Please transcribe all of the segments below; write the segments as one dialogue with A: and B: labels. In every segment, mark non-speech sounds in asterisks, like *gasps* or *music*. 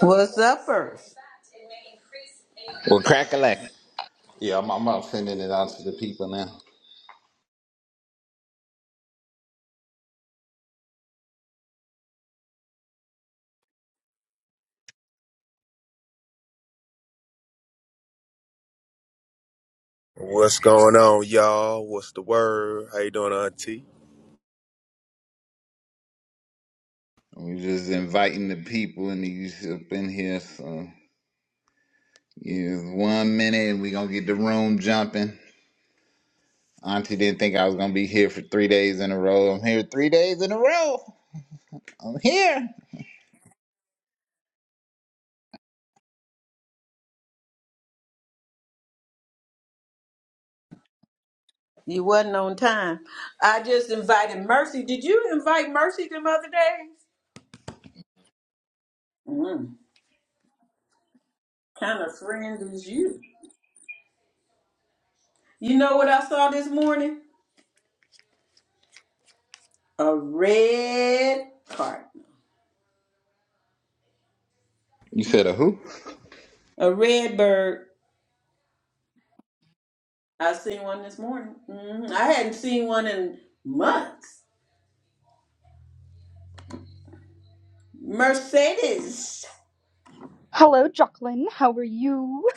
A: What's up, Earth?
B: Well, crack a lack. Yeah, I'm, I'm out sending it out to the people now.
C: What's going on, y'all? What's the word? How you doing, Auntie?
B: We're just inviting the people and you up in here. So, yeah, one minute and we going to get the room jumping. Auntie didn't think I was going to be here for three days in a row. I'm here three days in a row. I'm here.
A: You wasn't on time. I just invited Mercy. Did you invite Mercy them other days? Mm, kind of friend is you? You know what I saw this morning? A red cardinal,
B: You said a who?
A: a red bird. I seen one this morning. hmm I hadn't seen one in months. Mercedes.
D: Hello, Jocelyn. How are you?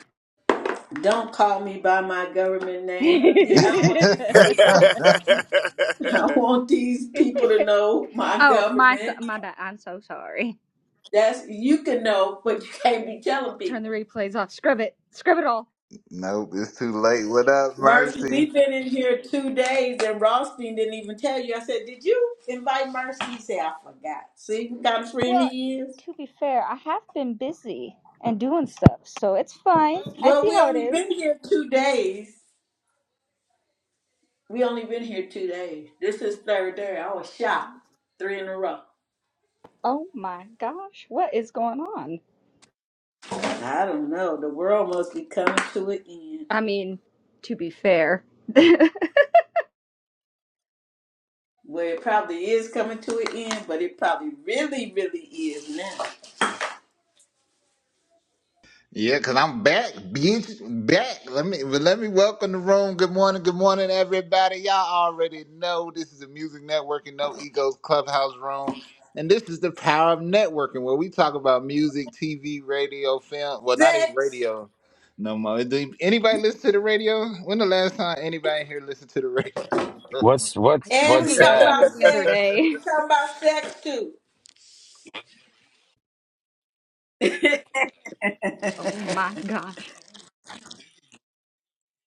A: Don't call me by my government
D: *laughs*
A: name. The- I don't
B: *laughs*
A: want these
C: *laughs*
A: people to
C: I
A: know. *laughs* I want these people to know my
D: Oh, my so-
A: government.
D: my bad. I'm so sorry.
A: That's you can know, but you can't be telling
D: Turn the
A: people.
D: replays off. Scrub it. Scrub it all.
B: nope, it's too late. What up,
A: Mercy,
B: Mercy?
A: we've been in here two days, and Rothstein didn't even tell you. I said, "Did you invite Mercy?" He said, "I forgot." See, what kind of friend
D: Well,
A: he is.
D: to be fair, I have been busy and doing stuff, so it's fine. I
A: Well,
D: see
A: we
D: how it
A: only
D: is.
A: been here two days. We only been here two days. This is third day. I was shocked. Three in a row.
D: Oh my gosh, what is going on?
A: I don't know. The world must be coming to an end.
D: I mean, to be fair, *laughs* I
A: Well, it probably is coming to an end, but it probably really, really is now.
B: Yeah, cause I'm back, bitch, back. Let me let me welcome the room. Good morning, good morning, everybody. Y'all already know this is a Music Networking No Egos Clubhouse room, and this is the power of networking, where we talk about music, TV, radio, film. Well, not even
A: Sex.
B: radio, no more. Do anybody listen to the radio? When the last time anybody here listened to the radio?
E: What's
B: *laughs*
E: what's
D: turned
A: And
D: on
A: we
D: the
E: what's
A: talking
E: that
A: about
D: radio the other
A: sex.
D: day.
A: We talking about sex too. *laughs*
D: Oh my gosh.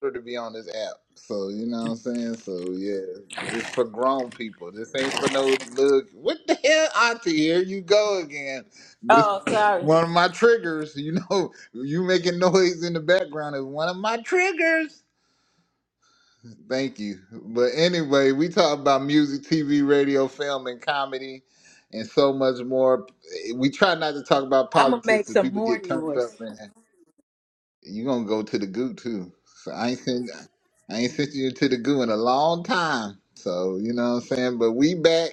B: her to be on this app. So you know what I'm saying. So yeah, it's for grown people. This ain't for no look. What the hell, Auntie? Here you go again. This
A: oh, sorry.
B: one of my triggers. You know, *laughs* you making noise in the background is one of my triggers. Thank you. But anyway, we talk about music, TV, radio, film, and comedy, and so much more. We try not to talk about
A: I'm gonna
B: politics
A: make
B: because
A: some
B: people
A: more
B: get turned
A: noise.
B: up. You gonna go to the goo too. So I ain't sent I ain't sent you to the goo in a long time. So you know what I'm saying? But we back.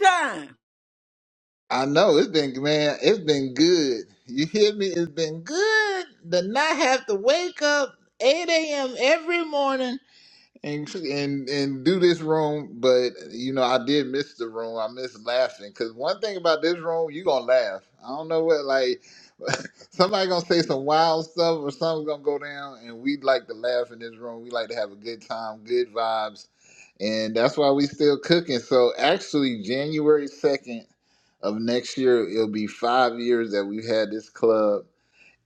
A: Time.
B: I know it's been man, it's been good. You hear me? It's been good to not have to wake up eight AM every morning and and and do this room. But you know, I did miss the room. I miss laughing because one thing about this room, you gonna laugh. I don't know what like *laughs* somebody gonna say some wild stuff or something's gonna go down, and we like to laugh in this room. We like to have a good time, good vibes, and that's why we still cooking. So actually, January second of next year, it'll be five years that we've had this club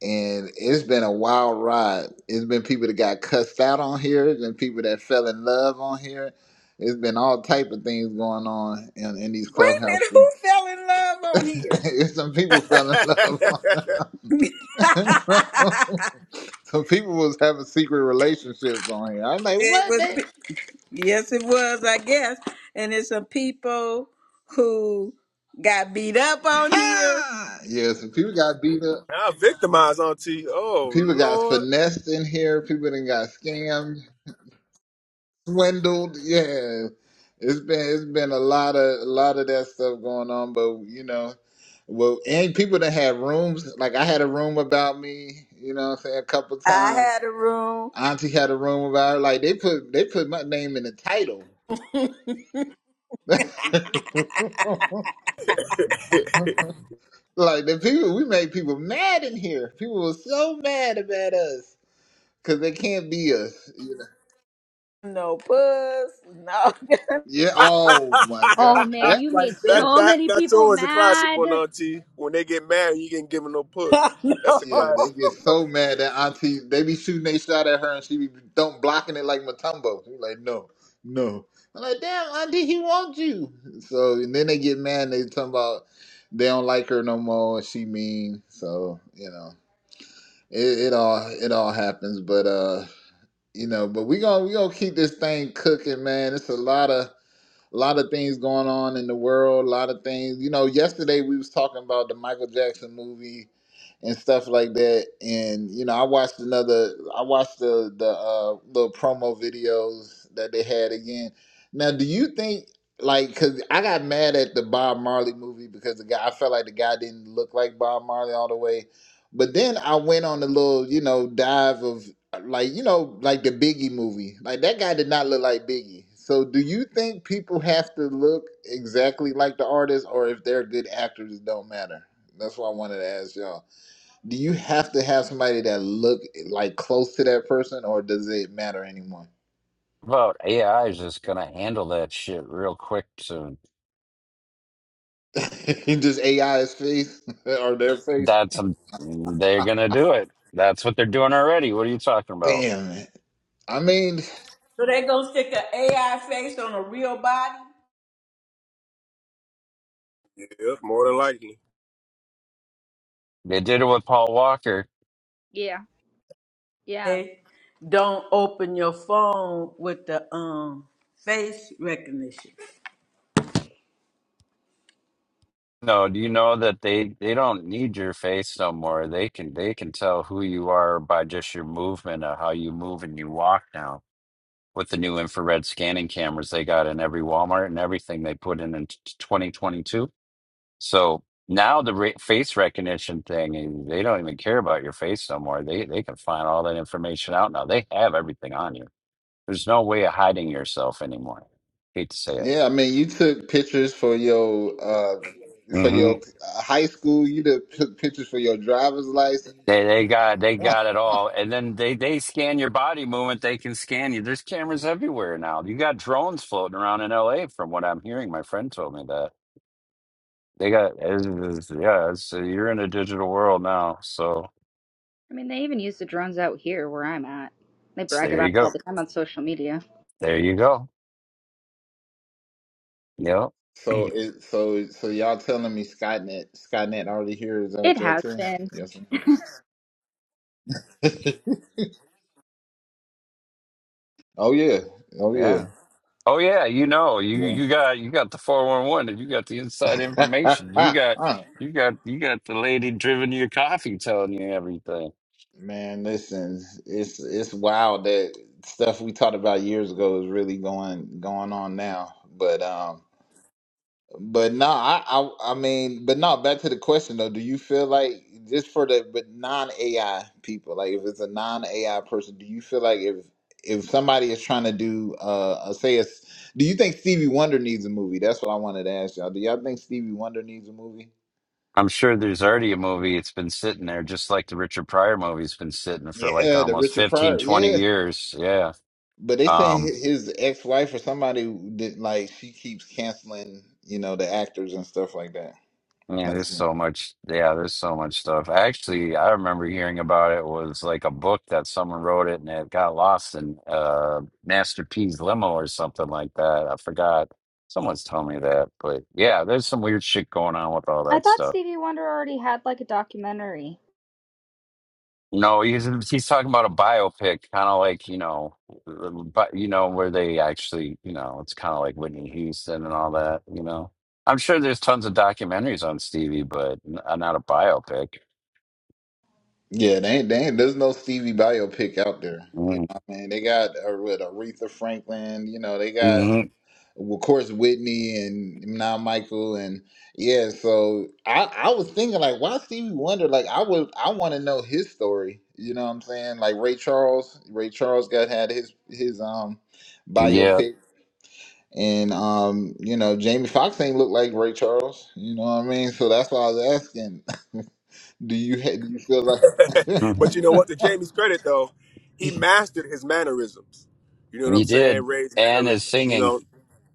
B: and it's been a wild ride. It's been people that got cussed out on here, it's been people that fell in love on here. It's been all type of things going on in, in these
A: Wait a
B: clubhouse
A: minute. Who
B: rooms.
A: fell in love on here?
B: *laughs* Some people fell in love on here.
A: *laughs*
B: *laughs* Some people was having secret relationships on here. I'm like,
A: it
B: what
A: was.
B: the
A: Yes, it was. I guess. And it's some people who got beat up on here.
B: ha? Yeah, some people got beat up.
C: victimized Auntie. Oh
B: People got
C: Lord,
B: finessed in here. People that got scammed. Swindled, yeah. It's been it's been a lot of a lot of that stuff going on, but you know, well, and people that had rooms. Like I had a room about me, you know, what I'm saying a couple
A: I
B: times.
A: had a room.
B: Auntie had a room about her. Like they put they put my name in the title. *laughs* like
C: *laughs*
B: the people, we made people mad in here. People were so mad about us because they can't be us. You know?
A: No puss. No.
B: Yeah. Oh my
D: Oh
B: God,
D: man,
B: that
D: you
B: right
D: made
C: that
B: there.
D: so
C: that
D: many
C: that's
D: people
C: always a classic
D: mad.
C: one, Auntie. When they get married, you can give them no
A: *laughs*
C: puss. That's a
A: no.
B: Yeah, they
C: classic.
B: get so mad that Auntie they be shooting they shot at her and she be don't blocking it like Matumbo. She like, no, no. I'm like, damn, Auntie, he wants you. So and then they get mad and they talking about they don't like her no more and she mean. So, you know. It, it all it all happens. But uh, you know, but we gonna we gonna keep this thing cooking, man. It's a lot of a lot of things going on in the world, a lot of things. You know, yesterday we was talking about the Michael Jackson movie and stuff like that. And you know, I watched another. I watched the the uh, little promo videos that they had again. Now, do you think like because I got mad at the Bob Marley movie because the guy I felt like the guy didn't look like Bob Marley all the way. But then I went on the little, you know, dive of like you know like the biggie movie like that guy did not look like biggie so do you think people have to look exactly like the artist or if they're good actors it don't matter that's why i wanted to ask y'all do you have to have somebody that look like close to that person or does it matter anymore
E: about AI is just gonna handle that shit real quick soon.
B: *laughs* just ai's face *laughs* or their face
E: That's um, they're gonna do it. That's what they're doing already. What are you talking about?
B: damn it i mean
A: So they gonna stick an AI face on a real body?
C: Yeah, more than likely.
E: They did it with Paul Walker.
D: Yeah, yeah.
A: Hey, don't open your phone with the um face recognition.
E: No, do you know that they they don't need your face no more. They can they can tell who you are by just your movement of how you move and you walk now. With the new infrared scanning cameras they got in every Walmart and everything they put in in 2022. So now the re face recognition thing, and they don't even care about your face no more. They they can find all that information out now. They have everything on you. There's no way of hiding yourself anymore. Hate to say it.
B: yeah i mean you took pictures for your uh for
E: hmm
B: your uh, high school you took took pictures for your driver's license
E: They they got they got it all, and then they they scan your body movement. They can scan you. There's cameras everywhere now. You got drones floating around in L.A. From what I'm hearing, my friend told me that they got. It's, it's- yeah, it's, you're in a digital world now. So,
D: I mean, they even use the drones out here where I'm at. They
E: so
D: brag
E: there you
D: about it all
E: go.
D: the time on social media.
E: There you go. Yep.
B: So
E: *clears throat*
B: it so so y'all telling me Skynet Skynet already here? Is that
D: It
B: what y'all
D: has
B: saying?
D: been.
B: Yes. ma'am. *laughs* oh yeah. Oh
E: Yeah.
B: yeah.
E: Oh yeah, you know, you
B: Yeah.
E: you got you got the 411 and you got the inside information. You got you got you got the lady driven your coffee telling you everything.
B: *laughs* Man, listen, it's it's wild that stuff we talked about years ago is really going going on now. But um But no, I, I I mean, but no, back to the question though, do you feel like just for the but non AI people, like if it's a non AI person, do you feel like if if somebody is trying to do uh a- say it's do you think Stevie Wonder needs a movie? That's what I wanted to ask y'all. Do y'all think Stevie Wonder needs a movie?
E: I'm sure there's already a movie it's been sitting there just like the Richard Pryor movie's been sitting for like
B: Yeah, the
E: almost
B: Richard
E: 15
B: Pryor,
E: 20
B: yeah.
E: years. Yeah.
B: But they saying
E: Um
B: hi- his ex-wife or somebody did like she keeps canceling, you know, the actors and stuff like that.
E: Yeah,
B: Like,
E: there's so much. Yeah, there's so much stuff. Actually, I remember hearing about it was like a book that someone wrote it and it got lost in uh Master P's limo or something like that. I forgot. Someone's telling me that, but yeah, there's some weird shit going on with all
D: I
E: that
D: thought
E: stuff.
D: Stevie Wonder already had like a documentary.
E: No, he's he's talking about a biopic, kind of like, you know, um, but you know where they actually, you know, it's kind of like Whitney Houston and all that, you know. I'm sure there's tons of documentaries on Stevie, but n- uh, not a biopic.
B: Yeah, they ain't, they ain't, there's no Stevie biopic out there. You know what I mean? They got uh, with Aretha Franklin, you know, they got,
E: Mhm.
B: well, of course, Whitney and now Michael. And yeah, so I, I was thinking, like, why Stevie Wonder? Like, I would, I want to know his story. You know what I'm saying? Like Ray Charles, Ray Charles got had his, his, um,
E: Yeah,
B: biopic. And, um, you know, Jamie Foxx ain't look like Ray Charles. You know what I mean? So that's why I was asking, *laughs* do you, ha- do you feel
C: *laughs*
E: Mhm.
B: like,
C: But you
B: *laughs*
C: know what? To Jamie's credit, though, he mastered his mannerisms. You know what I'm
E: you
C: saying?
E: did.
C: Ray's
E: And his
C: mannerisms. You
E: singing.
C: know,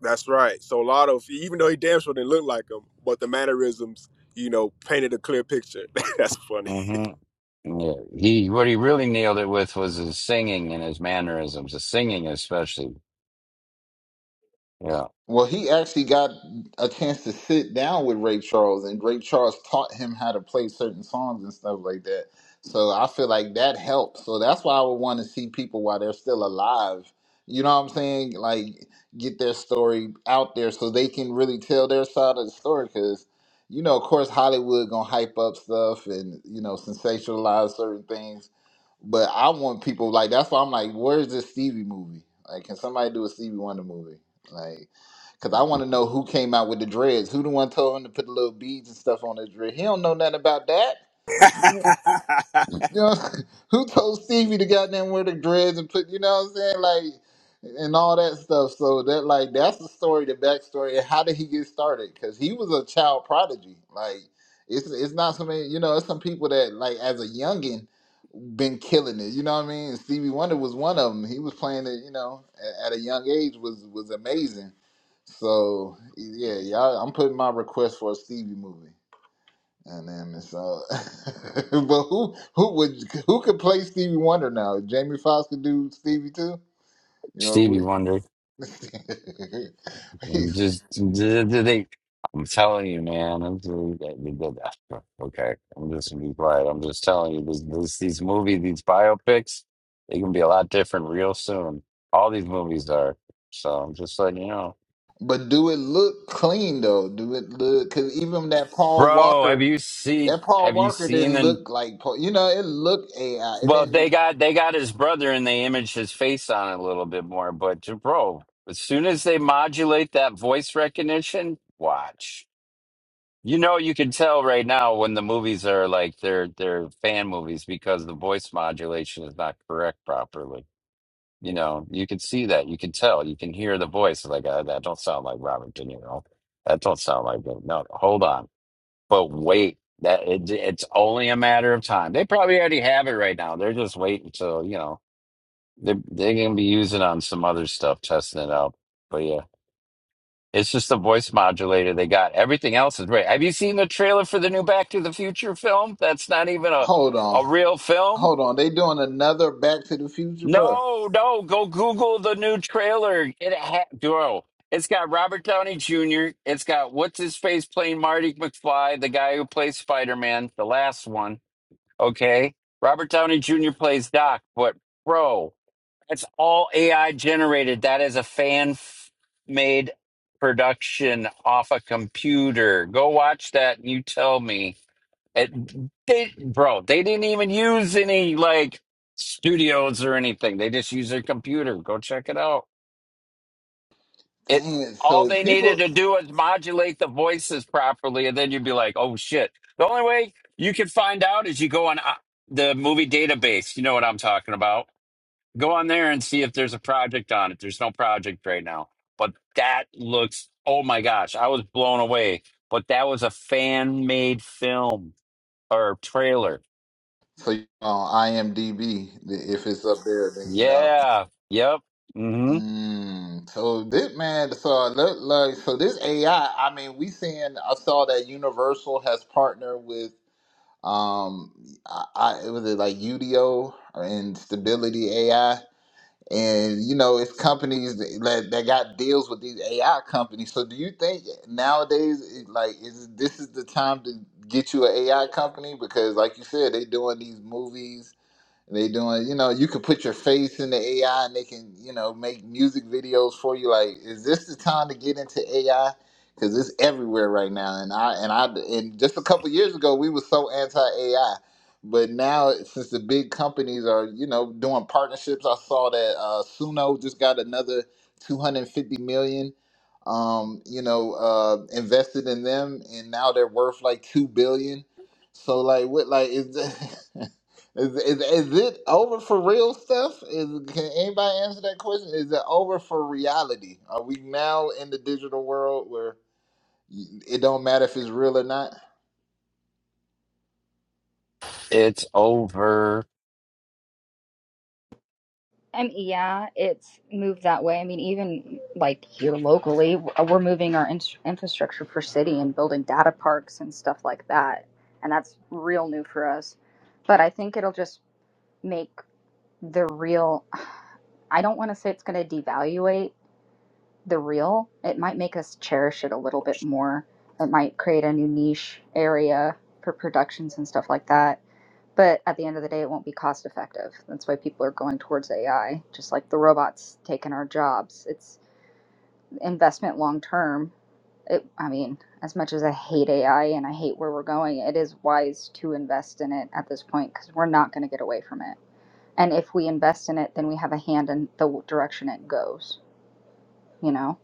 C: that's right. So a lot of, even though he damn sure didn't look like him, but the mannerisms, you know, painted a clear picture. *laughs* that's funny.
E: hmm Yeah. He what he really nailed it with was his singing and his mannerisms, The singing especially. Yeah,
B: Well, he actually got a chance to sit down with Ray Charles, and Ray Charles taught him how to play certain songs and stuff like that. So I feel like that helped. So that's why I would want to see people while they're still alive. You know what I'm saying? Like get their story out there so they can really tell their side of the story. Because you know, of course, Hollywood gonna hype up stuff and you know sensationalize certain things. But I want people like that's why I'm like, where's this Stevie movie? Like, can somebody do a Stevie Wonder movie? Like. Cause I want to know who came out with the dreads. Who the one told him to put the little beads and stuff on his dread? He don't know nothing about that. Yeah.
C: *laughs*
B: You know, *laughs* who told Stevie to goddamn wear the dreads and put, you know what I'm saying, like, and all that stuff. So that, like, that's the story, the backstory, and how did he get started? Because he was a child prodigy. Like, it's it's not so many, you know, it's some people that, like, as a youngin' been killing it. You know what I mean? Stevie Wonder was one of them. He was playing it, you know, a- at a young age was was amazing. So yeah, y'all, I'm putting my request for a Stevie movie, and then it's uh, *laughs* but who who would who could play Stevie Wonder now? Jamie Foxx could do Stevie too. You know,
E: Stevie
B: we-
E: Wonder.
B: *laughs*
E: and
B: he's-
E: Just did they. I'm telling you, man. I'm telling you that they did that. Okay, I'm just gonna be quiet. I'm just telling you, this, this, these movies, these biopics, they can be a lot different real soon. All these movies are. So I'm just letting you know,
B: but do it look clean though? Do it look? Because even that Paul
E: bro. Have
B: Walker.
E: you seen?
B: That Paul
E: Have you
B: Walker
E: seen?
B: didn't
E: the
B: look like Paul. You know, it looked AI. It
E: Well,
B: didn't
E: they got they got his brother and they imaged his face on it a little bit more. But uh, bro, as soon as they modulate that voice recognition, watch. You know, you can tell right now when the movies are like they're they're fan movies because the voice modulation is not correct properly. You know, you can see that. You can tell. You can hear the voice. Like uh, that don't sound like Robert De Niro. That don't sound like him. No, hold on. But wait, that it, it's only a matter of time. They probably already have it right now. They're just waiting till you know they they're gonna be using on some other stuff, testing it out. But yeah, it's just a voice modulator they got. Everything else is great. Have you seen the trailer for the new Back to the Future film? That's not even a
B: Hold on.
E: a real film.
B: Hold on. They doing another Back to the Future, bro.
E: No, no. Go Google the new trailer. It ha- bro. It's got Robert Downey Jr. It's got what's his face playing Marty McFly, the guy who plays Spider Man, the last one. Okay, Robert Downey Jr. plays Doc, but bro. That's all AI generated. That is a fan f- made production off a computer. Go watch that and you tell me. It, they, bro, they didn't even use any like studios or anything. They just use their computer. Go check it out. It
B: Dang it.
E: all
B: So
E: they needed
B: people
E: to do was modulate the voices properly, and then you'd be like, "Oh shit!" The only way you can find out is you go on uh, the movie database. You know what I'm talking about Go on there and see if there's a project on it. There's no project right now. But that looks, oh my gosh, I was blown away. But that was a fan made film or trailer.
B: so you on IMDb if it's up there then you know.
E: Yeah. Yep. hmm
B: Mm, so this man so look like so this AI, I I mean, we seeing I saw that Universal has partnered with um I, I it was it like UDO or Instability AI and you know it's companies that, that got deals with these AI companies. So do you think nowadays, it- like, is this is the time to get you an AI company because, like you said, they doing these movies they doing, you know, you could put your face in the AI and they can, you know, make music videos for you. Like, is this the time to get into AI? Because it's everywhere right now. And I and I and just a couple years ago, we were so anti AI, but now since the big companies are, you know, doing partnerships, I saw that uh, Suno just got another two hundred fifty million, um, you know, uh, invested in them, and now they're worth like two billion. So like, what like is? *laughs* Is, is is it over for real stuff? Is can anybody answer that question? Is it over for reality? Are we now in the digital world where y- it don't matter if it's real or not?
E: It's over.
D: I mean, yeah, it's moved that way. I mean, even like here locally, we're moving our in- infrastructure per city and building data parks and stuff like that. And that's real new for us. But I think it'll just make the real, I don't want to say it's going to devaluate the real, it might make us cherish it a little bit more. It might create a new niche area for productions and stuff like that. But at the end of the day, it won't be cost effective. That's why people are going towards AI, just like the robots taking our jobs. It's investment long term. It, I mean, as much as I hate AI and I hate where we're going, it is wise to invest in it at this point because we're not going to get away from it. And if we invest in it, then we have a hand in the direction it goes, you know?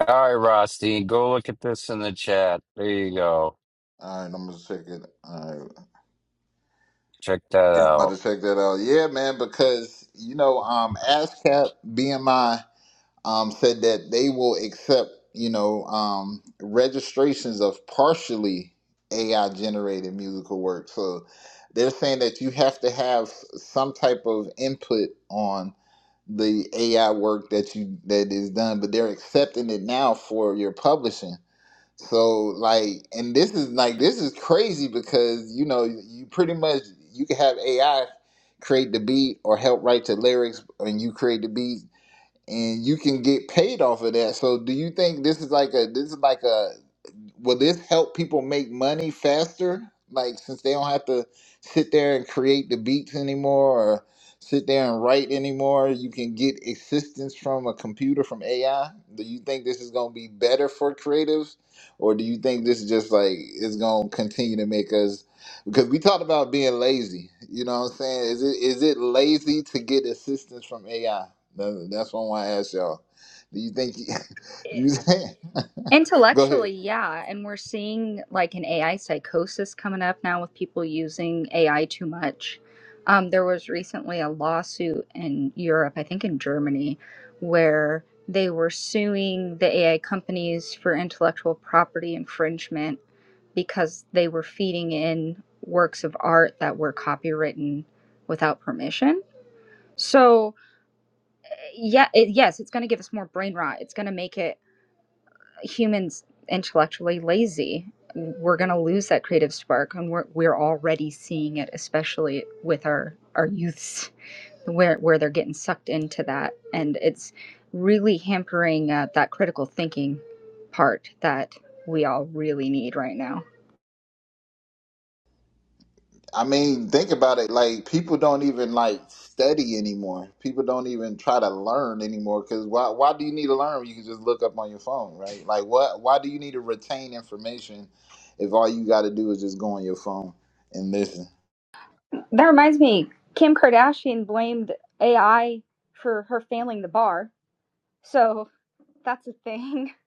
E: All right, Rusty, go look at this in the chat. There you go.
B: All right, I'm gonna check it. All right,
E: Check that
B: yeah, I'm about
E: out.
B: to check that out. Yeah, man, because you know, um, ASCAP BMI um, said that they will accept, you know, um, registrations of partially AI generated musical work. So they're saying that you have to have s- some type of input on the AI work that you that is done, but they're accepting it now for your publishing. So like, and this is like this is crazy because you know you pretty much you can have AI create the beat or help write the lyrics, and you create the beat and you can get paid off of that. So do you think this is like a this is like a will this help people make money faster? Like since they don't have to sit there and create the beats anymore or sit there and write anymore, you can get assistance from a computer from AI. Do you think this is gonna be better for creatives? Or do you think this is just like is gonna continue to make us because we talked about being lazy. You know what I'm saying? Is it is it lazy to get assistance from AI? That- That's what I want to ask y'all. Do you think? *laughs* Do you think? *laughs* Go ahead.
D: Intellectually, yeah. And we're seeing like an AI psychosis coming up now with people using AI too much. Um, there was recently a lawsuit in Europe, I think in Germany, where they were suing the AI companies for intellectual property infringement because they were feeding in works of art that were copywritten without permission. So, yeah, it, yes, it's going to give us more brain rot. It's going to make it humans intellectually lazy we're going to lose that creative spark and we're, we're already seeing it especially with our our youths where where they're getting sucked into that and it's really hampering uh, that critical thinking part that we all really need right now
B: I mean, think about it. Like people don't even like study anymore. People don't even try to learn anymore. Because why? Why do you need to learn? when You can just look up on your phone, right? Like what? Why do you need to retain information if all you got to do is just go on your phone and listen?
D: That reminds me, Kim Kardashian blamed AI for her failing the bar. So that's a thing. *laughs*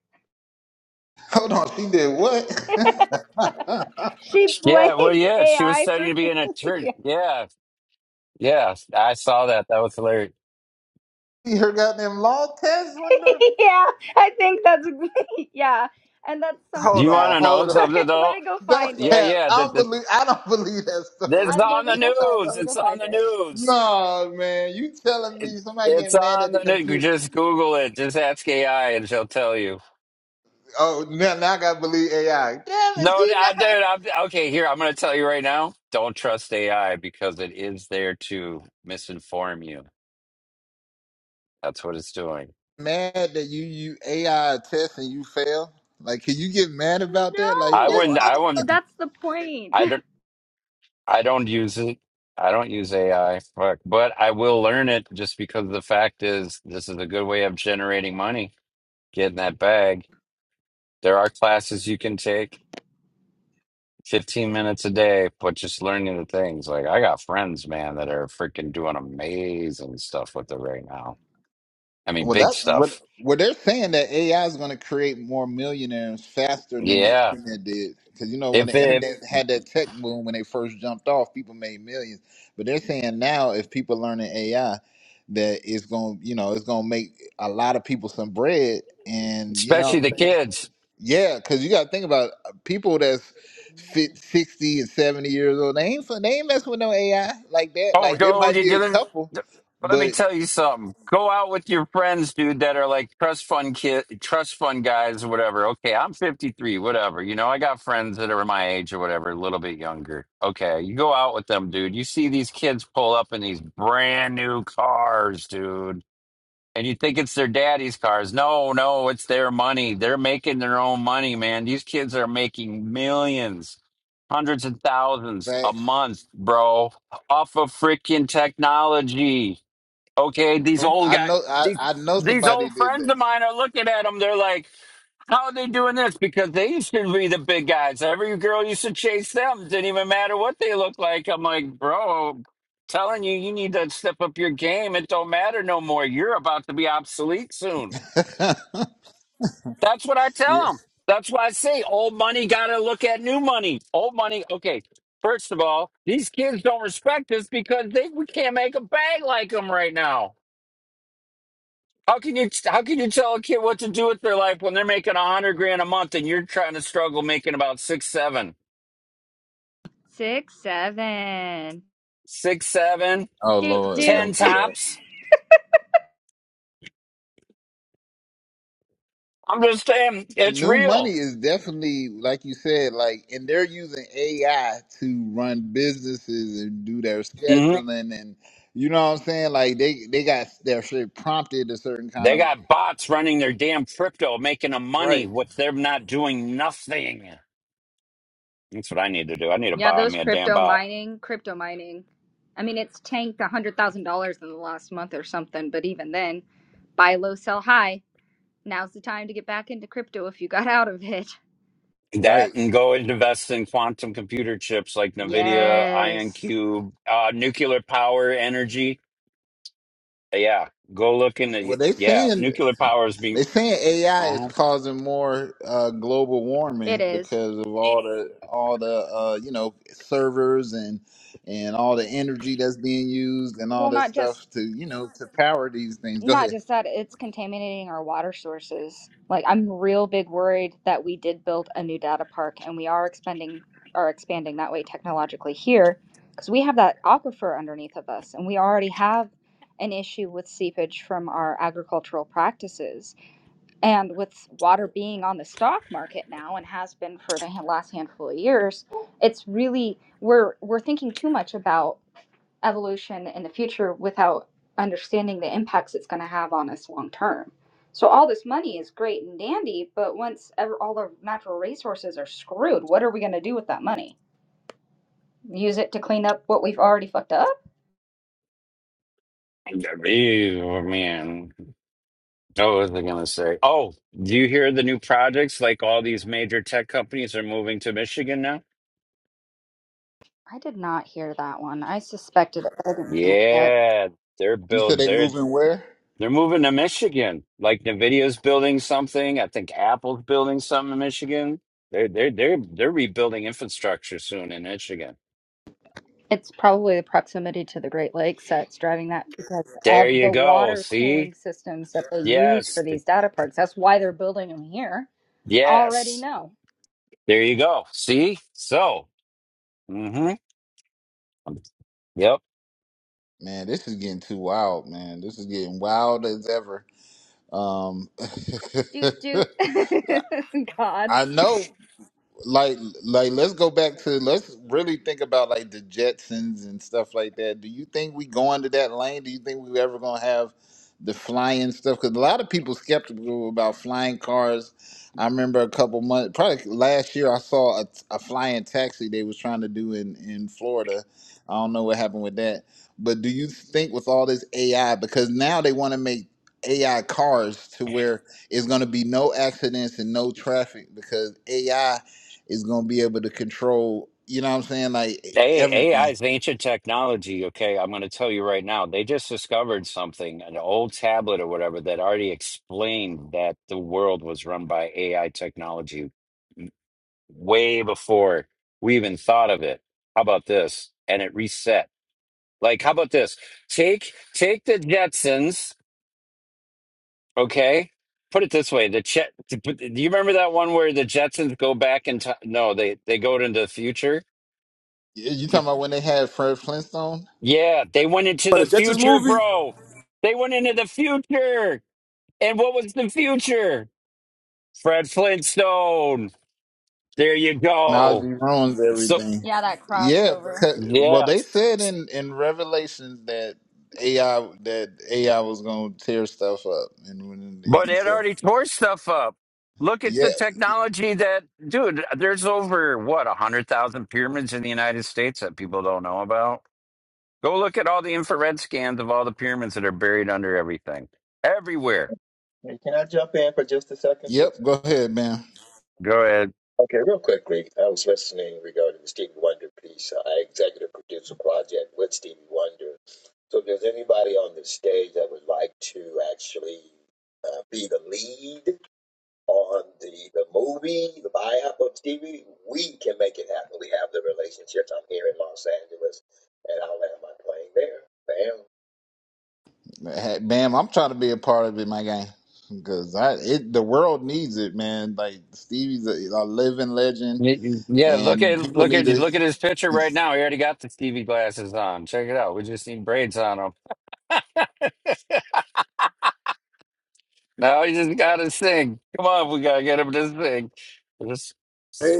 B: *laughs* Hold on, she did what? *laughs*
D: She
E: Yeah. Well,
D: blamed
E: yeah, she was
D: AI for
E: studying to be an
D: *laughs* yeah.
E: attorney. Yeah. Yeah. I saw that. That was hilarious.
B: she her goddamn law test window.
D: *laughs* yeah, I think that's *laughs* yeah, and that's
E: Do
B: Hold
D: something
E: you want
D: that
B: on,
E: to know
B: hold
D: *laughs*
B: on.
E: something,
D: let
E: though?
D: me go
B: That's
D: find
E: Yeah,
D: it.
B: cap.
E: yeah.
B: I don't
E: The,
B: believe. I don't *laughs* believe that
E: This is
D: I,
B: story.
D: let
E: on the
D: me
B: *laughs*
D: go find.
E: news.
D: Let me
E: It's
D: go
E: on
D: find
E: the
D: it.
E: news.
B: no, man, you telling
E: It,
B: me somebody
E: it's
B: getting mad
E: on
B: at
E: the
B: the
E: news.
B: computer?
E: Just Google it. Just ask AI and she'll tell you.
B: Oh, now, now I gotta believe AI. Damn it,
E: No,
B: see
E: I dude,
B: that.
E: I'm okay. Here, I'm going to tell you right now. Don't trust AI because it is there to misinform you. That's what it's doing.
B: Mad that you you AI test and you fail. Like, can you get mad about that? Like
E: I
B: this
E: wouldn't.
D: No,
E: I
B: motherfucker.
E: wouldn't.
D: that's the point.
E: I don't. I don't use it. I don't use AI. Fuck. But I will learn it just because the fact is, this is a good way of generating money, getting that bag. There are classes you can take 15 minutes a day, but just learning the things. Like I got friends, man, that are freaking doing amazing stuff with it right now. I mean,
B: Well,
E: big
B: that what
E: stuff.
B: well they're saying that AI is gonna create more millionaires faster than the
E: Yeah.
B: internet did. Because you know when
E: If
B: the
E: it,
B: internet had that tech boom when they first jumped off, people made millions. But they're saying now if people learning AI, that it's gonna you know it's gonna make a lot of people some bread. And you know what I'm
E: especially
B: saying?
E: the kids.
B: Yeah, because you got to think about uh, people that's fit sixty and seventy years old. They ain't fin- they ain't messing with no AI like that.
E: Oh,
B: Like there
E: go,
B: might
E: you
B: be a
E: gonna,
B: couple,
E: let me
B: but
E: tell you something. Go out with your friends, dude, that are like trust fund kid, trust fund guys or whatever. Okay. I'm 53, whatever. You know, I got friends that are my age or whatever, a little bit younger. Okay. You go out with them, dude. You see these kids pull up in these brand new cars, dude And you think it's their daddy's cars. No, no, it's their money. They're making their own money, man. These kids are making millions, hundreds of thousands a
B: like,
E: month, bro, off of freaking technology. Okay, these
B: oh,
E: old
B: I
E: guys,
B: know I,
E: these,
B: I know
E: these old
B: somebody did
E: friends of mine are looking at them. They're like, how are they doing this? Because they used to be the big guys. Every girl used to chase them. Didn't even matter what they looked like. I'm like, bro, telling you, you need to step up your game. It don't matter no more. You're about to be obsolete soon.
B: that. *laughs*
E: That's what I
B: yeah.
E: tell them. That's why I say old money got to look at new money. Old money, okay. First of all, these kids don't respect us because they we can't make a bag like them right now. How can you how can you tell a kid what to do with their life when they're making a hundred grand a month and you're trying to struggle making about six, seven,
D: *laughs* Six seven.
E: six, seven,
B: Oh
D: Do
B: Lord,
D: do
E: ten
B: don't do that.
E: tops? I'm just saying it's
B: New money
E: real.
B: is definitely like you said, like and they're using AI to run businesses and do their
E: hmm
B: scheduling and you know what I'm saying. Like they they got their shit prompted a certain kind
E: They
B: of way.
E: got bots running their damn crypto, making them money
B: Right.
E: with them not doing nothing. That's what I need to do. I need to
D: yeah.
E: buy
D: Those
E: me a damn
D: crypto
E: bot.
D: mining, crypto mining. I mean, it's tanked a hundred thousand dollars in the last month or something. But even then, buy low, sell high. Now's the time to get back into crypto if you got out of it.
B: Right.
E: That and go and invest in quantum computer chips like NVIDIA,
D: Yes,
E: IonCube, uh, nuclear power energy Yeah, go look in the
B: Well, they
E: yeah.
B: saying
E: Nuclear power is being.
B: they saying AI is
E: Oh,
B: causing more uh, global
D: it
B: warming
D: is.
B: because of all the all the uh, you know servers and and all the energy that's being used and all
D: Well,
B: that
D: not just
B: stuff to you know to power these things. Go
D: not
B: ahead.
D: just that, it's contaminating our water sources. Like I'm real big worried that we did build a new data park and we are expanding are expanding that way technologically here because we have that aquifer underneath of us and we already have an issue with seepage from our agricultural practices and with water being on the stock market now and has been for the last handful of years it's really we're we're thinking too much about evolution in the future without understanding the impacts it's going to have on us long term. So all this money is great and dandy, but once ever all our natural resources are screwed, what are we going to do with that money? Use it to clean up what we've already fucked up?
E: ew, man. What was I gonna say? Oh, do you hear the new projects? Like all these major tech companies are moving to Michigan now.
D: I did not hear that one. I suspected it, but I didn't hear it yet.
E: Yeah, they're
B: You said
E: build.
B: they
E: They're
B: moving where?
E: they're moving to Michigan. Like Nvidia's building something. I think Apple's building something in Michigan. They're they're they're they're rebuilding infrastructure soon in Michigan.
D: It's probably the proximity to the Great Lakes that's driving that because
E: There
D: of
E: you
D: the
E: go.
D: water
E: See?
D: cooling systems that they use
E: Yes.
D: for these data parks. That's why they're building them here. Already
E: Yes.
D: know.
E: There you go. See? So, hmm yep.
B: Man, this is getting too wild, man. This is getting wild as ever. Um,
D: Doot
B: *laughs*
D: doot. *laughs* God.
B: I know like like let's go back to let's really think about like the Jetsons and stuff like that. Do you think we going to that lane? Do you think we ever gonna have the flying stuff? Because a lot of people skeptical about flying cars. I remember a couple months, probably last year, I saw a, a flying taxi they was trying to do in in Florida. I don't know what happened with that. But do you think with all this AI, because now they want to make AI cars to where it's going to be no accidents and no traffic because AI is gonna be able to control. You know what I'm saying? Like e,
E: A- AI
B: everything.
E: is ancient technology. Okay. I'm going to tell you right now. They just discovered something, an old tablet or whatever, that already explained that the world was run by AI technology way before we even thought of it. How about this? And it reset. Like, how about this? Take take the Jetsons. Okay. Put it this way: the Chet. to put- Do you remember that one where the Jetsons go back in time? No, they they go into the future.
B: You you
E: To-
B: talking about when they had Fred Flintstone?
E: Yeah, they went into
C: But the
E: the
C: Jetsons
E: future,
C: movie,
E: bro. They went into the future, and what was the future? Fred Flintstone. There you go.
B: Technology ruins
E: So
B: everything.
D: Yeah, that
B: Yeah,
D: crossover.
B: because well, they
E: yes,
B: said in in Revelations that AI that AI was gonna tear stuff up, and when
E: but
B: and
E: it
B: so
E: already tore stuff up. Look at
B: yeah,
E: the technology that, dude. There's over what a hundred thousand pyramids in the United States that people don't know about. Go look at all the infrared scans of all the pyramids that are buried under everything, everywhere.
F: Hey, Can I jump in for just a second,
B: yep.
F: please?
B: Go ahead, man.
E: Go ahead.
F: Okay, real quick, Greg. I was listening regarding the Stevie Wonder piece. I executive produce a project with Stevie Wonder. So, if there's anybody on the stage that would like to actually uh, be the lead on the, the movie, the buy-up of Stevie, we can make it happen. We have the relationships. I'm here in Los Angeles, and I'll land my plane there. Bam.
B: Bam, I'm trying to be a part of it, my guy. Because I, it, the world needs it, man. Like Stevie's a, a living legend,
E: Y- y- Yeah, look
B: and
E: at
B: people
E: look
B: need
E: at
B: to.
E: look at his picture right now. He already got the Stevie glasses on. Check it out. We just need braids on him. Now he just got his thing. Come on, we gotta get him this thing. Just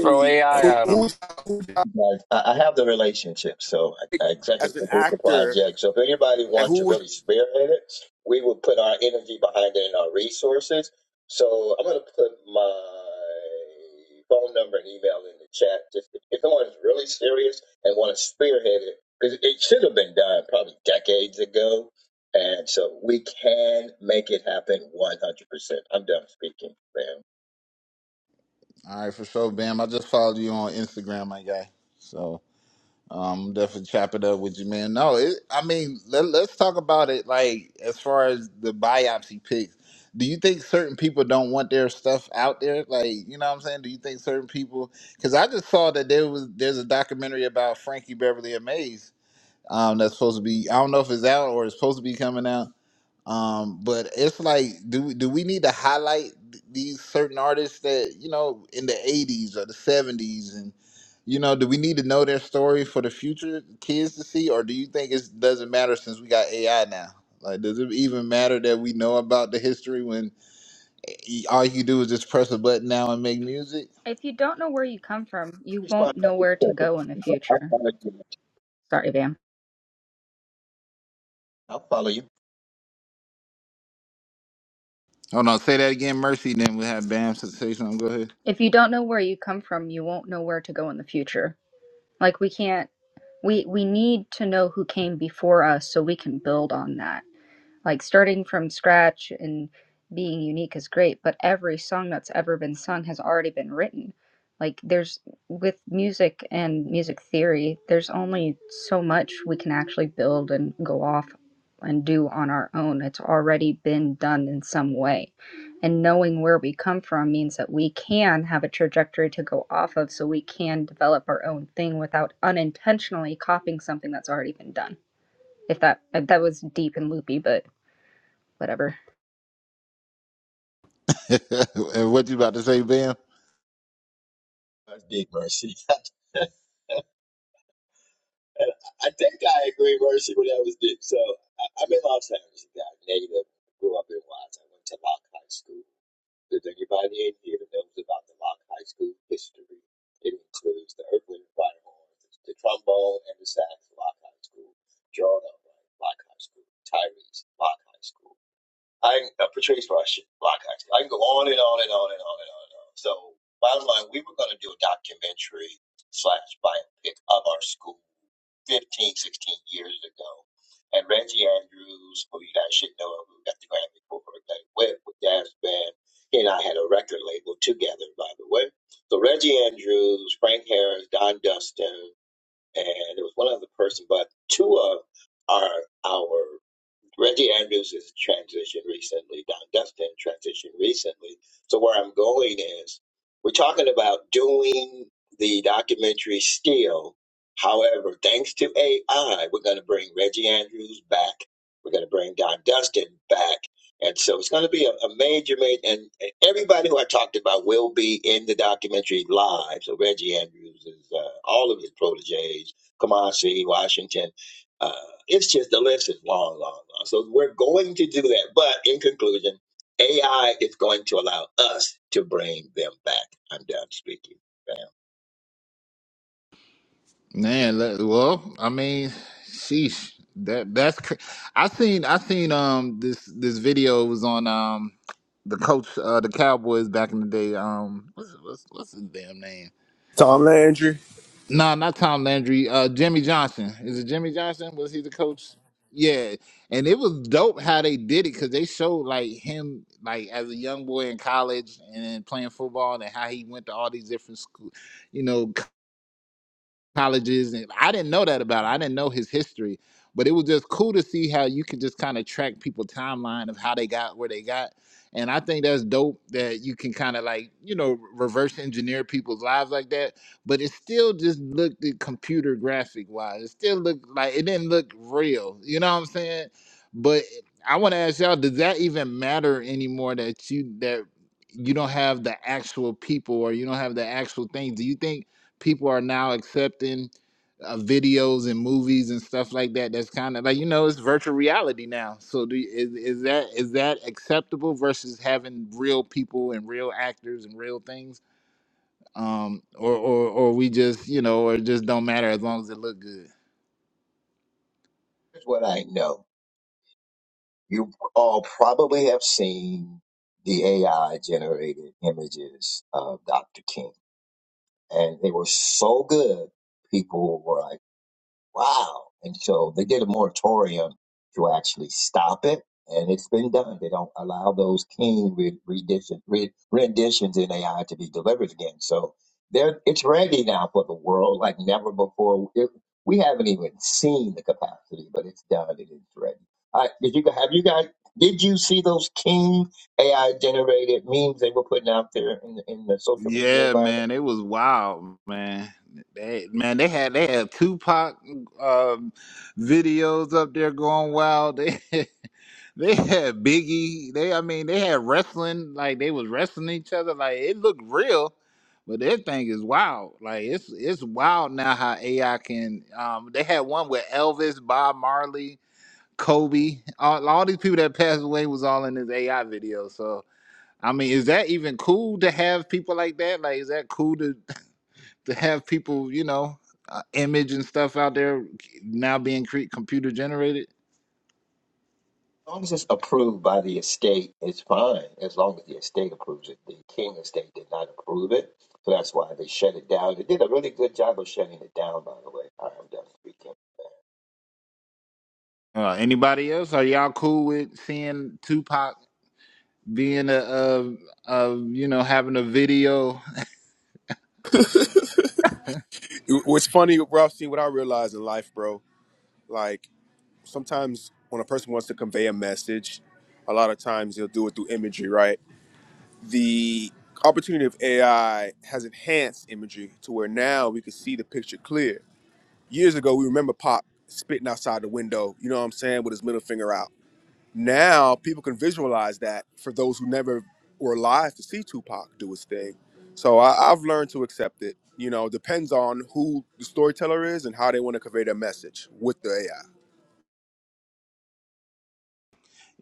E: throw
C: who,
E: AI on him.
C: who's, who's
F: Right. I I have the relationship, so I I
C: as
F: executive
C: an
F: produce the
C: actor?
F: project. So if anybody
C: and
F: wants
C: who
F: to
C: was
F: really spearhead it, we will put our energy behind it and our resources. So I'm going to put my phone number and email in the chat. Just if if someone's really serious and want to spearhead it, because it should have been done probably decades ago, and so we can make it happen 100%. I'm done speaking, man.
B: All right, for sure, Bam. I just followed you on Instagram, my guy. So um definitely chop it up with you, man. No, it, I mean let, let's talk about it. Like as far as the biopsy pics, do you think certain people don't want their stuff out there? Like you know what I'm saying? Do you think certain people? Because I just saw that there was there's a documentary about Frankie Beverly and Maze. Um, that's supposed to be I don't know if it's out or it's supposed to be coming out um, but it's like, do do we need to highlight th- these certain artists that you know in the '80s or the '70s, and you know, do we need to know their story for the future kids to see, or do you think it doesn't matter since we got AI now? Like, does it even matter that we know about the history when e- all you do is just press a button now and make music?
D: If you don't know where you come from, you
F: Respond.
D: won't know where to go in the
F: I'll
D: future.
F: follow you.
D: Sorry, Bam.
F: I'll follow you.
B: Hold on, say that again, Mercy. Then we have Bam to say something. Go ahead.
D: If you don't know where you come from, you won't know where to go in the future. Like we can't we we need to know who came before us so we can build on that. Like starting from scratch and being unique is great, but every song that's ever been sung has already been written. Like there's with music and music theory, there's only so much we can actually build and go off and do on our own. It's already been done in some way. And knowing where we come from means that we can have a trajectory to go off of so we can develop our own thing without unintentionally copying something that's already been done. If that if that was deep and loopy, but whatever.
B: *laughs* and what you about to say, Bam?
F: That's big mercy. *laughs* I think I agree mercy when that was big. So I, I'm in Los Angeles, a guy, native, grew up in Watts. I went to Lock High School. Does anybody in here knows about the Lock High School history? It includes the Earth, Wind, and Fire Horns, the trombone, and the sax, Lock High School, Jordan, Lock High School, Tyrese, Lock High School. I uh, portrays for block actually. I can go on and on and on and on and on and on. So bottom line, we were going to do a documentary slash biopic of our school 15, 16 years ago. And Reggie Andrews, who you guys should know, who got the Grammy for that went with Dad's band, he and I had a record label together, by the way. So Reggie Andrews, Frank Harris, Don Dustin, and there was one other person, but two of our our Reggie Andrews has transitioned recently. Don Dustin transitioned recently. So where I'm going is we're talking about doing the documentary still. However, thanks to AI, we're going to bring Reggie Andrews back. We're going to bring Don Dustin back. And so it's going to be a, a major, major, and, and everybody who I talked about will be in the documentary live. So Reggie Andrews is uh, all of his proteges, Kamasi, Washington. Uh, it's just the list is long, long, long. So we're going to do that. But in conclusion, AI is going to allow us to bring them back. I'm done speaking. Bam.
B: Man, le- well, I mean, sheesh. That that's cr- I seen I seen um this this video was on um the coach uh the Cowboys back in the day um what's what's, what's his damn name?
C: Tom Landry.
B: nah, not Tom Landry. Uh, Jimmy Johnson. Is it Jimmy Johnson? Was he the coach? Yeah, and it was dope how they did it because they showed like him like as a young boy in college and then playing football and how he went to all these different schools you know colleges and I didn't know that about it. I didn't know his history. But it was just cool to see how you could just kind of track people's timeline of how they got where they got. And I think that's dope that you can kind of like, you know, reverse engineer people's lives like that. But it still just looked at computer graphic wise. It still looked like it didn't look real. You know what I'm saying? But I want to ask y'all, does that even matter anymore that you that you don't have the actual people or you don't have the actual things? Do you think people are now accepting uh, videos and movies and stuff like that. That's kind of like you know it's virtual reality now. So do is is that is that acceptable versus having real people and real actors and real things, um, or or or we just you know or it just don't matter as long as it look good.
F: Here's what I know. You all probably have seen the AI generated images of Dr. King, and they were so good. People were like. Wow. And so they did a moratorium to actually stop it. And it's been done. They don't allow those King re- rendition, re- renditions in AI to be delivered again. So they're, it's ready now for the world like never before. It, we haven't even seen the capacity, but it's done. It is ready. All right, did you have you guys? Did you see those King AI generated memes they were putting out there in the, in the social media
B: Yeah,
F: environment?
B: man, it was wild, man. They, man, they had they had Tupac um, videos up there going wild. They *laughs* They had Biggie. They, I mean, they had wrestling. Like they was wrestling each other. Like it looked real, but that thing is wild. Like it's it's wild now how AI can. Um, they had one with Elvis, Bob Marley, Kobe. All, all these people that passed away was all in this AI video. So I mean, is that even cool to have people like that? Like, is that cool to *laughs* to have people, you know, uh, image and stuff out there now being cre- computer generated?
F: As long as it's approved by the estate, it's fine. As long as the estate approves it, the King estate did not approve it, so that's why they shut it down. They did a really good job of shutting it down, by the way. All right, I'm done speaking.
B: Uh, anybody else? Are y'all cool with seeing Tupac being a, a, a you know, having a video?
C: It- What's funny, Ralph, see what I realized in life, bro. Like. sometimes when a person wants to convey a message, a lot of times they'll do it through imagery, right? The opportunity of AI has enhanced imagery to where now we can see the picture clear. Years ago, we remember Pop spitting outside the window, you know what I'm saying, with his middle finger out. Now people can visualize that for those who never were alive to see Tupac do his thing. So I, I've learned to accept it. You know, depends on who the storyteller is and how they want to convey their message with the AI.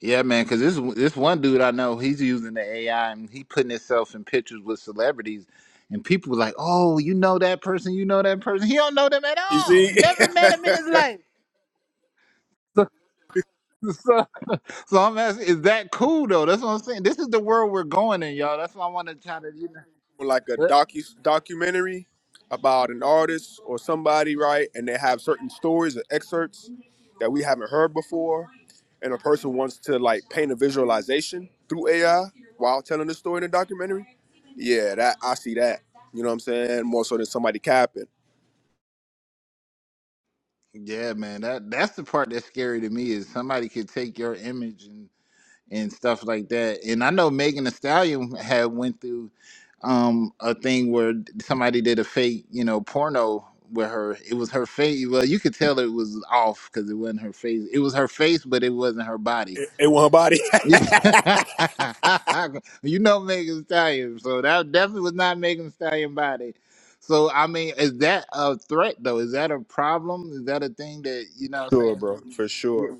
B: Yeah, man. Because this this one dude I know, he's using the AI and he putting himself in pictures with celebrities, and people were like, "Oh, you know that person? You know that person? He don't know them at
C: You
B: all.
C: see?
B: Never met him
C: *laughs*
B: in his life." *laughs* So, so I'm asking, is that cool though? That's what I'm saying. This is the world we're going in, y'all. That's why I want to try to, you know.
C: like a
B: that-
C: docu documentary about an artist or somebody, right? And they have certain stories or excerpts that we haven't heard before, and a person wants to like paint a visualization through AI while telling the story in a documentary. Yeah, that I see that. You know what I'm saying? More so than somebody capping.
B: Yeah, man. That that's the part that's scary to me is somebody could take your image and and stuff like that. And I know Megan Thee Stallion had went through um, a thing where somebody did a fake, you know, porno with her. It was her face. Well, you could tell it was off because it wasn't her face. It was her face, but it wasn't her body.
C: It one body.
B: *laughs* you know Megan Thee Stallion, so that definitely was not Megan Thee Stallion body. So I mean, is that a threat though? Is that a problem? Is that a thing that you know
C: *laughs*
B: what I'm
C: sure,
B: saying?
C: bro, for sure.
B: Yeah.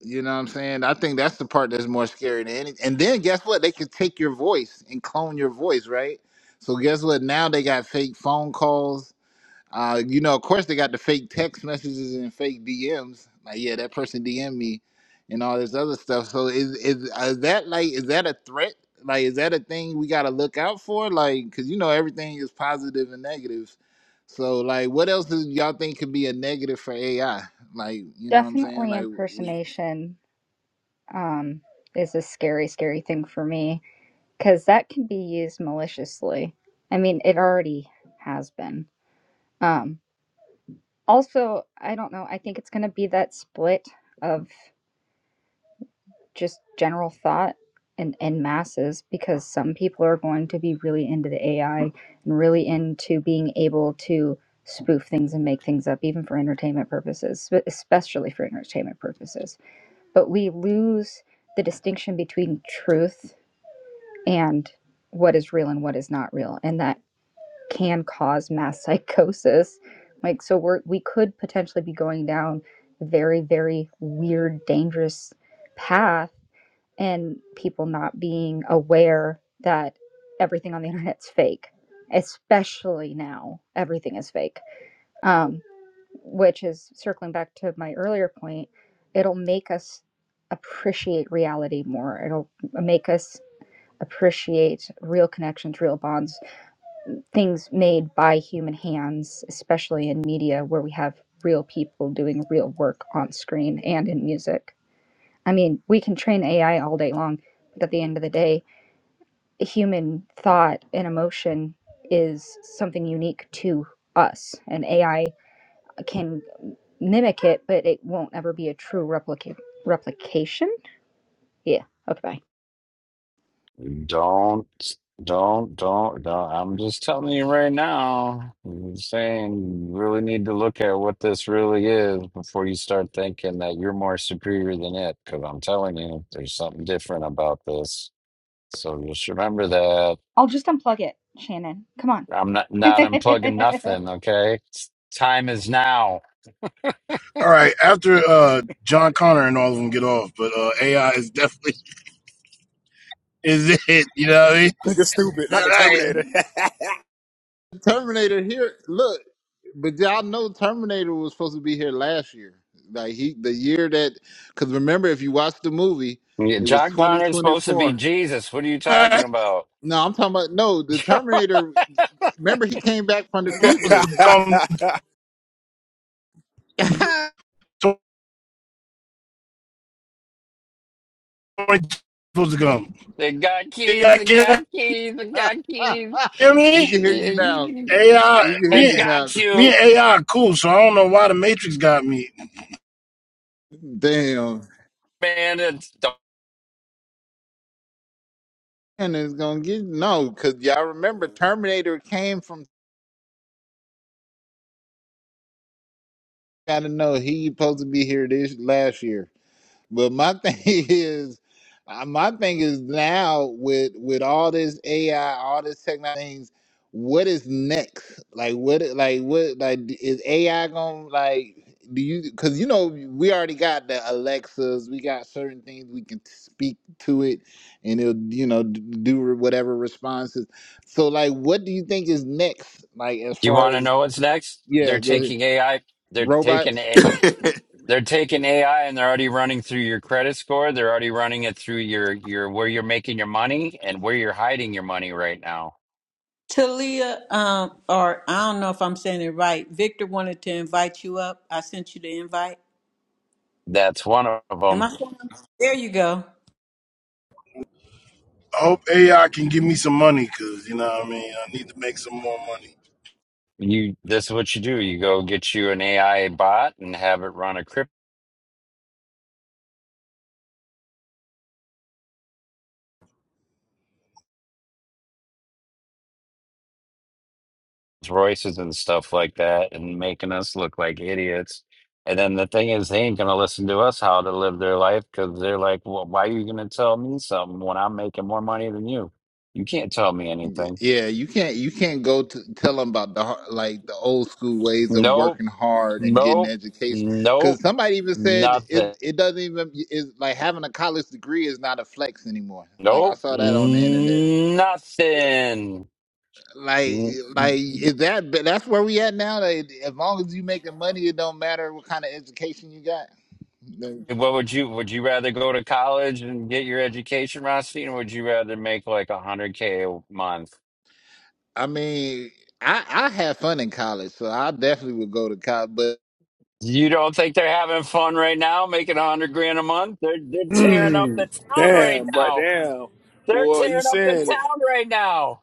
B: You know what I'm saying? I think that's the part that's more scary than any. And then guess what? They could take your voice and clone your voice, right? So guess what? Now they got fake phone calls. Uh, you know, of course they got the fake text messages and fake DMs. Like, yeah, that person DM would me, and all this other stuff. So is is, is that like is that a threat? Like, is that a thing we got to look out for? Like, because you know everything is positive and negative. So like, what else do y'all think could be a negative for AI? Like, you know what I'm saying?
D: Definitely
B: Like we.
D: impersonation um, is a scary, scary thing for me because that can be used maliciously. I mean, it already has been. Um, also, I don't know. I think it's going to be that split of just general thought and, and masses because some people are going to be really into the AI and really into being able to spoof things and make things up, even for entertainment purposes, spe- especially for entertainment purposes but we lose the distinction between truth and what is real and what is not real and that can cause mass *laughs* psychosis like so we're we could potentially be going down a very very weird dangerous path and people not being aware that everything on the *laughs* internet's fake especially now everything is fake um, which is circling back to my earlier point, it'll make us appreciate reality more. It'll make us appreciate real connections, real bonds, things made by human hands, especially in media where we have real people doing real work on screen and in music. I mean, we can train AI all day long, but at the end of the day, human thought and emotion is something unique to us, and AI can mimic it, but it won't ever be a true replica replication. Yeah. Okay, bye.
E: Don't, don't, don't, don't. I'm just telling you right now. I'm saying you really need to look at what this really is before you start thinking that you're more superior than it. Because I'm telling you, there's something different about this. So just remember that.
D: I'll just unplug it, Shannon. Come on.
E: I'm not
D: *laughs*
E: not unplugging nothing. Okay, It's- time is now.
G: All right, after uh, John Connor and all of them get off, but uh, AI is definitely *laughs* is it. You know what I mean?
C: Nigga stupid, not
G: All
C: the
G: right,
C: Terminator.
B: Terminator here. Look, but y'all know Terminator was supposed to be here last year. Like he, the year that, because remember, if you watch the movie,
E: Yeah,
B: it was
E: John Connor's supposed to be
B: 2024.
E: Jesus. What are you
G: all
E: talking about?
B: No, I'm talking about no. The
E: *laughs*
B: Terminator. Remember, he came back from the
G: right. supposed
B: future.
G: to come.
C: *laughs*
B: *laughs*
G: Twenty supposed to come.
E: they got keys.
G: AI,
E: They
G: can you
E: got keys. They got keys.
G: hear
B: we
G: me?
B: can hear you now.
E: It
G: AI,
B: We can hear
G: me,
B: you now.
E: got
G: me
E: you,
G: and AI are cool. So I don't know why the Matrix got me.
B: Damn.
E: man. It's, do
B: And it's gonna get no, cause y'all remember Terminator came from. Gotta know he supposed to be here this last year. But my thing *laughs* is, uh, my thing is now with with all this AI, all this technology things, what is next? Like what? Like what? Like d- is AI gonna like? Do you? Because you know we already got the Alexas, we got certain things we can speak to it, and it'll you know d- do whatever responses. So like, what do you think is next? Like as
E: you
B: far
E: want to
B: as
E: know what's next?
B: yeah,
E: They're
B: go ahead.
E: taking AI. They're
B: Robots.
E: taking a,
H: *laughs*
E: They're taking AI and they're already running through your credit score. They're already running it through your your where you're making your money and where you're hiding your money right now.
A: Talia, um, or I don't know if I'm saying it right. Victor wanted to invite you up. I sent you the invite.
E: That's one of
A: Am
E: them.
A: I? saying- There you go.
G: I hope AI can give me some money because you know what I mean. I need to make some more money.
E: You. This is what you do. You go get you an AI bot and have it run a crypto. Royces and stuff like that and making us look like idiots. And then the thing is, they ain't gonna listen to us how to live their life because they're like, well, why are you gonna tell me something when I'm making more money than you? You can't tell me anything.
B: Yeah, you can't you can't go to tell them about the har- like the old school ways of
E: Nope,
B: working hard and getting
E: nope,
B: education. Because
E: nope,
B: somebody even said
E: nothing.
B: it it doesn't even is like having a college degree is not a flex anymore. Like I
E: Nope,
B: saw that on the internet.
E: nothing.
B: Like
E: N-
B: like is that but that's where we at now? Like, as long as you making money, it don't matter what kind of education you got. Like,
E: What would you would you rather go to college and get your education, Rothstein, or would you rather make like a hundred K a month?
B: I mean, I I had fun in college, so I definitely would go to college, but.
E: You don't think they're having fun right now, making a hundred grand a month? They're they're tearing up
C: Mm,
E: the town right
C: damn, but
E: now.
C: damn.
E: They're
C: Boy, you
E: tearing up the
C: saying it.
E: town right now.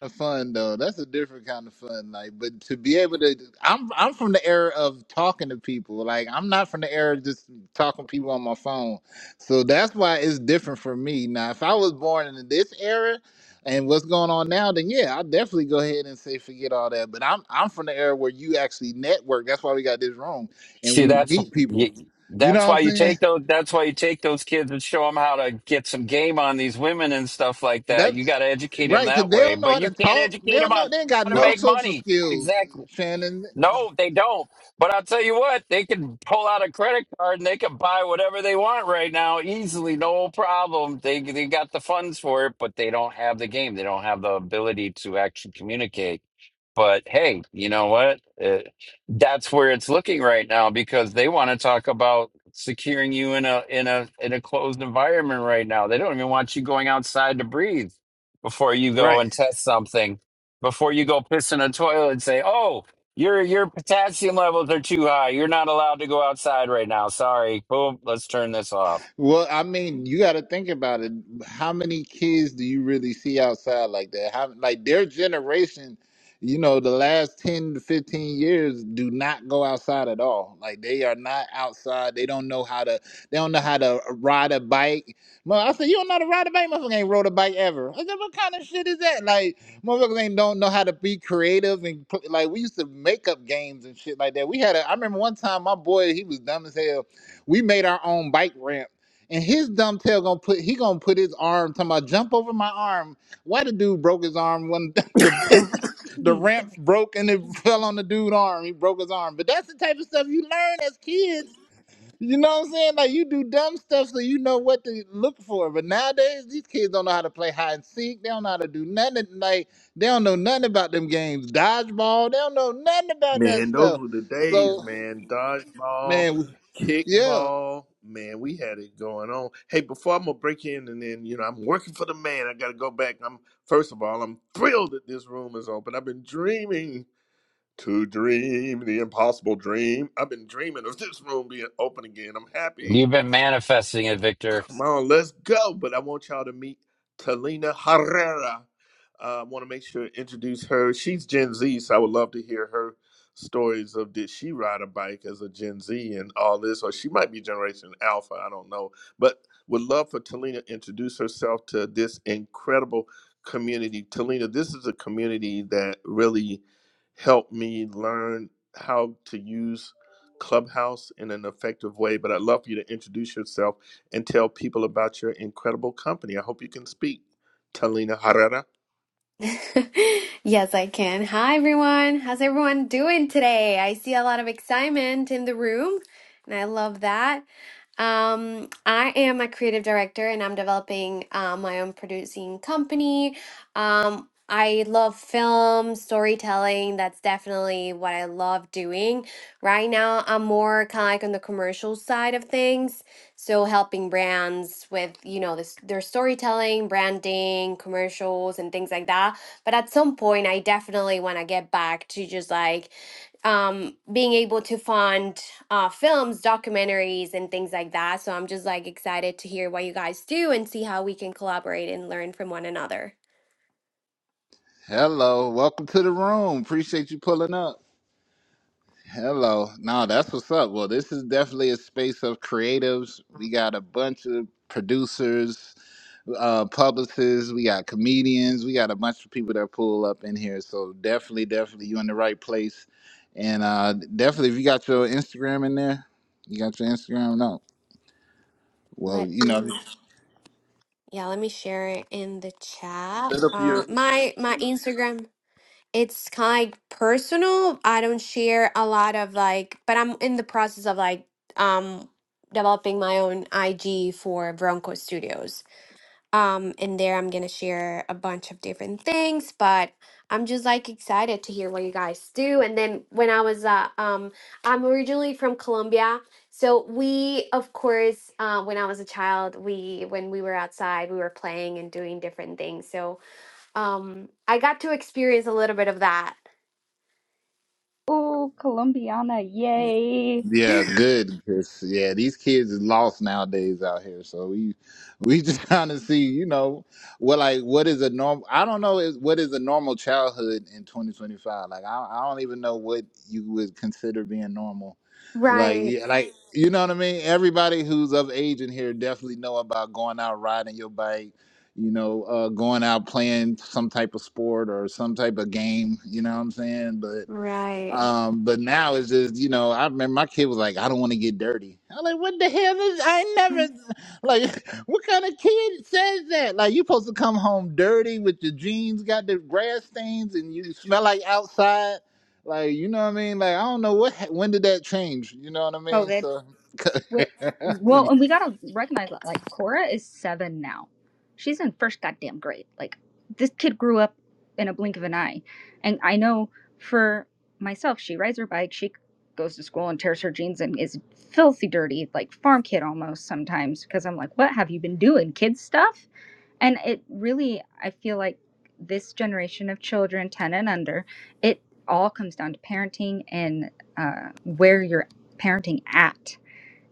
B: of fun though. That's a different kind of fun. Like, but to be able to, I'm I'm from the era of talking to people. Like, I'm not from the era of just talking to people on my phone. So that's why it's different for me. Now, if I was born in this era and what's going on now, then yeah, I'll definitely go ahead and say forget all that. But I'm I'm from the era where you actually network. That's why we got this wrong, and
E: See,
B: we
E: that's
B: meet people.
E: you-
B: You know
E: that's
B: what
E: why
B: I'm
E: you
B: saying?
E: take those. That's why you take those kids and show them how to get some game on these women and stuff like that. You got
B: That's
E: to educate them
B: right, because
E: that
B: they
E: way,
B: don't know
E: but
B: how
E: you
B: to
E: can't
B: talk. They
E: educate them
B: don't know.
E: on
B: They ain't got
E: how to
G: Well,
B: no
E: make
B: social
E: money.
B: skills,
E: Exactly.
B: Shannon.
E: No, they don't. But I'll tell you what, they can pull out a credit card and they can buy whatever they want right now easily, no problem. They they got the funds for it, but they don't have the game. They don't have the ability to actually communicate. But hey, you know what? Uh that's where it's looking right now because they want to talk about securing you in a in a in a closed environment right now. They don't even want you going outside to breathe before you go
B: Right.
E: and test something. Before you go piss in a toilet and say, "Oh, your your potassium levels are too high. You're not allowed to go outside right now. Sorry. Boom. Let's turn this off."
B: Well, I mean, you got to think about it. How many kids do you really see outside like that? How like their generation, you know, the last 10 to 15 years do not go outside at all. Like they are not outside. They don't know how to they don't know how to ride a bike. Well, I said, you don't know how to ride a bike? Motherfucker ain't rode a bike ever. I said, what kind of shit is that? Like motherfuckers ain't don't know how to be creative and put, like we used to make up games and shit like that. We had a I remember one time my boy, he was dumb as hell we made our own bike ramp and his dumb tail gonna put he gonna put his arm talking about jump over my arm. Why the dude broke his arm when *laughs* the the
D: Jeez.
B: ramp broke and it *laughs* fell on the dude arm. He broke his arm. But that's the type of stuff you learn as kids. You know what I'm saying? Like you do dumb stuff so you know what to look for. But nowadays these kids don't know how to play hide and seek. They don't know how to do nothing. Like they don't know nothing about them games. Dodgeball. They don't know nothing about that
H: Man, those
B: stuff.
H: were the days,
B: So
H: man. Dodgeball,
B: man, yeah.
H: kickball, man, we had it going on. Hey, before I'm gonna break in and then, you know, I'm working for the man. I gotta go back. I'm first of all, I'm thrilled that this room is open. I've been dreaming to dream the impossible dream. I've been dreaming of this room being open again. I'm happy.
E: You've been manifesting it, Victor.
H: Come on, let's go. But I want y'all to meet Talina Herrera. I uh, want to make sure to introduce her. She's Gen Z, so I would love to hear her stories of did she ride a bike as a Gen Z and all this, or she might be Generation Alpha. I don't know. But would love for Talina to introduce herself to this incredible community. Talina, this is a community that really helped me learn how to use Clubhouse in an effective way. But I'd love for you to introduce yourself and tell people about your incredible company. I hope you can speak. Talina Herrera.
I: *laughs* Yes, I can. Hi, everyone. How's everyone doing today? I see a lot of excitement in the room, and I love that. Um, I am a creative director and I'm developing uh, my own producing company. Um, I love film, storytelling. That's definitely what I love doing. Right now, I'm more kind of like on the commercial side of things. So helping brands with, you know, this their storytelling, branding, commercials and things like that. But at some point I definitely want to get back to just like um being able to fund uh films, documentaries and things like that. So I'm just like excited to hear what you guys do and see how we can collaborate and learn from one another.
B: Hello, welcome to the room. Appreciate you pulling up. Hello. No, that's what's up. Well, this is definitely a space of creatives. We got a bunch of producers, uh, publicists, we got comedians, we got a bunch of people that pull up in here. So definitely, definitely you in the right place. And uh definitely if you got your Instagram in there, you got your Instagram? No. Well,
I: Let
B: you know,
I: me yeah, let me share it in the chat.
H: Set up
I: Uh
H: your
I: my my Instagram. it's kind of personal. I don't share a lot of like, but I'm in the process of like um developing my own IG for Bronco Studios. Um and there I'm going to share a bunch of different things, but I'm just like excited to hear what you guys do. And then when I was uh, um I'm originally from Colombia. So we of course uh, when I was a child, we when we were outside, we were playing and doing different things. So um I got to experience a little bit of that
D: Oh, Colombiana, yay.
B: Yeah,
I: *laughs*
B: good. 'cause, yeah, these kids is lost nowadays out here. So we we just *laughs* trying to see, you know, what like what is a normal? I don't know is what is a normal childhood in 2025. Like I, I don't even know what you would consider being normal. Like
I: Right,
B: yeah, like you know what I mean. Everybody who's of age in here definitely know about going out riding your bike. You know, uh, going out playing some type of sport or some type of game. You know what I'm saying?
I: right.
B: Um, but now it's just, you know, I remember my kid was like, I don't want to get dirty. I'm like, what the hell is, I ain't never, like, *laughs* what kind of kid says that? Like, you supposed to come home dirty with your jeans, got the grass stains, and you smell like outside. Like, you know what I mean? Like, I don't know what, ha- when did that change? You know what I mean?
D: COVID.
B: So, *laughs*
D: Well, well,
B: yeah.
D: and we gotta recognize that. Like, Cora is seven now. She's in first goddamn grade. Like, this kid grew up in a blink of an eye. And I know for myself, she rides her bike, she goes to school and tears her jeans and is filthy dirty, like farm kid almost sometimes. Because I'm like, what have you been doing, kid stuff? And it really, I feel like this generation of children, ten and under, it all comes down to parenting and uh, where you're parenting at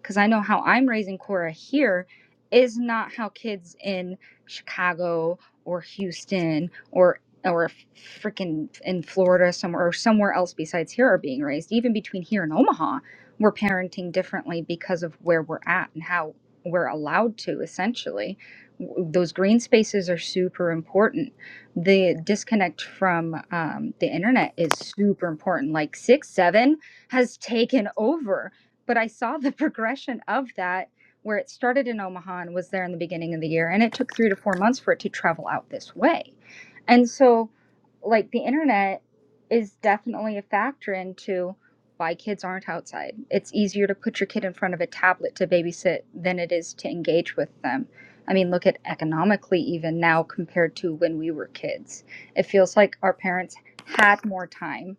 D: because I know how I'm raising Cora here is not how kids in Chicago or Houston or or freaking in Florida somewhere or somewhere else besides here are being raised. Even between here and Omaha, we're parenting differently because of where we're at and how we're allowed to essentially. W- Those green spaces are super important. The disconnect from um, the internet is super important. Like six, seven has taken over but I saw the *laughs* progression of that where it started in Omaha and was there in the beginning of the year. And it took three to four months for it to travel out this way. And so, like, the internet is definitely a factor into why kids aren't outside. It's easier to put your kid in front of a tablet to babysit than it is to engage with them. I mean, look at economically, even now compared to when we were kids. It feels like our parents had more time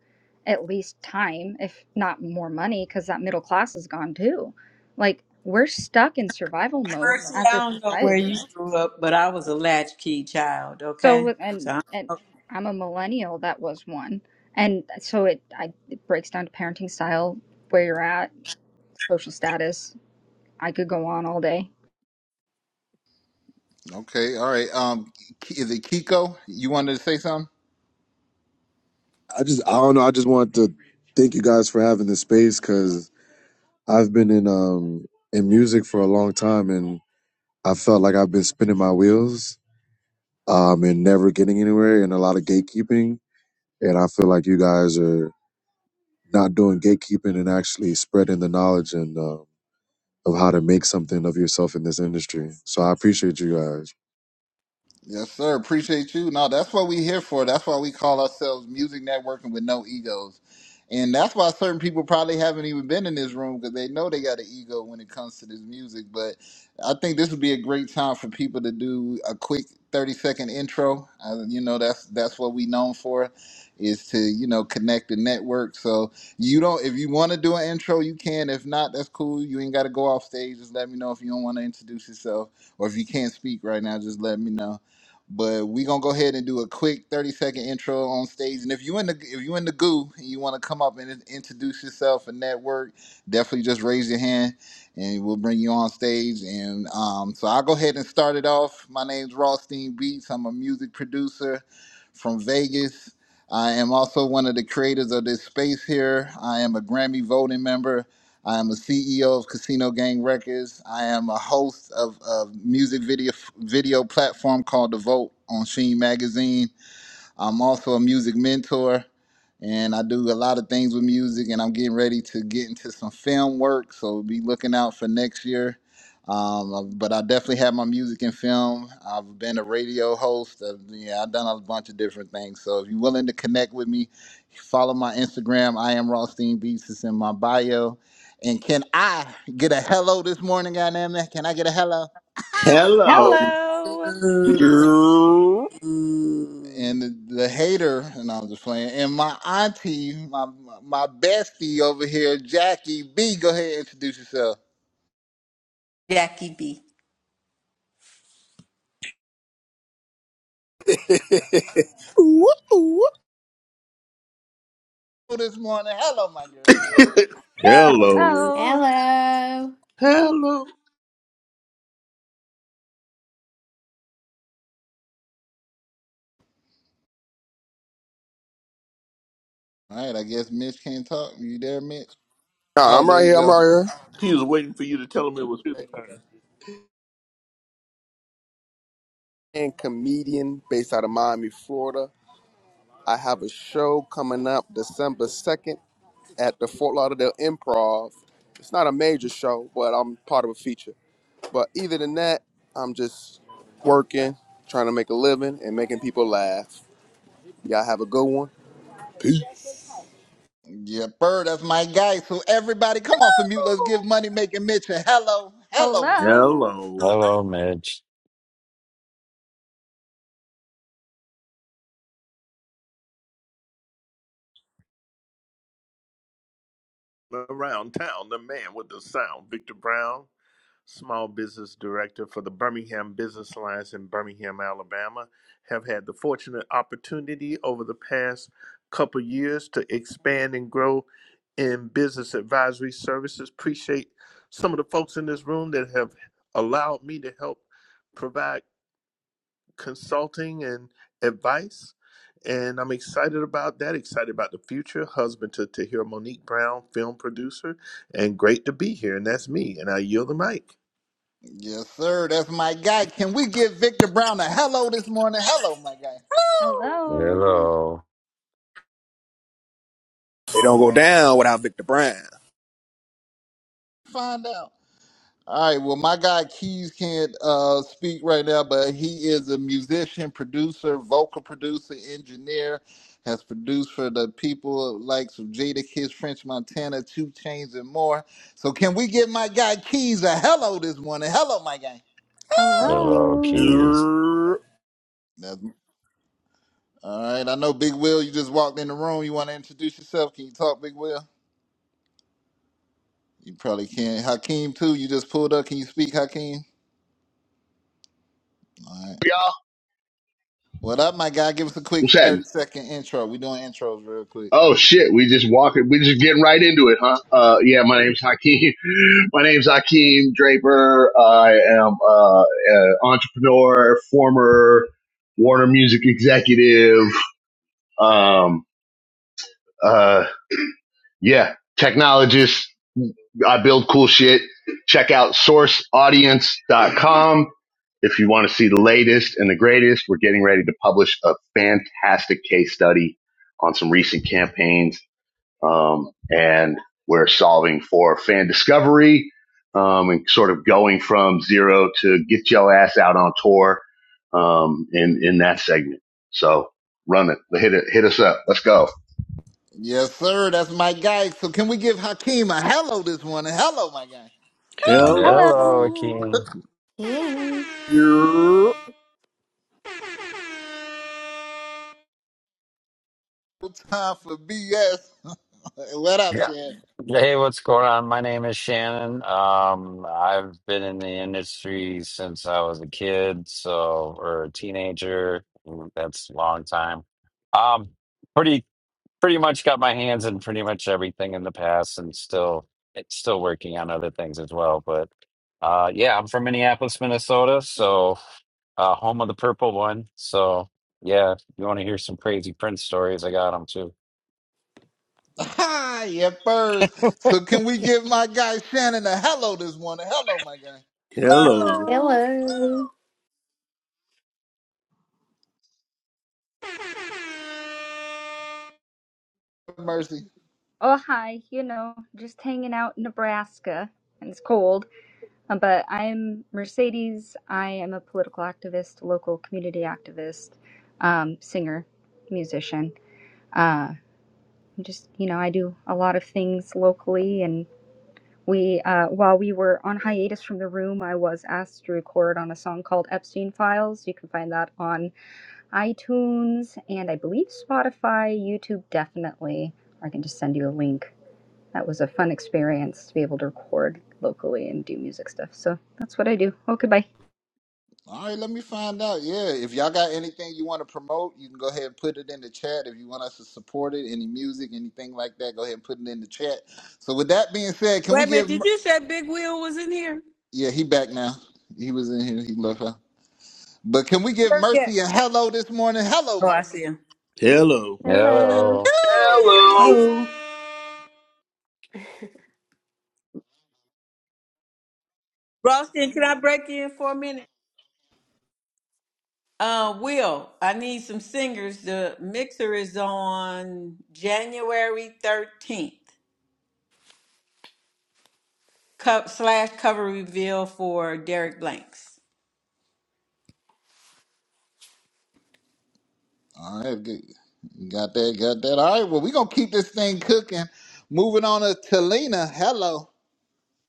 D: at least time, if not more money, because that middle class is gone too. Like we're stuck in survival mode
A: Mercy,
D: as
A: I
D: a
A: don't know where
D: society.
A: you grew up, but I was a latchkey child.
D: So
A: Okay,
D: with- and
A: so
D: and I'm a millennial that was one, and so it I it breaks down to parenting style, where you're at, social status. I could go on all day.
B: okay, all right. Um, K- is it Kiko? You wanted to say something?
J: I just I don't know. I just want to thank you guys for having this space because I've been in um in music for a long time and I felt like I've been spinning my wheels um and never getting anywhere and a lot of gatekeeping and I feel like you guys are not doing gatekeeping and actually spreading the knowledge and um of how to make something of yourself in this industry. So I appreciate you guys.
B: Yes, sir. Appreciate you. No, that's what we here for. That's why we call ourselves Music Networking with No Egos. And that's why certain people probably haven't even been in this room because they know they got an ego when it comes to this music. But I think this would be a great time for people to do a quick 30 second intro. Uh, you know, that's that's what we known for is to, you know, connect the network. So you don't if you want to do an intro, you can. If not, that's cool. You ain't got to go off stage. Just let me know if you don't want to introduce yourself or if you can't speak right now, just let me know but we gonna go ahead and do a quick 30 second intro on stage. And if you in the if you in the goo and you wanna come up and in- introduce yourself and network, definitely just raise your hand and we'll bring you on stage. And um, so I'll go ahead and start it off. My name's Rothstein Beats. I'm a music producer from Vegas. I am also one of the creators of this space here. I am a Grammy voting member I am a CEO of Casino Gang Records. I am a host of a music video video platform called The Vote on Sheen Magazine. I'm also a music mentor and I do a lot of things with music and I'm getting ready to get into some film work. So be looking out for next year. Um, uh, but I definitely have my music and film. I've been a radio host. i yeah, I've done a bunch of different things. So if you're willing to connect with me, follow my Instagram. I am Rothstein Beats. It's in my bio. And can I get a hello this morning, goddamn it? Can I get a hello? *laughs*
H: hello.
D: Hello.
A: I'm
B: and
A: *laughs*
B: the, the hater, and I'm just playing, and my auntie, my my bestie over here, Jackie B. Go ahead, and introduce yourself.
A: Jackie B.
B: Oh, This morning, hello, my girl.
H: Hello.
D: Hello,
I: Hello.
H: Hello.
B: All right, I guess Mitch can't talk. You there, Mitch?
C: God, *laughs*
B: Oh,
C: I'm
B: there
C: right
B: you
C: here. I'm
B: go.
C: right here.
H: He was waiting for you to tell him it was his turn.
C: And comedian based out of Miami, Florida. I have a show coming up December 2nd at the Fort Lauderdale Improv. It's not a major show, but I'm part of a feature. But either than that, I'm just working, trying to make a living, and making people laugh. Y'all have a good one.
B: Yeah, bird, that's my guy. So everybody, come off the mute. Let's give money making Mitch a hello, hello, my guy.
D: hello,
H: Hello.
E: Hello, Mitch.
H: around town, the man with the sound, Victor Brown, small business director for the Birmingham Business Alliance in Birmingham, Alabama, have had the fortunate opportunity over the past couple years to expand and grow in business advisory services. Appreciate some of the folks in this room that have allowed me to help provide consulting and advice. And I'm excited about that, excited about the future. Husband to, to hear Monique Brown, film producer, and great to be here. And that's me. And I yield the mic.
B: Yes, sir, that's my guy. Can we give Victor Brown a hello this morning? Hello, my guy.
D: hello,
E: Hello.
C: It don't go down without Victor Brown.
B: Find out. All right. Well, my guy Keys can't uh, speak right now, but he is a musician, producer, vocal producer, engineer. Has produced for the people likes some Jada Kiss, French Montana, Two Chains, and more. So, can we get my guy Keys a hello this morning? Hello, my guy.
E: Hello,
D: hello,
E: Keys.
C: Yeah,
B: That's, all right. I know Big Will. You just walked in the room. You want to introduce yourself? Can you talk, Big Will? You probably can. Hakeem too. You just pulled up. Can you speak, Hakeem? All right.
K: y'all?
B: What up, my guy? Give us a
K: What's
B: quick
K: happening?
B: 30 second intro. we doing intros real quick.
K: Oh shit, we just walking, we just getting right into it, huh? Uh, yeah, my name's Hakeem. *laughs* My name's Hakeem Draper. I am uh, an entrepreneur, former Warner Music executive. Um, uh, yeah, technologist. I build cool shit. Check out source audience dot com if you want to see the latest and the greatest. We're getting ready to publish a fantastic case study on some recent campaigns um, and we're solving for fan discovery um, and sort of going from zero to get your ass out on tour um, in in that segment. So run it, hit it, hit us up. Let's go.
B: Yes, sir. That's my guy. So can we give Hakeem a hello this morning? Hello, my guy.
H: Hello.
E: Hello,
D: hello,
E: Akeem.
I: Hey.
C: yeah,
B: No time for BS. *laughs* what up,
E: Yeah.
B: Shannon?
E: Hey, what's going on? My name is Shannon. Um, I've been in the industry since I was a kid, so or a teenager. That's a long time. Um, pretty pretty much got my hands in pretty much everything in the past, and still it's still working on other things as well. But uh, yeah, I'm from Minneapolis, Minnesota, so uh, home of the purple one. So yeah, if you want to hear some crazy Prince stories, I got them too.
B: Hi, yeah, first. So can we give my guy Shannon a hello this morning? Hello, my guy.
H: Hello.
D: hello.
I: Hello.
B: Mercy.
D: Oh, hi. You know, just hanging out in Nebraska, and it's cold. Um, But I'm Mercedes. I am a political activist, local community activist, um, singer, musician. Uh, just, you know, I do a lot of things locally. And we, uh, while we were on hiatus from the room, I was asked to record on a song called Epstein Files. You can find that on iTunes and I believe Spotify, YouTube, definitely. I can just send you a link that was a fun experience to be able to record locally and do music stuff. So that's what I do. Oh, goodbye.
B: All right, let me find out. Yeah, if y'all got anything you want to promote, you can go ahead and put it in the chat. If you want us to support it, any music, anything like that, go ahead and put it in the chat. So with that being said, can we
A: Wait a minute,
B: give?
A: did
B: Mer-
A: you say Big Wheel was in here?
B: Yeah, he back now. He was in here. He left out. But can we give
A: Where he at?
B: Mercy a hello this morning? Hello,
A: Oh, I see
B: Mercy.
A: him.
H: Hello.
I: Hello.
E: Hello.
K: Hello.
H: Hello.
A: Ralston, can I break in for a minute? Uh, Will, I need some singers. The mixer is on January 13th, co- slash cover reveal for Derek Blanks.
B: All right, good. got that, got that. All right, well, we're going to keep this thing cooking. Moving on to Talina. Hello.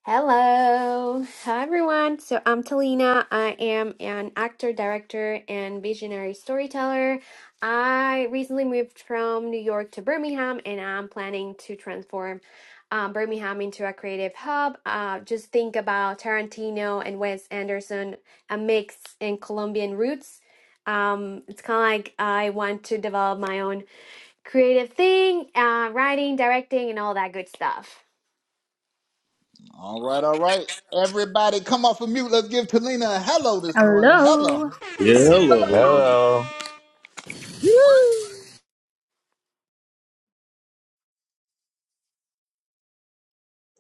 I: Hello. Hi, everyone. So, I'm Talina. I am an actor, director, and visionary storyteller. I recently moved from New York to Birmingham, and I'm planning to transform um, Birmingham into a creative hub. Uh, just think about Tarantino and Wes Anderson, a mix in Colombian roots. Um, it's kind of like I want to develop my own creative thing, uh, writing, directing, and all that good stuff.
B: All right, all right. Everybody, come off of mute. Let's give Talina a hello this morning. Hello.
D: Hello.
H: Hello.
E: Hello.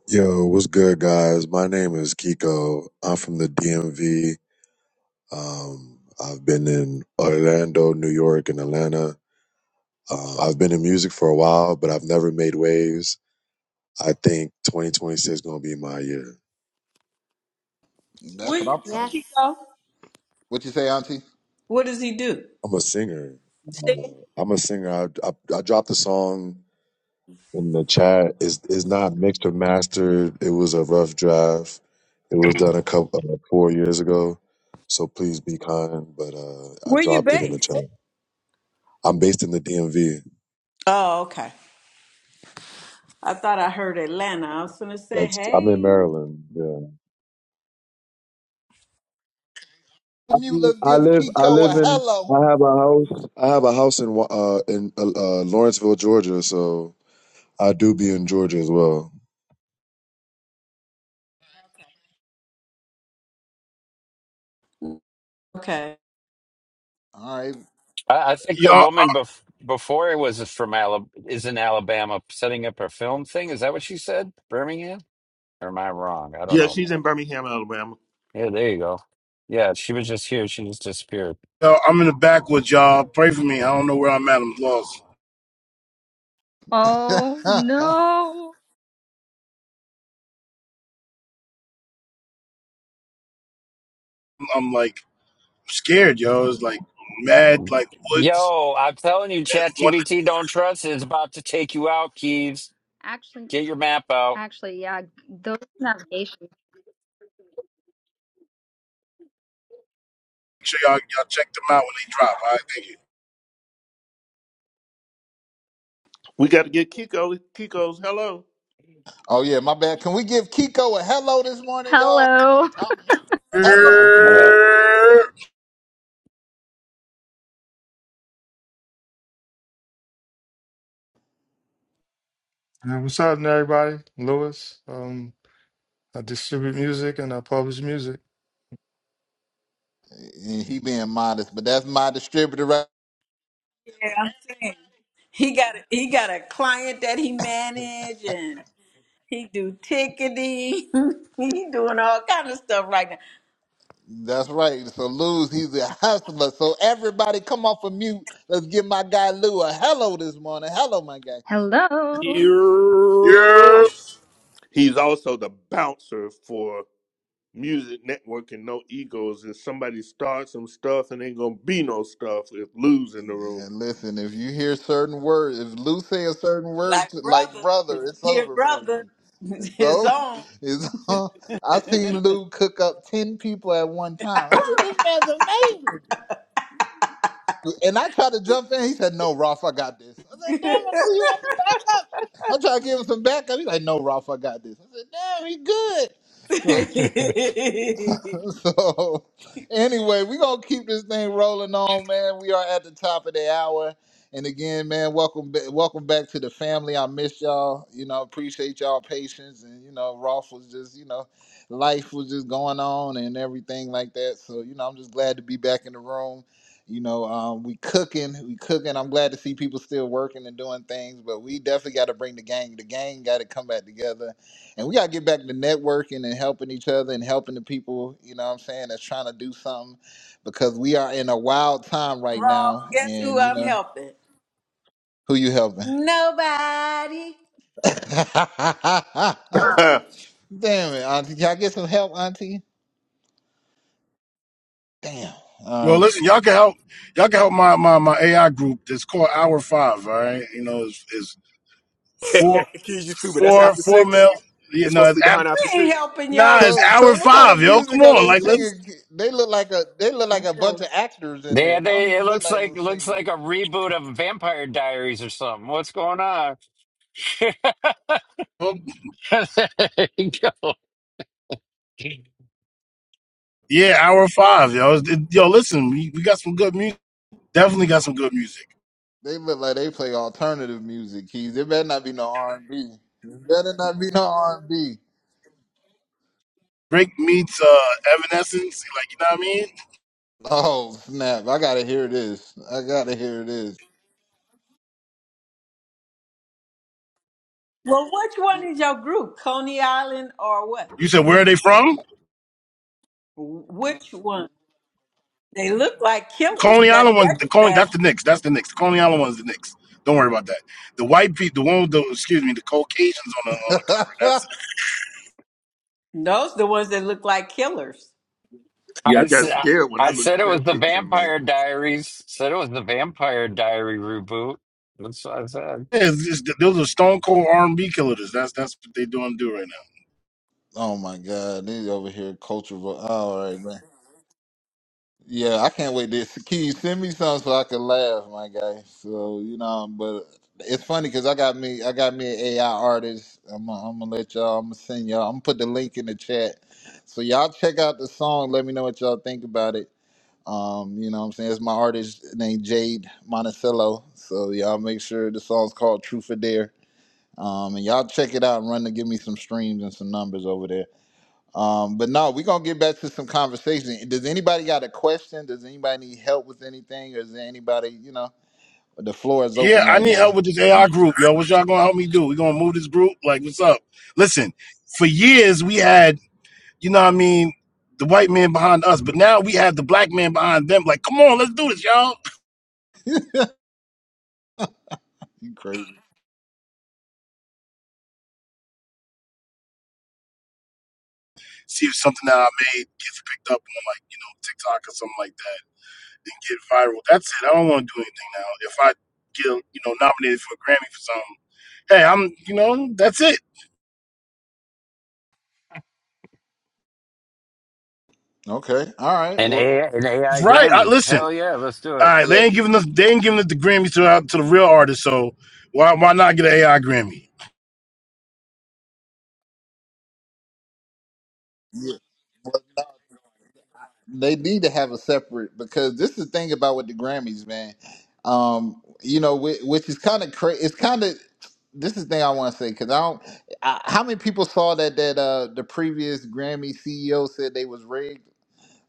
J: Yo, what's good, guys? My name is Kiko. I'm from the DMV. Um, I've been in Orlando, New York, and Atlanta. Uh, I've been in music for a while, but I've never made waves. I think 2026 is going to be my year.
A: What
B: That's
A: do
B: what
A: you
B: I'm
A: do,
B: talking.
I: Yes.
A: Chico?
B: What you say, Auntie? Off
A: What does he do?
J: I'm a singer. Uh,
A: Sing?
J: I'm a singer. I, I, I dropped a song in the chat. It's, it's not mixed or mastered. It was a rough draft. It was done a couple uh, four years ago. So please be kind. But uh, I
A: Where you
J: dropped it in the chat.
A: based?
J: I'm based in the DMV.
A: Oh, okay. I thought I heard Atlanta. I was gonna say,
J: That's I'm in
A: hey.
J: Maryland. Yeah. I
B: of mute.
J: mean,
B: Let's
J: I
B: give
J: live, I
B: Kiko a
J: live in,
B: hello.
J: I have a house. I have a house in Wa- uh in uh, uh, Lawrenceville, Georgia. So I do be in Georgia as well.
A: Okay.
B: All right.
E: I, I think the
G: y'all,
E: woman bef- before it was from Alabama, is in Alabama setting up her film thing. Is that what she said? Birmingham? Or am I wrong? I don't
H: Yeah,
E: know.
H: she's in Birmingham, Alabama.
E: Yeah, there you go. Yeah, she was just here. She just disappeared.
G: y'all, I'm in the back with y'all. Pray for me. I don't know where I'm at. I'm lost.
D: Oh
B: *laughs*
D: no.
G: I'm like scared, yo. It's like mad, like woods.
E: Yo, I'm telling you,
G: Want to
E: ChatGPT, don't trust it. It's about to take you out, Keeves.
D: Actually,
E: Get your map out.
D: actually, yeah. Those navigation.
G: make sure y'all y'all check them out when they drop. All
H: We got to get Kiko. Kiko's hello.
B: oh yeah, my bad. Can we give Kiko a hello this morning, y'all? Y'all
D: Hello.
B: talking? Hello.
E: Hello.
G: right,
L: Yeah, what's happening, everybody? Lewis. Um, I distribute music and I publish music.
B: And He being modest, but that's my distributor. Right?
A: Yeah, I'm saying he got a, he got a client that he managed and He do tickety. *laughs* he doing all kind of stuff right now.
B: That's right. So Lou's he's a hustler. So everybody come off of mute. Let's give my guy Lou a hello this morning. Hello, my guy.
D: Hello.
G: thank you. Yeah,
C: yeah.
G: yeah.
H: He's also the bouncer for Music Network and No Egos. If somebody starts some stuff and ain't gonna be no stuff, if Lou's in the room.
B: Man, listen, if you hear certain words, if Lou say a certain word
A: Like
B: to, like
A: brother, if
B: brother,
A: you
B: it's
A: hear
B: over for
A: brother,
B: you.
A: *laughs*
B: And
A: it's
B: so
A: on.
B: it's *laughs* I seen Lou cook up ten people at one time. I said,
H: *laughs*
B: This man's amazing. And I tried to jump in. He said, No, Ralph, I got this. I said, damn it, Lou, you want some backup? I tried to give him some backup. He's like, No, Ralph, I got this. I said, damn, he good. So
L: *laughs*
B: *laughs*
A: *laughs*
B: so anyway, we're gonna keep this thing rolling on, man. We are at the top of the hour. And again, man, welcome back welcome back to the family. I miss y'all. You know, appreciate y'all patience. And you know, Rolf was just, you know, life was just going on and everything like that. So, you know, I'm just glad to be back in the room. You know, um, we cooking, we cooking. I'm glad to see people still working and doing things, but we definitely got to bring the gang. The gang got to come back together and we gotta get back to networking and helping each other and helping the people, you know what I'm saying, that's trying to do something because we are in a wild time right
A: Ross,
B: now
A: guess who
B: and you
A: I'm
B: know
A: helping?
B: who you helping. *laughs*
A: Nobody.
H: yeah,
B: Damn it, Auntie. Can I get some help, Auntie? Damn.
G: Well,
B: All right.
G: listen, y'all can help. Y'all can help my my, my AI group. That's called Hour Five. All right, you know, it's, it's four
C: *laughs* Keys, you stupid. That's
G: four
C: after
G: four
C: six.
G: mil. You
C: They're
G: know,
C: supposed to
G: it's
C: be behind
G: after,
C: after
A: We ain't
C: six.
A: helping
G: nah,
A: your.
G: it's
B: So
G: Hour
B: so what kind
G: Five,
B: of
G: yo. Come
B: music are
G: on,
B: they
G: like let's.
B: singing? They look like a they look like a bunch
A: No.
B: of actors in
E: Yeah,
B: there. They don't
E: they, it
B: even look
E: looks
B: like
E: like
B: no
E: looks
B: singers.
E: like a reboot of Vampire Diaries or something. What's going on? *laughs* there you go.
G: Yeah, Hour Five, yo. It's- it- yo, listen, we, we got some good music. Definitely got some good music.
B: They look like they play alternative music, Keys. There better not be no R and B. There better not be no R and B.
G: Break meets uh, Evanescence. Like you know what I mean?
B: Oh snap! I gotta hear this. I gotta hear this.
A: Well, which one is your group? Coney Island or what?
G: You said where are they from?
A: Wh- Which one? They look like killers.
G: Coney
A: That
G: Island one. The
A: second
G: Coney.
A: batch.
G: That's the Knicks. That's the Knicks. The Coney Island one's the Knicks. Don't worry about that. The white people, the one with the excuse me, the Caucasians on the
B: *laughs*
G: on the cover. That's
A: Those the ones that look like killers.
E: I
H: I got
E: said
H: scared when I
E: I
H: looked
E: said
H: at
E: it was
H: that
E: the
H: picture, man.
E: Vampire Diaries. Said it was the Vampire Diary reboot. That's what I said.
G: yeah, it's just, those are Stone Cold R and B killers. That's that's what they doing do right now.
B: oh my god, these over here cultural. vo- Oh, all right, man. Yeah, I can't wait. This can you send me some so I can laugh, my guy? So you know, but it's funny because I got me, I got me an AI artist. I'm, gonna- I'm gonna let y'all. I'm gonna send y'all. I'm gonna put the link in the chat. So y'all check out the song. Let me know what y'all think about it. Um, you know what I'm saying? It's my artist named Jade Monticello. So y'all make sure the song's called True for Dare Um, and y'all check it out and run to give me some streams and some numbers over there. Um, but no, we're gonna get back to some conversation. Does anybody got a question? Does anybody need help with anything? Or is there anybody, you know, the floor is
G: Yeah,
B: open
G: I
B: right
G: need
B: now?
G: help with this AI
B: *laughs*
G: group, yo. What y'all gonna help me do? We gonna move this group? Like, what's up? Listen, for years we had, you know, what I mean, the white man behind us, but now we have the black man behind them. Like, come on, let's do this, y'all.
B: you crazy.
G: see if something that I made gets picked up on like, you know, TikTok or something like that and get viral. That's it. I don't want to do anything now. If I get, you know, nominated for a Grammy for something, hey, I'm, you know, that's it.
B: Okay. All right.
E: An
B: Well,
E: AI, an AI
G: Right. I,
E: Grammy.
G: listen,
E: Hell yeah, let's do
G: all
E: it.
G: right,
B: yeah,
G: they ain't giving us they ain't giving us the Grammys to uh, to the real artists, so why why not get an AI Grammy?
B: yeah. Well, they need to have a separate because this is the thing about with the Grammys, man. Um, you know, which, which is kind of crazy. It's kind of this is the thing I want to say because I don't. I, how many people saw that that uh the previous Grammy CEO said they was rigged?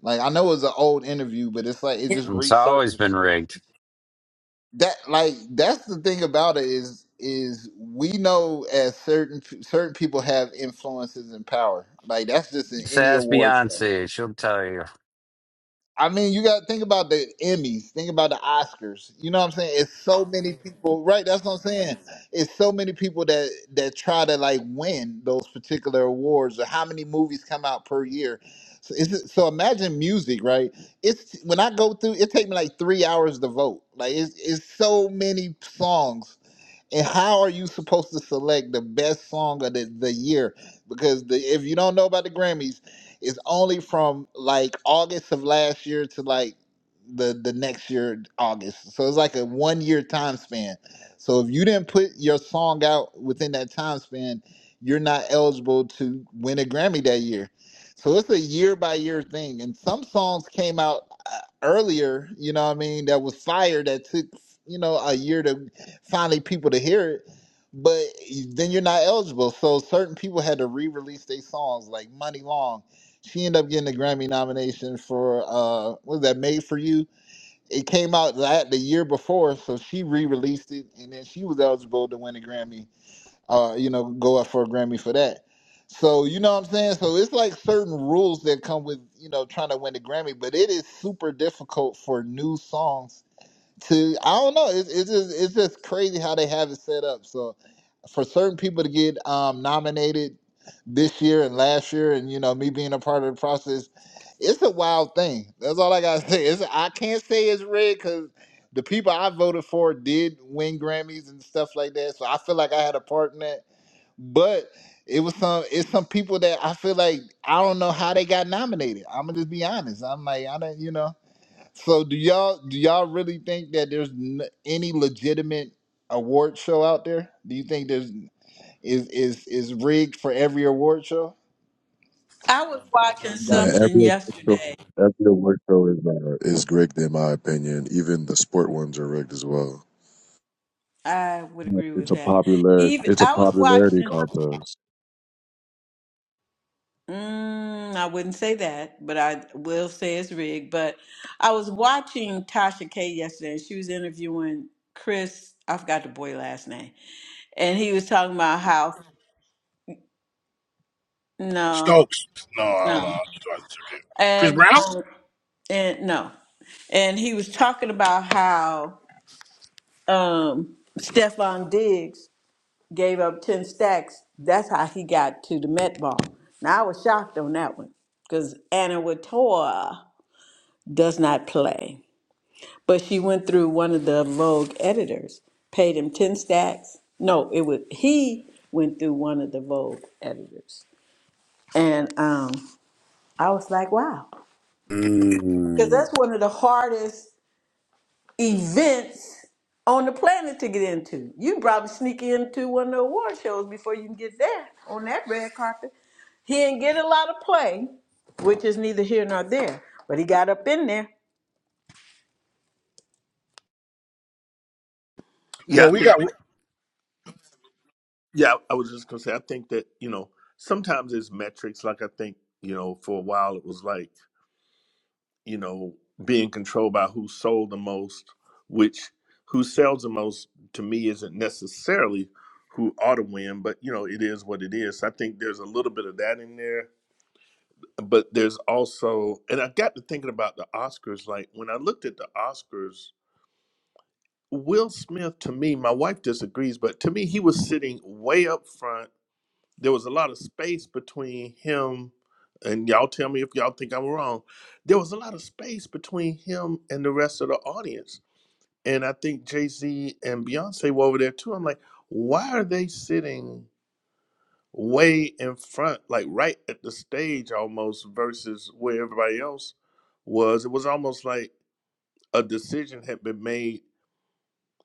B: Like I know it was an old interview, but it's like it just
E: It's always
B: resurfaced.
E: been rigged.
B: That like that's the thing about it is is we know as certain certain people have influences and power. Like that's just in
E: Just
B: any
E: ask
B: awards show.
E: Beyonce. She'll tell you.
B: I mean, you got to think about the Emmys, think about the Oscars. You know what I'm saying? It's so many people, right? That's what I'm saying. It's so many people that that try to like win those particular awards, or how many movies come out per year. So, it's, so imagine music, right? It's when I go through, it takes me like three hours to vote. Like it's it's so many songs and how are you supposed to select the best song of the, the year? Because the, if you don't know about the Grammys, it's only from like August of last year to like the the next year August. So it's like a one year time span. So if you didn't put your song out within that time span, you're not eligible to win a Grammy that year. So it's a year by year thing. And some songs came out uh, earlier, you know what I mean, that was fire that took, you know, a year to finally people to hear it, but then you're not eligible. So certain people had to re-release their songs, like Money Long. She ended up getting a Grammy nomination for uh, what was that Made for You? It came out that the year before, so she re-released it, and then she was eligible to win a Grammy. Uh, you know, go up for a Grammy for that. So you know what I'm saying. So it's like certain rules that come with you know trying to win a Grammy, but it is super difficult for new songs to I don't know. It's, it's just it's just crazy how they have it set up. So for certain people to get um, nominated this year and last year, and you know me being a part of the process, it's a wild thing. That's all I gotta *laughs* say. It's, I can't say it's rigged because the people I voted for did win Grammys and stuff like that. So I feel like I had a part in that, but. It was some. It's some people that I feel like I don't know how they got nominated. I'm gonna just be honest. I'm like I don't. You know. So do y'all do y'all really think that there's n- any legitimate award show out there? Do you think there's is is is rigged for every award show?
A: I was watching
B: Y'all
J: Yeah,
B: think?
A: something
J: every official-
A: yesterday.
J: every award show is uh, is rigged in my opinion. Even the sport ones are rigged as well.
A: I would agree
J: It's
A: with
J: a
A: that.
J: popular,
A: Even
J: it's a
A: I was
J: popularity
A: watching.
J: contest.
A: Mm, I wouldn't say that, but I will say it's rigged. But I was watching Tasha K yesterday, and she was interviewing Chris. I forgot the boy last name, and he was talking about how no,
G: Stokes. No, I don't
A: no,
G: know. You okay. Chris
A: and
G: Brown?
A: um, and no, and he was talking about how um Stefan Diggs gave up 10 stacks. That's how he got to the Met Ball. Now, I was shocked on that one because Anna Wintour does not play. But she went through one of the Vogue editors, paid him 10 stacks. No, it was he went through one of the Vogue editors. And um, I was like, wow. Because
C: Mm.
A: that's one of the hardest events on the planet to get into. You can probably sneak into one of the award shows before you can get there on that red carpet. He didn't get a lot of play, which is neither here nor there, but he got up in there.
H: Yeah, I
G: Well, we
H: think.
G: got
H: Yeah, I was just gonna say. I think that you know sometimes it's metrics. Like I think you know for a while it was like you know being controlled by who sold the most, which who sells the most to me isn't necessarily who ought to win, but you know it is what it is. So, I think there's a little bit of that in there, but there's also, and I got to thinking about the Oscars. Like when I looked at the Oscars Will Smith, to me, my wife disagrees, but to me, he was sitting way up front. There was a lot of space between him, and y'all tell me if y'all think I'm wrong. There was a lot of space between him and the rest of the audience. And I think Jay Z and Beyonce were over there too. I'm like, why are they sitting way in front, like right at the stage almost, versus where everybody else was? It was almost like a decision had been made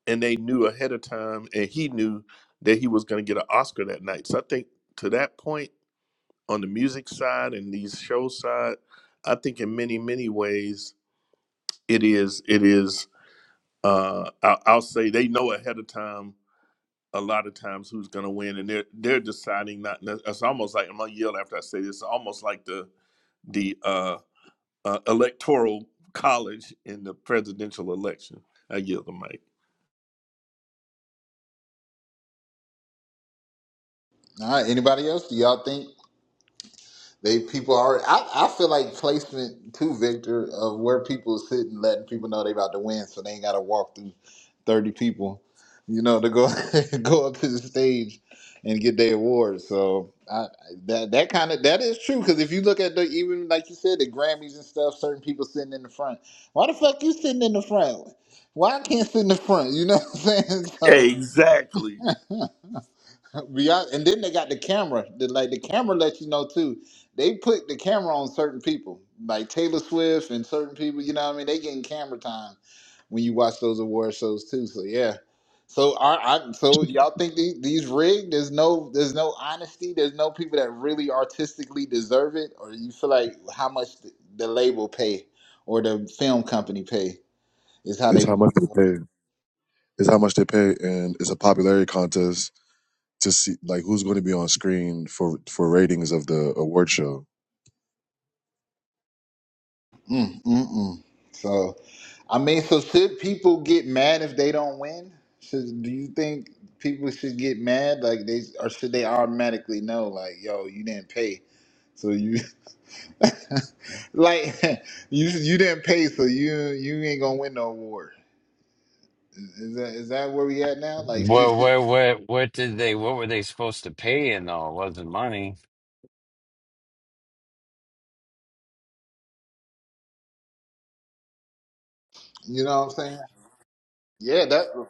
H: and they knew ahead of time and he knew that he was going to get an oscar that night so i think to that point on the music side and these show side i think in many many ways it is it is uh i'll, I'll say they know ahead of time a lot of times who's going to win and they're they're deciding not it's almost like i'm going to yell after i say this it's almost like the the uh, uh electoral college in the presidential election i yield the mic
B: All right, anybody else? Do y'all think They people are. I, I feel like placement too, Victor, of where people sit and letting people know they about to win, so they ain't got to walk through thirty people, you know, to go *laughs* go up to the stage and get their award. So I, that that kind of that is true because if you look at the even like you said the Grammys and stuff, certain people sitting in the front. Why the fuck you sitting in the front? Why I can't sit in the front? You know *laughs* what I'm saying? *laughs*
H: exactly
B: So. Be hon- And then they got the camera. The, like the camera lets you know too. They put the camera on certain people, like Taylor Swift and certain people. You know what I mean? They getting camera time when you watch those award shows too. So yeah. So are I, so y'all think these, these rigged? There's no there's no honesty. There's no people that really artistically deserve it. Or you feel like how much the, the label pay or the film company pay is how
J: It's
B: they.
J: how much they pay. It's how much they pay, and it's a popularity contest to see like who's going to be on screen for for ratings of the award show.
B: Mm, mm, mm. So, I mean, so should people get mad if they don't win? Should do you think people should get mad like they or should they automatically know like, yo, you didn't pay, so you *laughs* like *laughs* you you didn't pay, so you you ain't gonna win no award. Is is that is that where we at now? Like, should,
E: Well,
B: should-
E: what, what, what did they, what were they supposed to pay And though? It wasn't money.
B: you know what I'm saying? Yeah, that.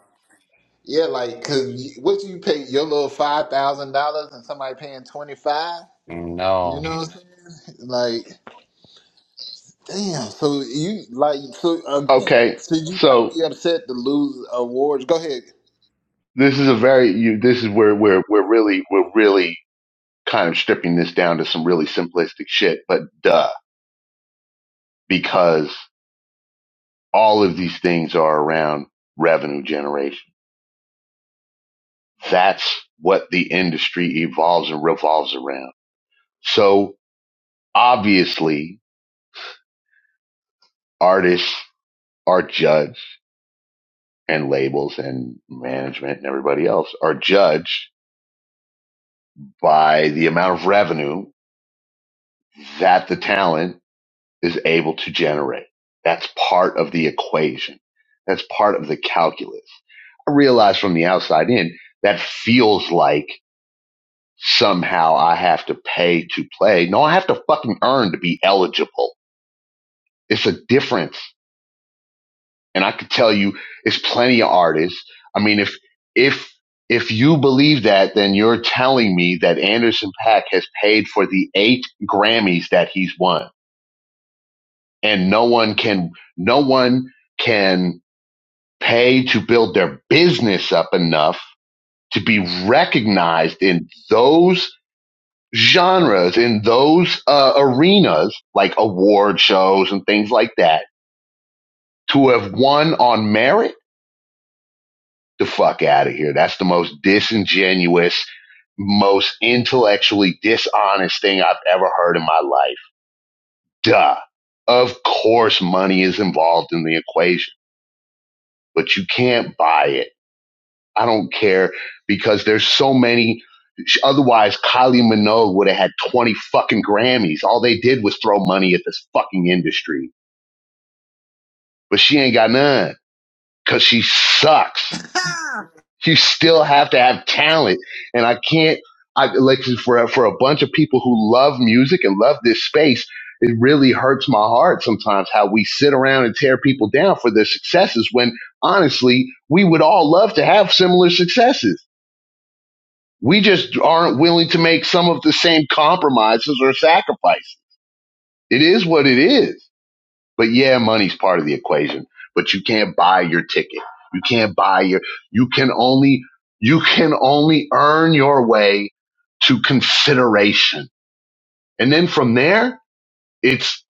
B: Yeah, like, cause what you pay your little five thousand dollars and somebody paying twenty five. You
E: No.
B: know what I'm saying? *laughs* Like. Damn. So you like so again?
K: Okay,
B: Should you not
K: so
B: be upset to lose awards? Go ahead.
K: this is a very you. This is where we're we're really we're really kind of stripping this down to some really simplistic shit, but duh, because all of these things are around revenue generation That's what the industry evolves and revolves around. So obviously artists are judged and labels and management and everybody else are judged by the amount of revenue that the talent is able to generate. That's part of the equation. That's part of the calculus. I realize from the outside in that feels like somehow I have to pay to play. No, I have to fucking earn to be eligible It's a difference. And I could tell you it's plenty of artists. I mean, if, if, if you believe that, then you're telling me that Anderson Pack has paid for the eight Grammys that he's won. And no one can, no one can pay to build their business up enough to be recognized in those genres, in those uh, arenas, like award shows and things like that, to have won on merit the fuck out of here. That's the most disingenuous, most intellectually dishonest thing I've ever heard in my life. Duh. Of course money is involved in the equation, but you can't buy it. I don't care because there's so many. Otherwise, Kylie Minogue would have had 20 fucking Grammys. All they did was throw money at this fucking industry, but she ain't got none because she sucks. You still have to have talent. And I can't, I like for, for a bunch of people who love music and love this space, it really hurts my heart sometimes how we sit around and tear people down for their successes when honestly, we would all love to have similar successes. We just aren't willing to make some of the same compromises or sacrifices. It is what it is. But yeah, money's part of the equation, but you can't buy your ticket. You can't buy your, you can only, you can only earn your way to consideration. And then from there, it's,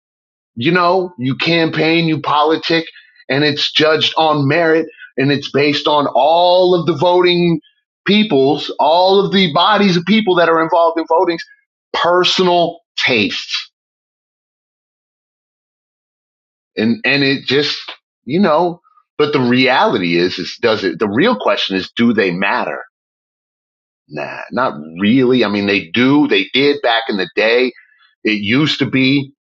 K: you know, you campaign, you politic, and it's judged on merit and it's based on all of the voting peoples, all of the bodies of people that are involved in voting's personal tastes and and it just you know but the reality is is does it the real question is do they matter nah not really i mean they do they did back in the day it used to be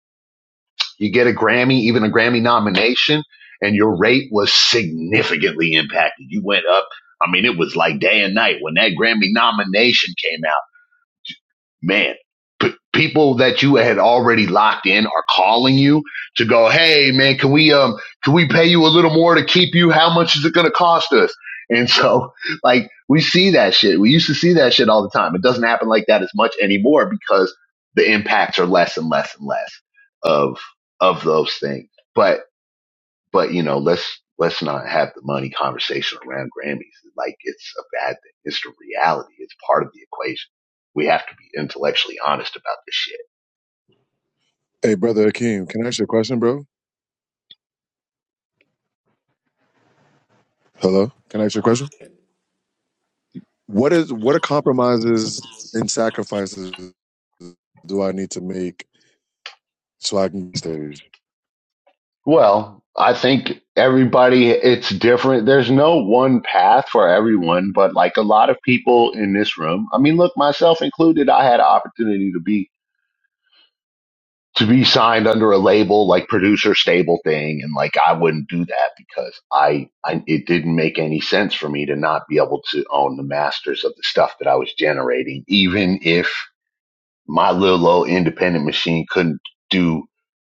K: you get a grammy even a grammy nomination and your rate was significantly impacted you went up i mean it was like day and night when that grammy nomination came out man, p- people that you had already locked in are calling you to go, hey, man, can we um can we pay you a little more to keep you? How much is it going to cost us? And so, *laughs* like, we see that shit. We used to see that shit all the time. It doesn't happen like that as much anymore because the impacts are less and less and less of of those things. But but you know, let's let's not have the money conversation around Grammys like it's a bad thing. It's the reality. It's part of the equation. We have to be intellectually honest about this shit.
J: Hey, brother Akeem, can I ask you a question, bro? Hello, can I ask you a question? What is what are compromises and sacrifices do I need to make so I can stage?
K: Well, I think everybody it's different. There's no one path for everyone, but like a lot of people in this room, I mean, look, myself included, I had an opportunity to be to be signed under a label like producer stable thing and like I wouldn't do that because I, I it didn't make any sense for me to not be able to own the masters of the stuff that I was generating even if my little old independent machine couldn't do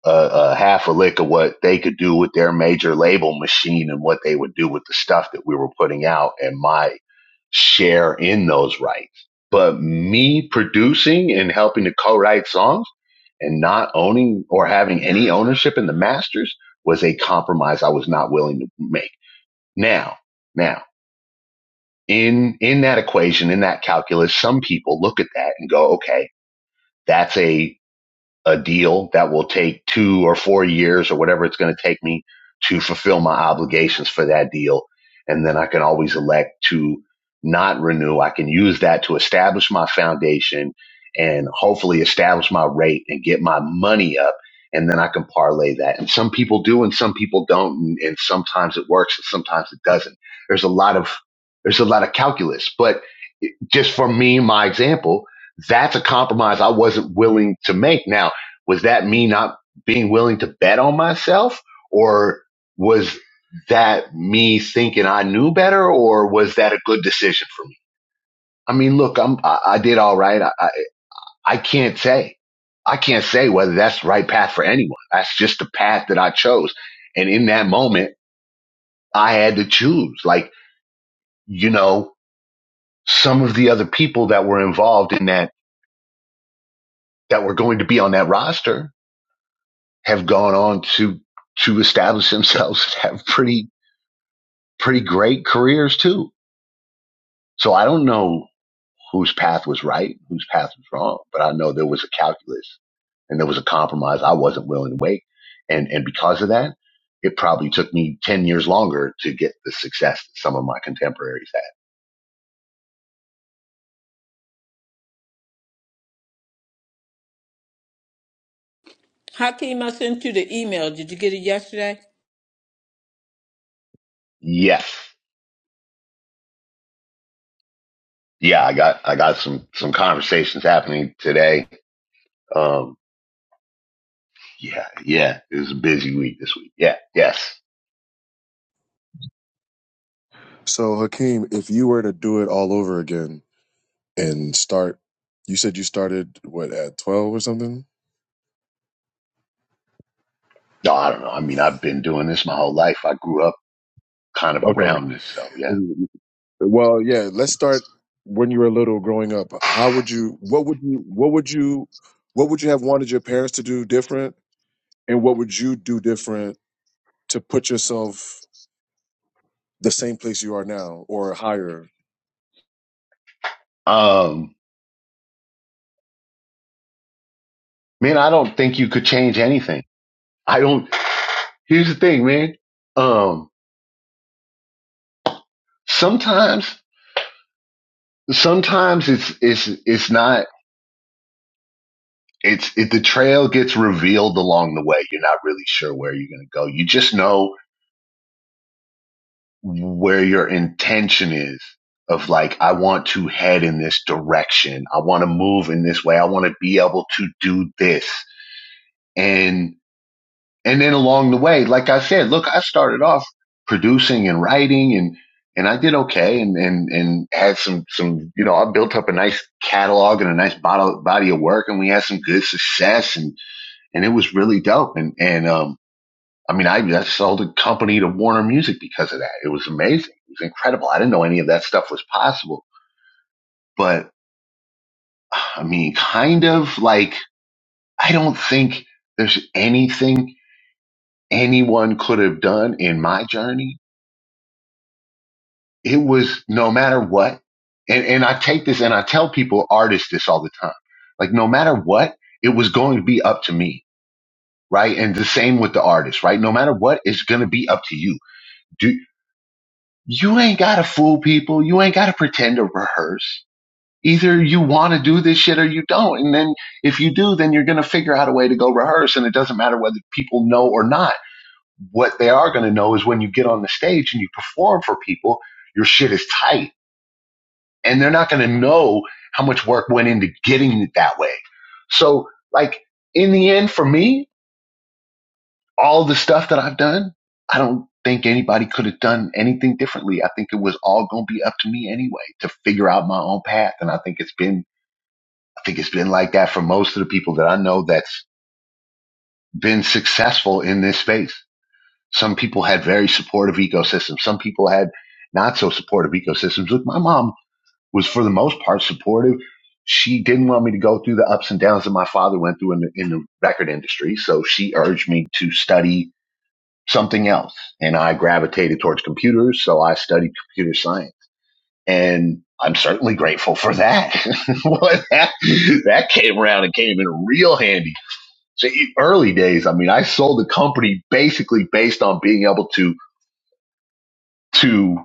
K: a uh, uh, half a lick of what they could do with their major label machine and what they would do with the stuff that we were putting out and my share in those rights. But me producing and helping to co-write songs and not owning or having any ownership in the Masters was a compromise I was not willing to make. Now, now, in in that equation, in that calculus, some people look at that and go, okay, that's a a deal that will take two or four years or whatever it's going to take me to fulfill my obligations for that deal. And then I can always elect to not renew. I can use that to establish my foundation and hopefully establish my rate and get my money up. And then I can parlay that. And some people do and some people don't. And, and sometimes it works and sometimes it doesn't. There's a lot of, there's a lot of calculus, but just for me, my example, that's a compromise I wasn't willing to make. Now, was that me not being willing to bet on myself? Or was that me thinking I knew better? Or was that a good decision for me? I mean, look, I'm, I, I did all right. I, I, I can't say. I can't say whether that's the right path for anyone. That's just the path that I chose. And in that moment, I had to choose. Like, you know, some of the other people that were involved in that, that were going to be on that roster have gone on to to establish themselves *laughs* have pretty pretty great careers too. So I don't know whose path was right, whose path was wrong, but I know there was a calculus and there was a compromise I wasn't willing to make. And, and because of that, it probably took me 10 years longer to get the success that some of my contemporaries had.
A: Hakeem, I sent you the email. Did you get it yesterday?
K: Yes. Yeah. I got, I got some, some conversations happening today. Um, yeah. Yeah. It was a busy week this week. Yeah. Yes.
J: So Hakeem, if you were to do it all over again and start, you said you started what at twelve or something?
K: No, I don't know. I mean, I've been doing this my whole life. I grew up kind of
J: Okay.
K: around this. So yeah.
J: Well, yeah. Let's start when you were little, growing up. How would you? What would you? What would you? What would you have wanted your parents to do different, and what would you do different to put yourself the same place you are now or higher
K: Um, man, I don't think you could change anything. I don't. Here's the thing, man. Um, sometimes, sometimes it's it's it's not. It's it, the trail gets revealed along the way. You're not really sure where you're gonna go. You just know where your intention is. Of like, I want to head in this direction. I want to move in this way. I want to be able to do this. And. and then along the way, like I said, look, I started off producing and writing and and I did okay and and and had some some you know I built up a nice catalog and a nice bottle, body of work and we had some good success and and it was really dope and and um I mean I, I sold a company to Warner Music because of that it was amazing it was incredible I didn't know any of that stuff was possible but I mean kind of like I don't think there's anything anyone could have done in my journey it was no matter what. And, and I take this and I tell people, artists, this all the time. Like, no matter what, it was going to be up to me. Right. And the same with the artist, right? No matter what, it's going to be up to you. Do you ain't got to fool people. You ain't got to pretend to rehearse. Either you want to do this shit or you don't. And then if you do, then you're going to figure out a way to go rehearse. And it doesn't matter whether people know or not. What they are going to know is when you get on the stage and you perform for people, your shit is tight and they're not going to know how much work went into getting it that way. So, like in the end, for me, all the stuff that I've done, I don't think anybody could have done anything differently. I think it was all going to be up to me anyway to figure out my own path, and I think it's been, I think it's been like that for most of the people that I know that's been successful in this space. Some people had very supportive ecosystems. Some people had not so supportive ecosystems. Look, my mom was for the most part supportive. She didn't want me to go through the ups and downs that my father went through in the, in the record industry. So she urged me to study something else. And I gravitated towards computers. So I studied computer science. And I'm certainly grateful for that. *laughs* Well, that, that came around and came in real handy. So e- early days, I mean, I sold the company basically based on being able to to,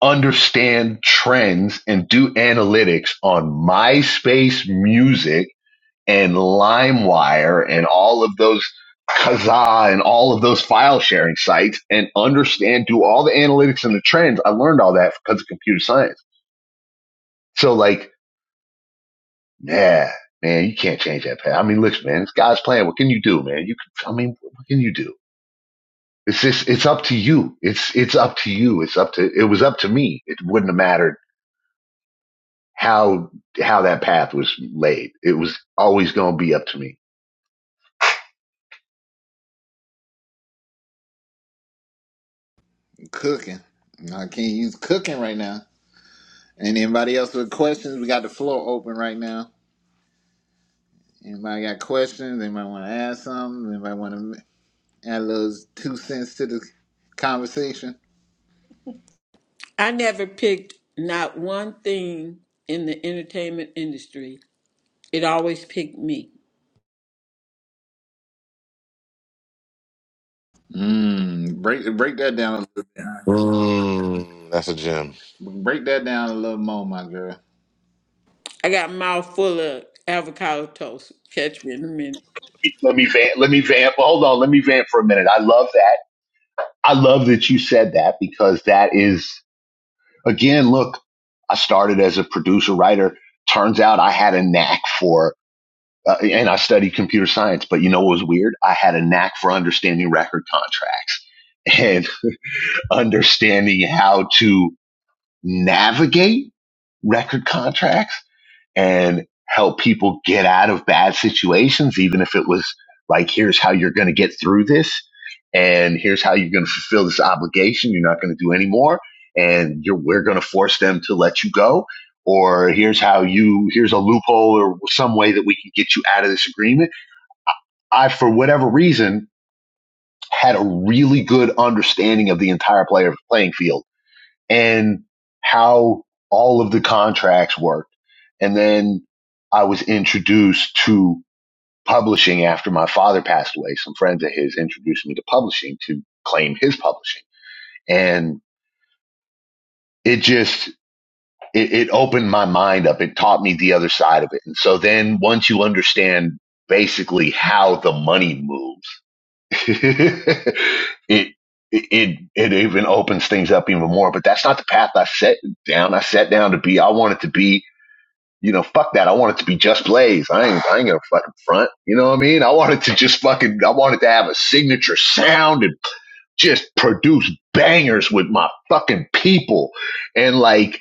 K: understand trends and do analytics on MySpace Music and LimeWire and all of those Kazaa and all of those file sharing sites and understand, do all the analytics and the trends. I learned all that because of computer science. So like, yeah, man, you can't change that path. I mean, listen, man, it's God's plan. What can you do, man? You can, I mean, what can you do? It's just, it's up to you. It's, it's up to you. It's up to, it was up to me. It wouldn't have mattered how how that path was laid. It was always going to be up to me.
B: Cooking. No, I can't use cooking right now. And anybody else with questions? We got the floor open right now. Anybody got questions? Anybody want to ask something? Anybody want to add those two cents to the conversation?
A: I never picked not one thing in the entertainment industry. It always picked me.
B: Mm, break break that down.
M: Mm, that's a gem.
B: Break that down a little more, my girl.
A: I got a mouth full of avocado toast. Catch me in a minute.
K: Let me vamp. Let me vamp. Hold on. Let me vamp for a minute. I love that. I love that you said that because that is again. Look, I started as a producer writer. Turns out I had a knack for, uh, and I studied computer science. But you know what was weird? I had a knack for understanding record contracts and *laughs* understanding how to navigate record contracts and help people get out of bad situations, even if it was like, here's how you're going to get through this, and here's how you're going to fulfill this obligation. You're not going to do anymore, and you're, we're going to force them to let you go. Or here's how you, here's a loophole or some way that we can get you out of this agreement. I, for whatever reason, had a really good understanding of the entire player playing field and how all of the contracts worked. And then I was introduced to publishing after my father passed away. Some friends of his introduced me to publishing to claim his publishing. And it just, it, it opened my mind up. It taught me the other side of it. And so then once you understand basically how the money moves, *laughs* it, it it even opens things up even more. But that's not the path I set down. I sat down to be. I wanted to be. You know, fuck that. I wanted to be just Blaze. I ain't I ain't gonna fucking front. You know what I mean? I wanted to just fucking. I wanted to have a signature sound and just produce bangers with my fucking people. And like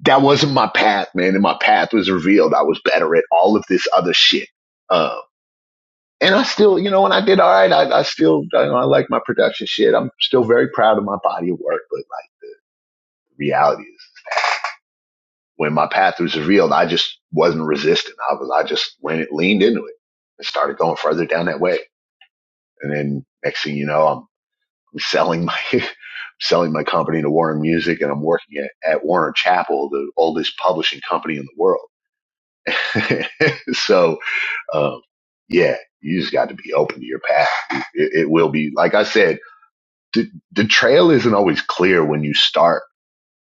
K: that wasn't my path, man. And my path was revealed. I was better at all of this other shit. Uh, and I still, you know, when I did all right, I, I still, you know, I like my production shit. I'm still very proud of my body of work, but like reality is when my path was revealed, I just wasn't resistant. I was, I just went, leaned into it and started going further down that way. And then next thing you know, I'm, I'm selling my, *laughs* selling my company to Warner Music and I'm working at, at Warner Chapel, the oldest publishing company in the world. *laughs* so, um, yeah, you just got to be open to your path. It, it will be, like I said, the, the trail isn't always clear when you start.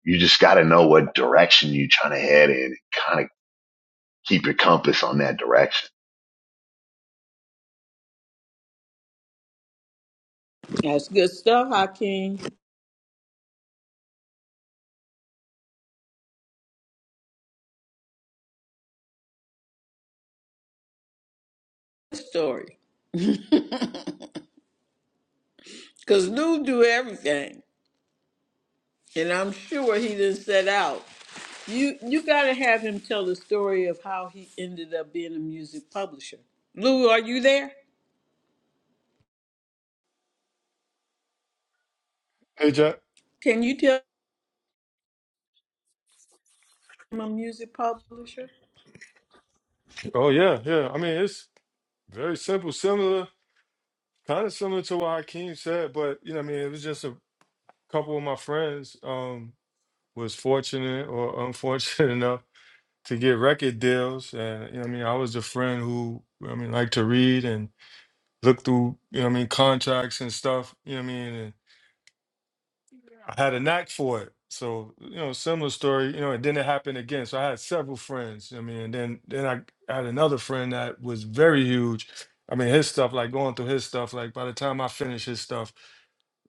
K: You just got to know what direction you're trying to head in and kind of keep your compass on that direction
A: That's good stuff, Hakeem. Story. Because news do everything. and I'm sure he didn't set out. You you gotta have him tell the story of how he ended up being a music publisher. Lou, are you there?
L: Hey, Jack.
A: Can you tell him a music publisher?
L: Oh yeah, yeah. I mean, it's very simple, similar, kind of similar to what Hakeem said, but you know, what I mean, it was just a couple of my friends um was fortunate or unfortunate *laughs* enough to get record deals, and you know, what I mean, I was a friend who, I mean, liked to read and look through, you know, what I mean, contracts and stuff. You know, what I mean, I had a knack for it. So, you know, similar story, you know, and then it happened again. So I had several friends. I mean, and then then I had another friend that was very huge. I mean, his stuff, like going through his stuff, like by the time I finished his stuff,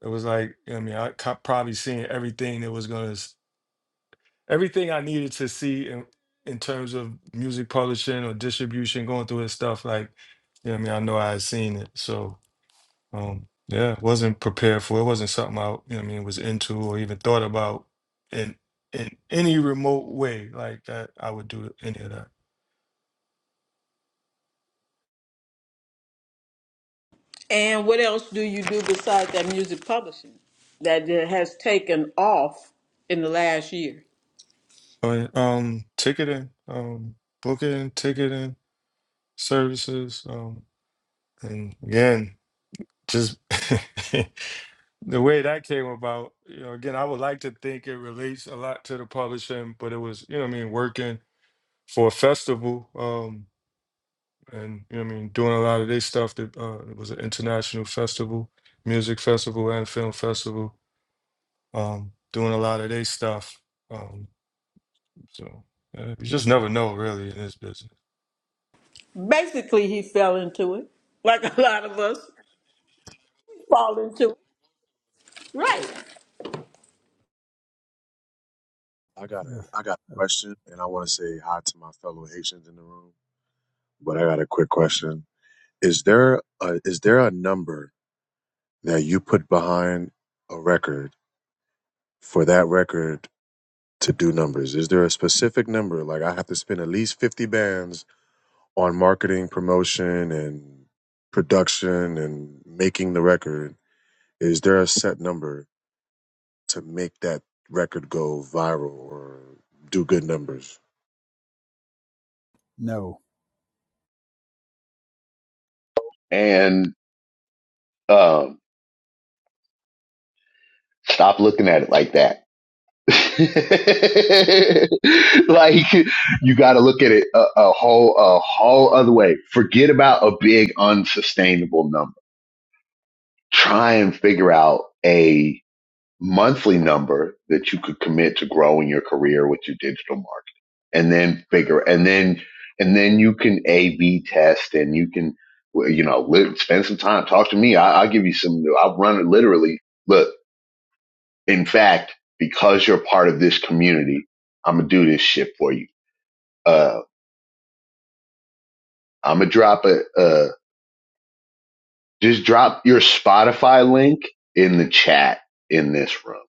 L: it was like, I mean, I co- probably seen everything that was gonna s- everything I needed to see in in terms of music publishing or distribution, going through his stuff, like, you know, what I mean, I know I had seen it. So um, yeah, wasn't prepared for. It wasn't something I, you know, what I mean, was into or even thought about in in any remote way like that. I would do any of that.
A: And what else do you do besides that music publishing that it has taken off in the last year?
L: But um, ticketing, um, booking, ticketing services, um, and again, just *laughs* the way that came about. You know, again, I would like to think it relates a lot to the publishing, but it was, you know, what I mean, working for a festival. Um, and you know what I mean, doing a lot of their stuff. That uh, it was an international festival, music festival and film festival. Um, doing a lot of their stuff. Um, so uh, you just never know, really, in this business.
A: Basically, he fell into it, like *laughs* a lot of us fall into it. Right.
J: I got a
N: Ugh,
J: I got a
N: ugh.
J: question, and I want to say hi to my fellow Haitians in the room. But I got a quick question: Is there a is there a number that you put behind a record for that record to do numbers? Is there a specific number? Like I have to spend at least fifty bands on marketing, promotion, and production, and making the record. Is there a set number to make that record go viral or do good numbers?
N: No.
K: and um, stop looking at it like that. *laughs* like you got to look at it a, a whole a whole other way. Forget about a big unsustainable number. Try and figure out a monthly number that you could commit to growing your career with your digital marketing and then figure and then and then you can a b test and you can well, you know live, spend some time talk to me I, i'll give you some i'll run it literally look in fact because you're part of this community i'm gonna do this shit for you uh i'm gonna drop a uh just drop your spotify link in the chat in this room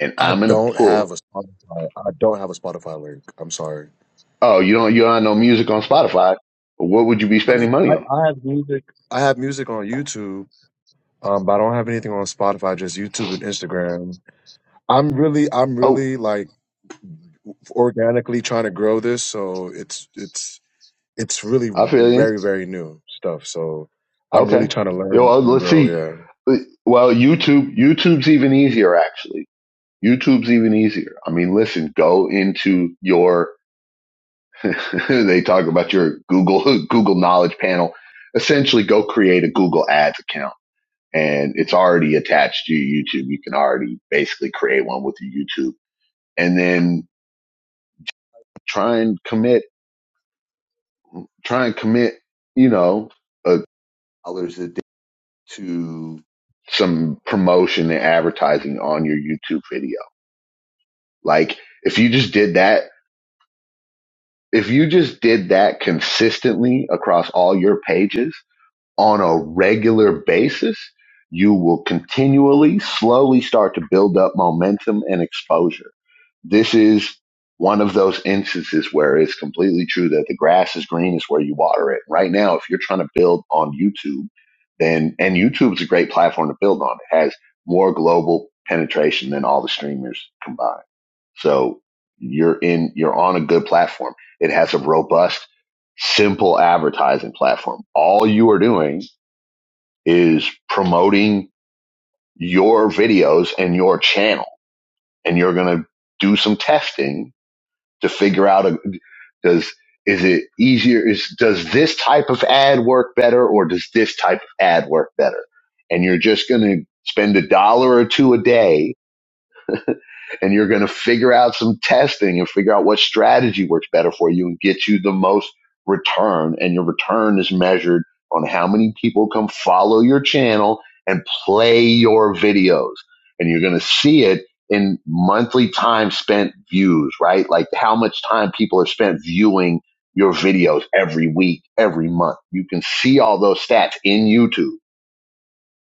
K: and
J: I
K: i'm gonna
J: don't
K: pull
J: have a Spotify. I don't have a Spotify link. I'm sorry.
K: Oh, you don't you don't have no music on Spotify. What would you be
J: I mean,
K: spending
J: I,
K: money on?
J: I have music. I have music on YouTube, um, but I don't have anything on Spotify. Just YouTube and Instagram. I'm really, I'm
K: Oh,
J: really like organically trying to grow this, so it's it's it's really
K: I feel you.
J: very very new stuff. So I'm really
K: Okay.
J: trying to
K: Yo,
J: learn
K: uh,
J: and
K: let's
J: grow.
K: see.
J: Yeah.
K: Uh, Well, YouTube YouTube's even easier actually. YouTube's even easier. I mean, listen, go into your *laughs* they talk about your Google *laughs* Google Knowledge panel. Essentially, go create a Google Ads account and it's already attached to your YouTube. You can already basically create one with your YouTube and then try and commit try and commit, you know, a dollars a day to some promotion and advertising on your YouTube video. Like if you just did that, if you just did that consistently across all your pages, on a regular basis, you will continually, slowly start to build up momentum and exposure. This is one of those instances where it's completely true that the grass is green is where you water it. Right now, if you're trying to build on YouTube, then and YouTube's a great platform to build on. It has more global penetration than all the streamers combined. So you're in you're on a good platform. It has a robust simple advertising platform. All you are doing is promoting your videos and your channel. And you're going to do some testing to figure out a, does, is it easier? Is, does this type of ad work better or does this type of ad work better? And you're just going to spend a dollar or two a day and you're going to figure out some testing and figure out what strategy works better for you and get you the most return. And your return is measured on how many people come follow your channel and play your videos. And you're going to see it in monthly time spent views, right? Like how much time people have spent viewing your videos every week, every month. You can see all those stats in YouTube.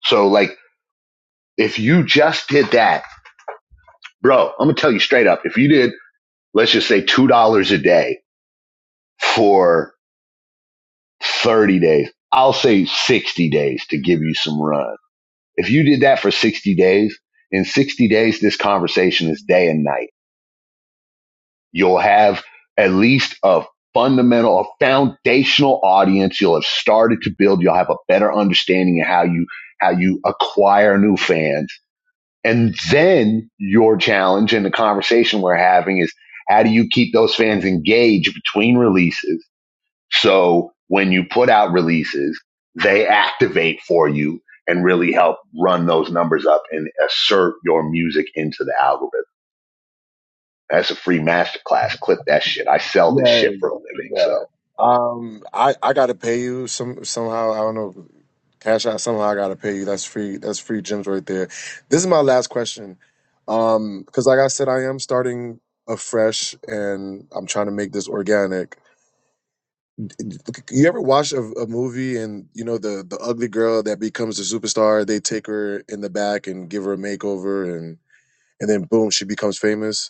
K: So like if you just did that, bro, I'm going to tell you straight up. If you did let's just say $2 a day for 30 days. I'll say 60 days to give you some run. If you did that for 60 days, in 60 days, this conversation is day and night. You'll have at least a fundamental, a foundational audience. You'll have started to build. You'll have a better understanding of how you, how you acquire new fans. And then your challenge and the conversation we're having is how do you keep those fans engaged between releases? So when you put out releases, they activate for you and really help run those numbers up and assert your music into the algorithm. That's a free masterclass. Clip that shit. I sell this
J: Yeah,
K: shit for a
J: yeah.
K: living. So
J: Um, I I gotta pay you some somehow. I don't know. Cash out somehow. I gotta pay you. That's free. That's free gems right there. This is my last question. Um, because like I said, I am starting afresh, and I'm trying to make this organic. You ever watch a, a movie and you know the the ugly girl that becomes a superstar? They take her in the back and give her a makeover, and then boom, she becomes famous.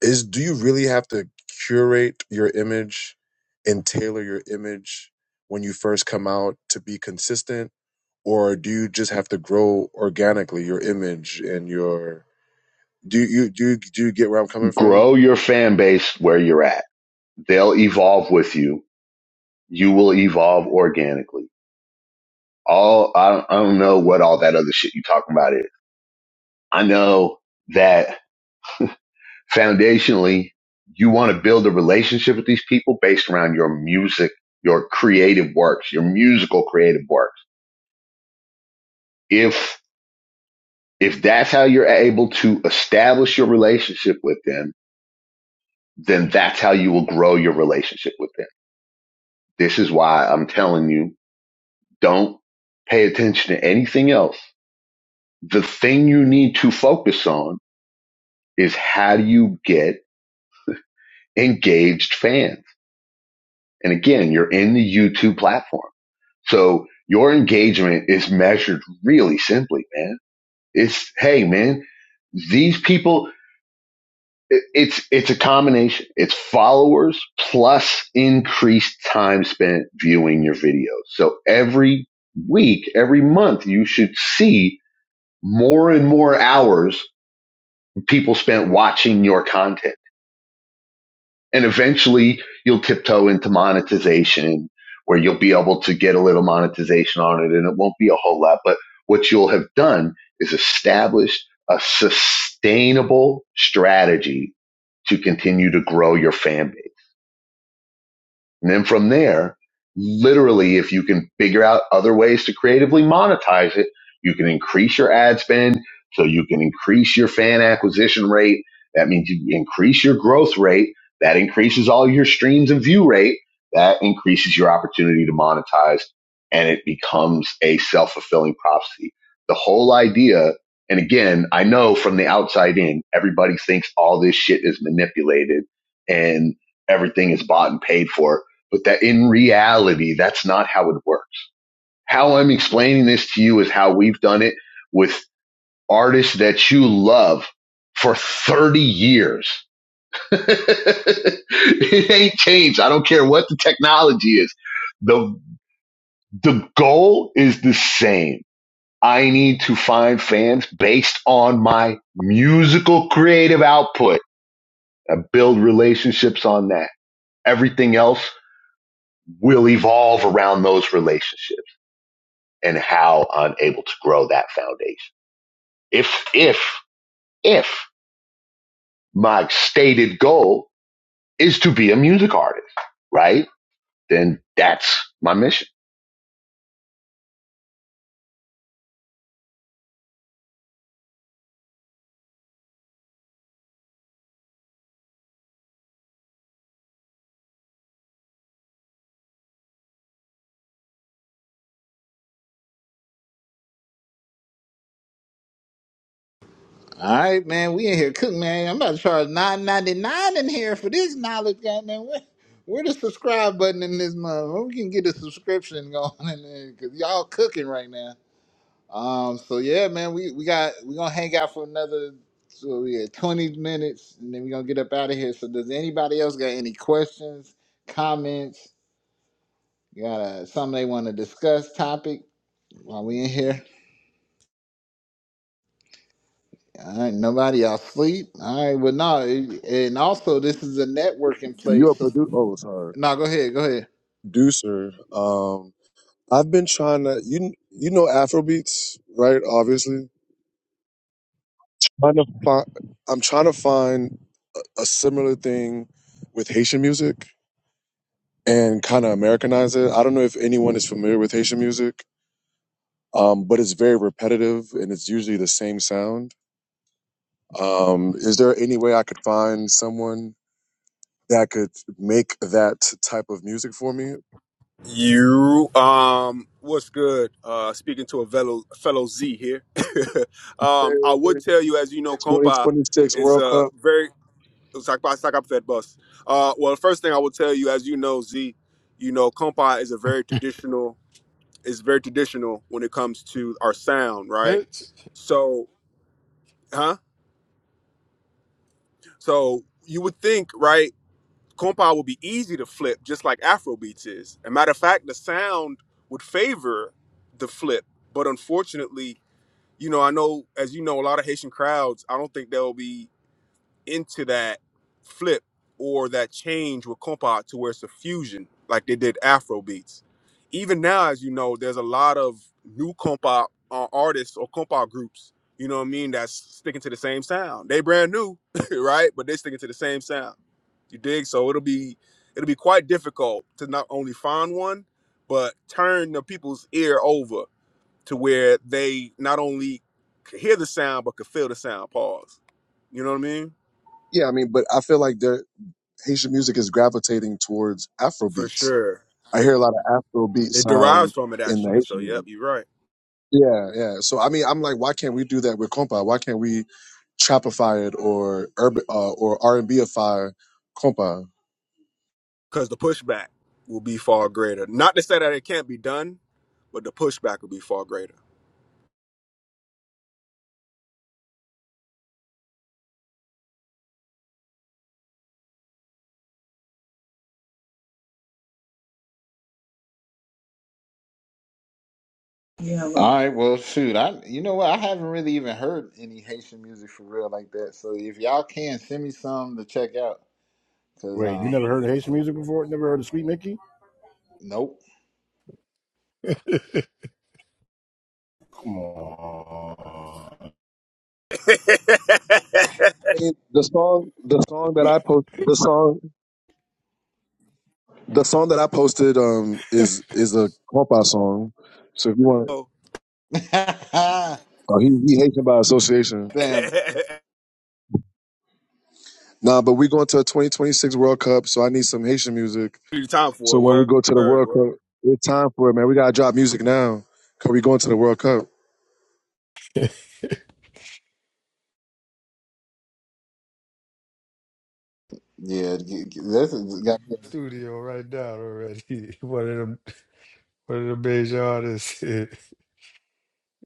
J: Is do you really have to curate your image and tailor your image when you first come out to be consistent, or do you just have to grow organically your image and your do you do you, do you get where I'm coming from?
K: grow your fan base where you're at. They'll evolve with you. You will evolve organically. All I don't, I don't know what all that other shit you are talking about is. I know that foundationally, you want to build a relationship with these people based around your music, your creative works, your musical creative works. If, if that's how you're able to establish your relationship with them, then that's how you will grow your relationship with them. This is why I'm telling you, don't pay attention to anything else. The thing you need to focus on is how do you get engaged fans? And again, you're in the YouTube platform So your engagement is measured really simply, man. It's, hey, man, these people, it's, it's a combination. It's followers plus increased time spent viewing your videos. So every week, every month, you should see more and more hours people spent watching your content and eventually you'll tiptoe into monetization where you'll be able to get a little monetization on it and it won't be a whole lot but what you'll have done is established a sustainable strategy to continue to grow your fan base and then from there, literally, if you can figure out other ways to creatively monetize it, you can increase your ad spend. So you can increase your fan acquisition rate. That means you increase your growth rate. That increases all your streams and view rate. That increases your opportunity to monetize and it becomes a self fulfilling prophecy. The whole idea. And again, I know from the outside in, everybody thinks all this shit is manipulated and everything is bought and paid for but that in reality, that's not how it works. How I'm explaining this to you is how we've done it with artists that you love for 30 years. *laughs* it ain't changed. I don't care what the technology is. The, the goal is the same. I need to find fans based on my musical creative output and build relationships on that. Everything else will evolve around those relationships. and how I'm able to grow that foundation. If, if, if my stated goal is to be a music artist, right? Then that's my mission.
B: All right, man. We in here cooking, man. I'm about to charge nine ninety nine in here for this knowledge, goddamn. Where, where the subscribe button in this month? Where we can get a subscription *laughs* going in there because y'all cooking right now. Um, so yeah, man. We we got we gonna hang out for another so we had twenty minutes, and then we are gonna get up out of here. So does anybody else got any questions, comments? Got uh, something they want to discuss? Topic while we in here? All right, nobody else sleep. I well, not. and also this is a networking
J: You're
B: place.
J: a
B: So,
J: producer. Oh, sorry,
B: no, go ahead, go ahead.
J: producer. Um, I've been trying to you you know Afrobeats, right? Obviously, trying to find, I'm trying to find a similar thing with Haitian music and kind of Americanize it. I don't know if anyone is familiar with Haitian music, um, but it's very repetitive and it's usually the same sound. Um, is there any way I could find someone that could make that type of music for me?
C: You um, what's good? Uh, speaking to a fellow fellow Z here. *laughs* um, I would tell you, as you know, compa
J: 2026
C: is
J: World
C: a
J: Cup.
C: very sack up fed bus. Uh, well, the first thing I will tell you, as you know, Z, you know, compa is a very traditional. Is very traditional when it comes to our sound, right? So, huh? So you would think, right? compa would be easy to flip, just like Afro is. And matter of fact, the sound would favor the flip, but unfortunately, you know, I know as you know, a lot of Haitian crowds. I don't think they'll be into that flip or that change with compa to where it's a fusion like they did afro beats even now as you know there's a lot of new compa uh, artists or compa groups you know what i mean that's sticking to the same sound they brand new *laughs* right but they sticking to the same sound you dig so it'll be it'll be quite difficult to not only find one but turn the people's ear over to where they not only could hear the sound but could feel the sound pause you know what i mean
J: Yeah, I mean, but I feel like there, Haitian music is gravitating towards Afro
C: for
J: beats.
C: sure.
J: I hear
C: It,
J: a lot of Afro beat
C: it derives
J: sound
C: from it
J: in the
C: actually. So
J: Haitian
C: yep,
J: music.
C: you're right.
J: Yeah, yeah. So I mean, I'm like, why can't we do that with compa? Why can't we trapify it or urban uh, or R and Bify compa?
C: Because the pushback will be far greater. Not to say that it can't be done, but the pushback will be far greater.
B: All right, well, shoot, I you know what? I haven't really even heard any Haitian music for real like that. So if y'all can send me some to check out, cause
G: Wait, you
B: um,
G: never heard of Haitian music before? Never heard of Sweet Mickey?
B: nope.
G: Come on.
C: *laughs*
J: I mean, the song, the song that
L: Mitch,
J: I post, the song, the song that I posted, um, is is a compa song. So if you want,
C: so,
B: *laughs*
J: oh, he he Haitian by association.
C: *laughs*
B: Damn.
J: Nah, but we going to a 2026 World Cup, so I need some Haitian music.
C: be the time for
J: So
C: it.
J: when we
C: Word,
J: go to the
C: word,
J: World
C: word.
J: Cup, it's time for it, man. We gotta drop music now, cause we going to the World Cup.
B: Yeah, this is.
L: *laughs* studio right now already. *laughs* One of them, one of the major artists *laughs* in,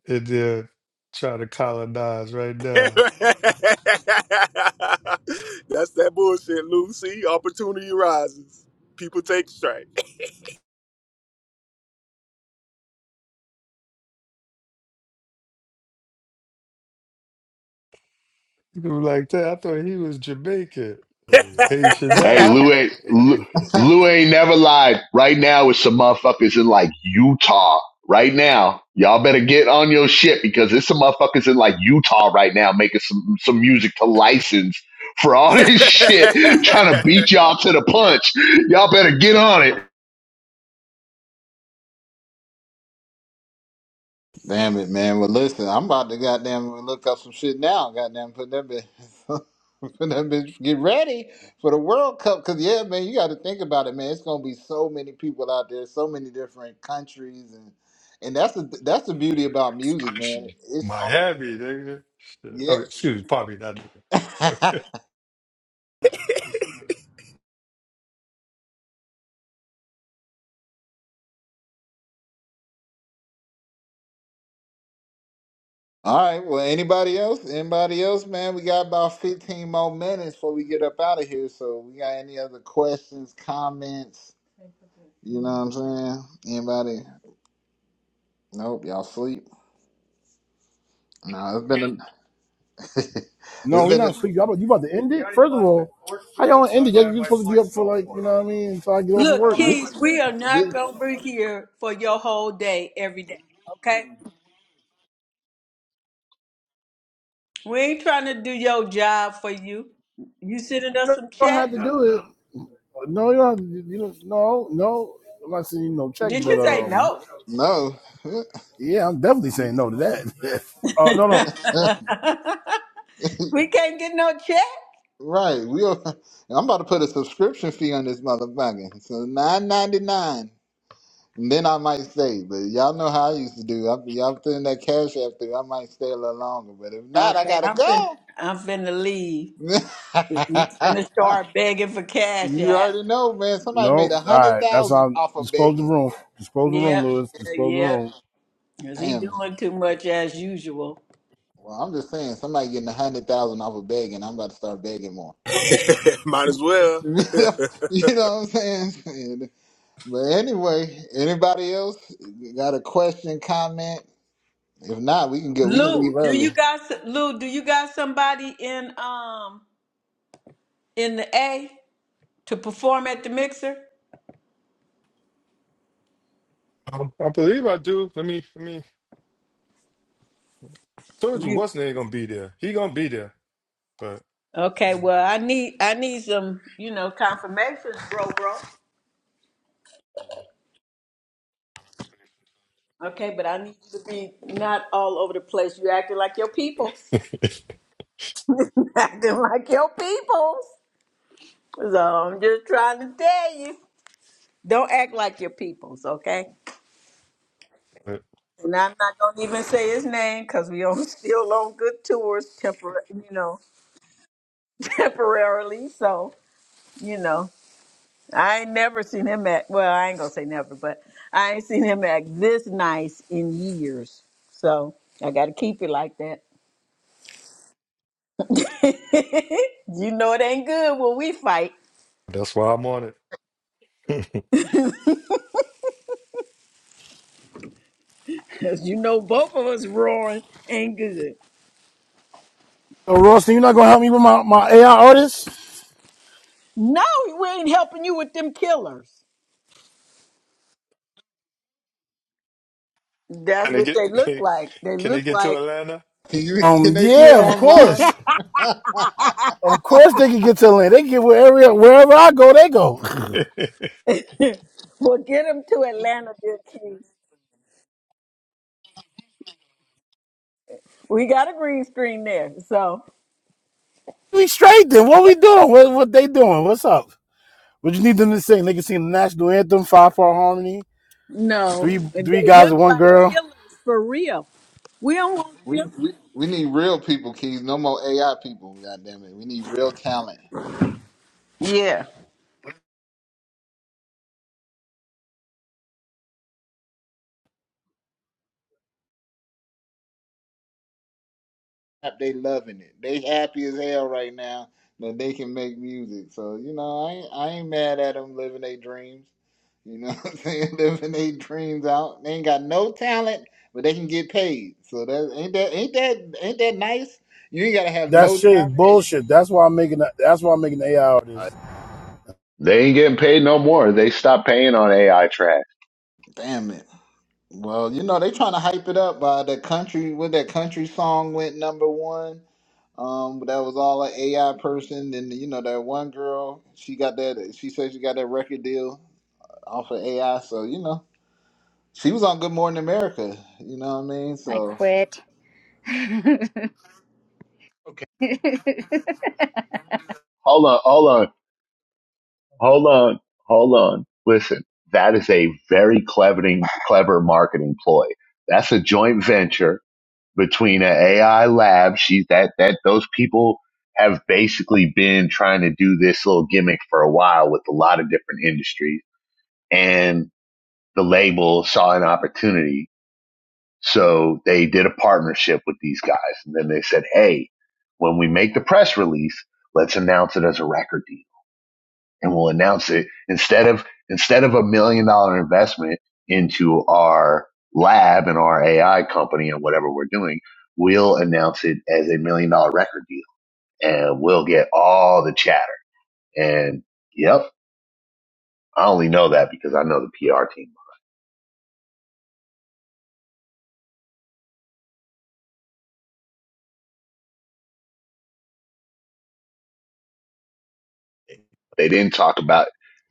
L: in there trying to colonize right
C: *laughs* That's
L: now.
C: that bullshit, Lucy. Opportunity rises. People take strike.
L: You know, like that. I thought he was Jamaican,
C: *laughs*
L: Like, Haitian
K: Hey,
L: now.
K: Lou ain't,
L: *laughs*
K: Lou, Lou ain't never lied. Right now, it's some motherfuckers in like Utah. Right now, y'all better get on your shit because it's some motherfuckers in like Utah right now making some, some music to license for all *laughs* this shit, trying to beat y'all to the punch. Y'all better get on it.
B: Damn it, man. Well, listen, I'm about to goddamn look up some shit now. Goddamn, put that bitch, *laughs* put that bitch, get ready for the World Cup. Cause yeah, man, you got to think about it, man. It's gonna be so many people out there, so many different countries, and and that's the that's the beauty about music, man.
L: Actually,
B: It's all
L: Miami,
B: over.
L: nigga. Shit. Oh,
B: Yes.
L: excuse me, probably not. nigga.
B: *laughs*
L: *laughs*
B: all right. Well, anybody else? Anybody else, man? We got about 15 more minutes before we get up out of here. So, we got any other questions, comments? You know what I'm saying? Anybody? Nope. Y'all sleep? No, it's been a. *laughs*
G: No,
B: it's
G: we're
B: been
G: not
B: a.
G: asleep. Y'all, about- you about to end it? First of all, how y'all gonna end it? You're supposed to be up for like, you know what I mean, until I get off of
A: Look,
G: work.
B: This,
A: Keys, we are not
B: this,
A: going to be here for your whole day every day, okay? We ain't trying to do your job for you. You sending us
G: You
A: some
G: don't
A: check?
G: have to do it. No, you don't. Have to, you don't. No, no. I'm not saying you no check,
A: Did
G: but
A: you say
G: um,
A: no?
B: no. *laughs*
G: yeah, I'm definitely saying no to that. *laughs* Oh no, no,
A: *laughs* we can't get no check.
B: right. We are. I'm about to put a subscription fee on this motherfucker. So nine ninety nine. And then I might stay, but y'all know how I used to do. I, y'all putting that cash after, I might stay a little longer. But if not, I
A: Okay,
B: gotta
A: I'm finna,
B: go.
A: I'm finna leave. You finna start begging for
B: *laughs*
A: cash
B: you
A: app.
B: already know, man.
G: no.
B: Somebody made
G: All
B: a hundred
G: right, that's how.
B: thousand
G: I'm-
B: off of
G: Just close the
B: begging.
G: room. Just close the room,
A: Yep,
G: Lewis. Just close the
A: yep.
G: room.
A: Cause he
B: Damn.
A: doing too much as usual.
B: Well, I'm just saying, somebody getting a hundred thousand off of begging, I'm about to start begging more.
C: *laughs* Might as
B: *laughs*
C: well.
B: you
C: *laughs*
B: know what I'm saying? And- But anyway, anybody else got a question, comment? If not, we can go. We can
A: Lou,
B: leave
A: do
B: early.
A: you got s- Lou? Do you got somebody in um in the A to perform at the mixer?
L: Um, I believe I do. Let me, let me. I told you
A: You.
L: what's name gonna be there. He gonna be there, but,
A: Okay,
L: *laughs*
A: well, I need I need some, you know, confirmations, bro, bro. Okay, but I need you to be not all over the place. You acting like your people. *laughs* acting like your peoples. So I'm just trying to tell you. Don't act like your peoples, okay?
L: but
A: And I'm not gonna even say his name because we on *laughs* still on good tours tempor you know, *laughs* temporarily. So, you know. I ain't never seen him act. Well, I ain't gonna say never, but I ain't seen him act this nice in years. So I gotta keep it like that. *laughs* you know it ain't good when we fight,
L: that's why I'm on it. *laughs*
A: 'cause you know both of us roaring ain't good.
G: So, Rostin, you're not gonna help me with my my AI artist?
A: No, we ain't helping you with them killers.
L: can
A: That's
L: they
A: what
L: get?
A: they look
L: *laughs*
A: like. They
L: Can they
A: look
L: get to
A: like
L: Atlanta?
B: Can you?
G: Um,
B: Can they
G: yeah,
A: yeah.
G: of
B: perform
A: *laughs* well,
B: live?
G: course,
B: *laughs*
G: of course they can get to Atlanta. They can get wherever wherever I go, they go.
L: *laughs*
A: get them to Atlanta, dear Keith. We got a green screen there, so.
G: We straight then. What we doing? What what they doing? What's up? What you need them to sing? They can sing the national anthem, five part harmony,
A: No,
G: three
A: and
G: three
A: they
G: guys
A: look
G: and one
A: like
G: girl.
A: killers for real. We don't want
B: we,
A: them.
B: we we need real people, Keys. No more AI people. God damn it. We need real talent.
A: Yeah.
B: They loving it. They happy as hell right now that they can make music. So you know, I ain't, I ain't mad at them living their dreams. You know *laughs* what I'm saying? *laughs* Living their dreams out. They ain't got no talent, but they can get paid. So that ain't that ain't that ain't that nice? You ain't gotta have
G: That
B: no
G: shit is
B: talent. And you
G: bullshit.
B: can,
G: That's why I'm making. The, that's why I'm making the AI out of this.
K: They ain't getting paid no more. They stopped paying on AI trash.
B: damn it. Well, you know, they trying to hype it up by the country when that country song went number one. Um, that was all an AI person, and you know that one girl, she got that. She said she got that record deal off of AI. So you know, she was on Good Morning America. You know what I mean?
D: I
B: So,
D: quit. *laughs*
K: Okay. Hold on, hold on, hold on, hold on. Listen, that is a very clever, clever marketing ploy. That's a joint venture between an AI lab. She that that those people have basically been trying to do this little gimmick for a while with a lot of different industries, and the label saw an opportunity So they did a partnership with these guys. And then they said, hey, when we make the press release, let's announce it as a record deal. And we'll announce it instead of, instead of a million dollar investment into our lab and our AI company and whatever we're doing, we'll announce it as a million dollar record deal and we'll get all the chatter. And yep, I only know that because I know the PR team. They didn't talk about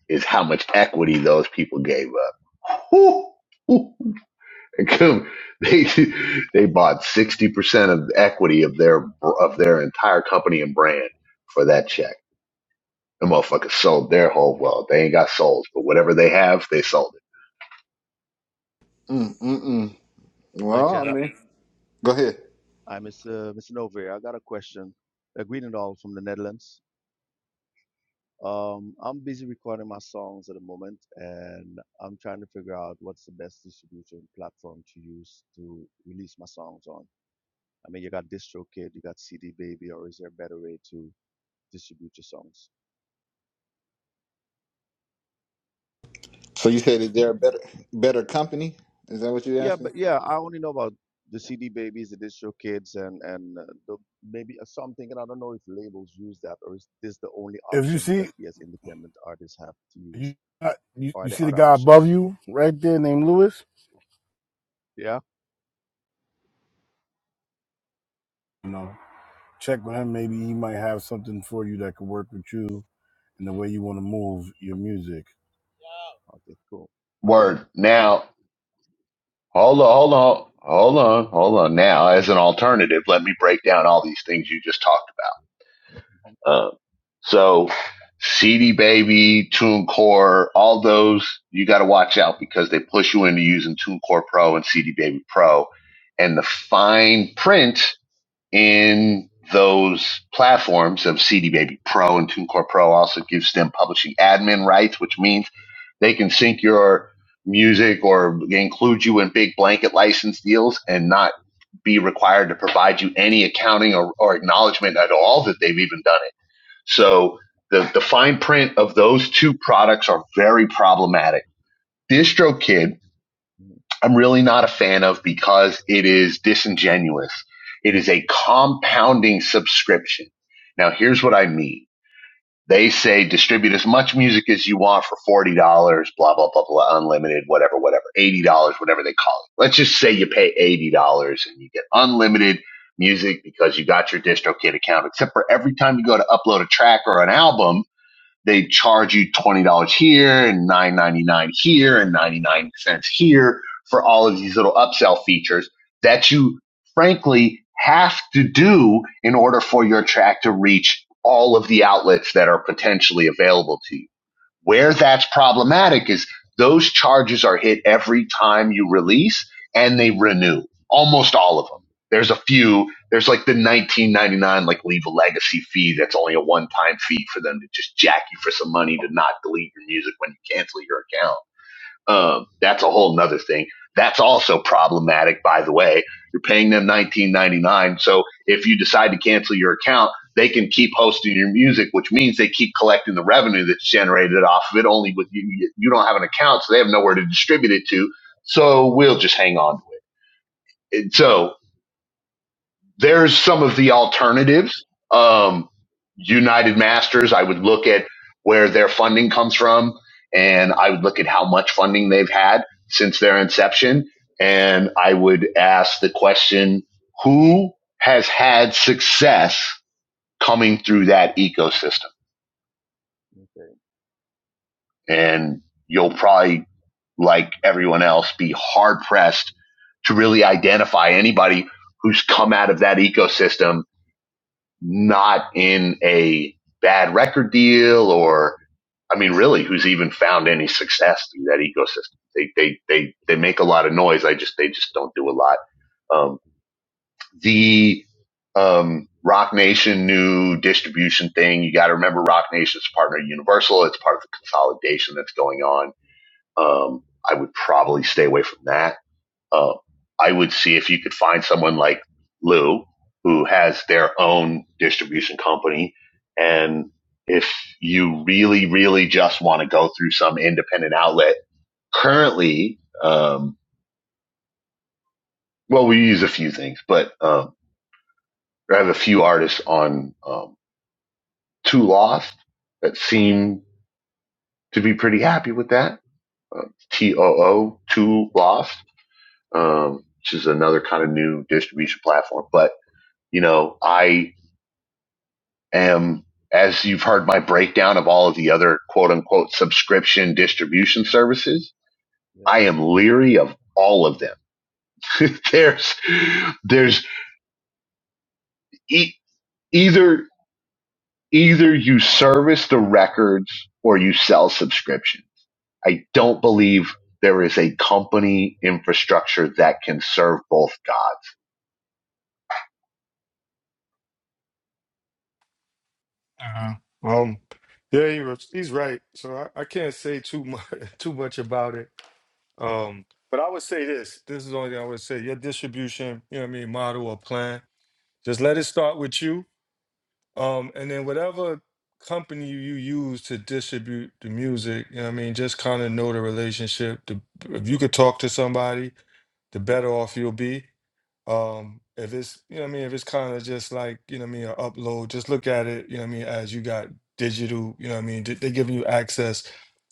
K: is how much equity those people gave up. *laughs* Whew. They they bought sixty percent of the equity of their of their entire company and brand for that check. The motherfuckers sold their whole well. They ain't got souls, but whatever they have, they sold it.
B: mm, mm, mm.
O: Hi,
B: well, I
O: Jada.
B: mean, go ahead.
O: am Mr. Mr. Novair. I got a question. Uh, greeting all from the Netherlands. Um, I'm busy recording my songs at the moment, and I'm trying to figure out what's the best distribution platform to use to release my songs on. I mean, you got DistroKid, you got CD Baby, or is there a better way to distribute your songs?
B: So you said is there a better better company? Is that what you're
O: Yeah,
B: asking?
O: but yeah, I only know about the CD Babies, the DistroKids, and and uh, the, maybe uh, something. And I don't know if labels use that, or is this the only
G: If you
O: options that
G: see
O: we as independent artists have to use?
G: you, you
O: Or are
G: you see
O: there
G: the
O: other
G: guy above
O: options?
G: you right there named Lewis,
O: Yeah.
G: you know, check with him. Maybe he might have something for you that could work with you and the way you want to move your music.
O: Okay. Cool.
K: Word.
O: Yeah.
K: Now, hold on, hold on, hold on, hold on. Now, as an alternative, let me break down all these things you just talked about Uh, so CD Baby, TuneCore, all those you got to watch out because they push you into using TuneCore Pro and CD Baby Pro, and the fine print in those platforms of CD Baby Pro and TuneCore Pro also gives them publishing admin rights, which means they can sync your music or include you in big blanket license deals and not be required to provide you any accounting or, or acknowledgement at all that they've even done it so the, the fine print of those two products are very problematic. DistroKid,
O: Mhm,
K: I'm really not a fan of because it is disingenuous. It is a
O: mhm,
K: compounding subscription. Now here's what I mean. They say distribute as much music as you want for $40, blah, blah, blah, blah, unlimited, whatever, whatever, $80, whatever they call it. Let's just say you pay $80 and you get unlimited music because you got your DistroKid account, except for every time you go to upload a track or an album, they charge you $20 here and nine ninety nine here and 99 cents here for all of these little upsell features that you frankly have to do in order for your track to reach all of the outlets that are potentially available to you. Where that's problematic is those charges are hit every time you release and they renew almost all of them. There's a few, there's like the 1999 like leave a legacy fee that's only a one time fee for them to just jack you for some money to not delete your music when you cancel your account um, that's a whole nother thing. That's also problematic, by the way. You're paying them 19.99. So if you decide to cancel your account, they can keep hosting your music, which means they keep collecting the revenue that's generated off of it. Only with you, you don't have an account, so they have nowhere to distribute it to. So we'll just hang on. to it.
O: mm,
K: So there's some of the alternatives. Um, United Masters, I would look at where their funding comes from and I would look at how much funding they've had since their inception. And I would ask the question, who has had success coming through that ecosystem?
O: Okay.
K: And you'll probably, like everyone else, be hard pressed to really identify anybody who's come out of that ecosystem not in a bad record deal or, I mean, really, who's even found any success through that ecosystem? They, they, they, they make a lot of noise. I just, they just don't do a lot. Um, the, um, Rock Nation new distribution thing. You got to remember Rock Nation's partner Universal. It's part of the consolidation that's going on. Um, I would probably stay away from that uh, I would see if you could find someone like Lou who has their own distribution company. And if you really, really just want to go through some independent outlet, currently, um, well, we use a few things, but um, I have a few artists on um, Two Lost that seem to be pretty happy with that. Uh, Too O Two Lost, um, which is another kind of new distribution platform, but you know, I Um, as you've heard my breakdown of all of the other quote unquote subscription distribution services,
O: Yeah.
K: I am leery of all of them. *laughs* there's, there's e- either, either you service the records or you sell subscriptions. I don't believe there is a company infrastructure that can serve both God.
L: uh-huh. Um, yeah, he was, he's right. So I, I can't say too much *laughs* too much about it. Um, but I would say this. This is the only thing I would say. Your distribution, you know what I mean, model or plan. Just let it start with you Um, and then whatever company you use to distribute the music, you know what I mean, just kind of know the relationship. The, if you could talk to somebody, the
O: Yeah.
L: better off you'll be. Um, if it's, you know what I mean, if it's kind of just like, you know what I mean, an upload, just look at it, you know what I mean, as you got digital, you know what I mean, they- they're giving you access,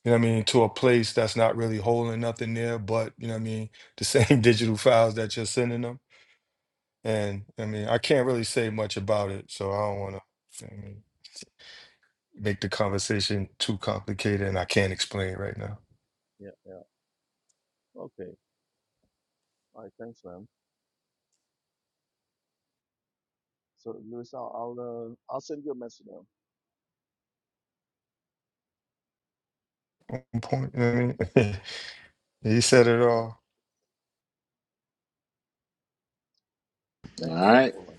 L: you know what I mean, to a place that's not really holding nothing there, but, you know what I mean, the same *laughs* digital files that you're sending them. And I mean, I can't really say much about it, so I don't want to. you know what I mean make the conversation too complicated and I can't explain it right now.
O: Yeah. Yeah. Okay. All right. Thanks, man. So, Luis, I'll I'll, uh, I'll send you a message now.
L: Point, you know what I mean? *laughs* he
O: Yeah.
L: said it
O: Yeah.
L: all.
B: All
O: Thanks for the
B: right,
O: info, man.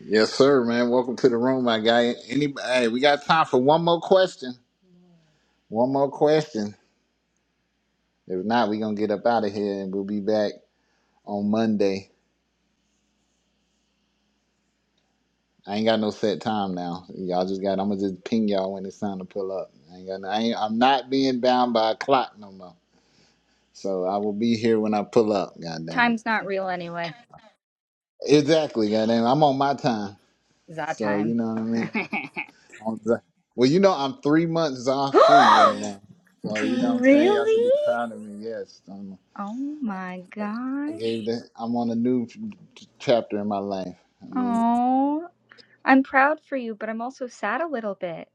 B: yes, sir, man. Welcome to the room, my guy. Anybody? Hey, we got time for one more question. One more question. If not, we gonna get up out of here and we'll be back on Monday. I ain't got no set time now. Y'all just got. I'm gonna just ping y'all when it's time to pull up. I ain't got. No, I ain't, I'm not being bound by a clock no more. So I will be here when I pull up. God
D: Time's not real anyway.
B: it. Exactly. Goddamn. I'm on my time.
D: Za
B: So
D: time.
B: you know
D: *laughs*
B: what
D: *gasps*
B: I mean. On the- Well, you know I'm three months off free right now. So you know what I'm saying. Y'all should be
D: really?
B: proud of me. Yes. I'm,
D: Oh my
B: I gave
D: gosh.
B: the. I'm on a new ch- chapter in my life.
D: Oh. I'm proud for you, but I'm also sad a little bit.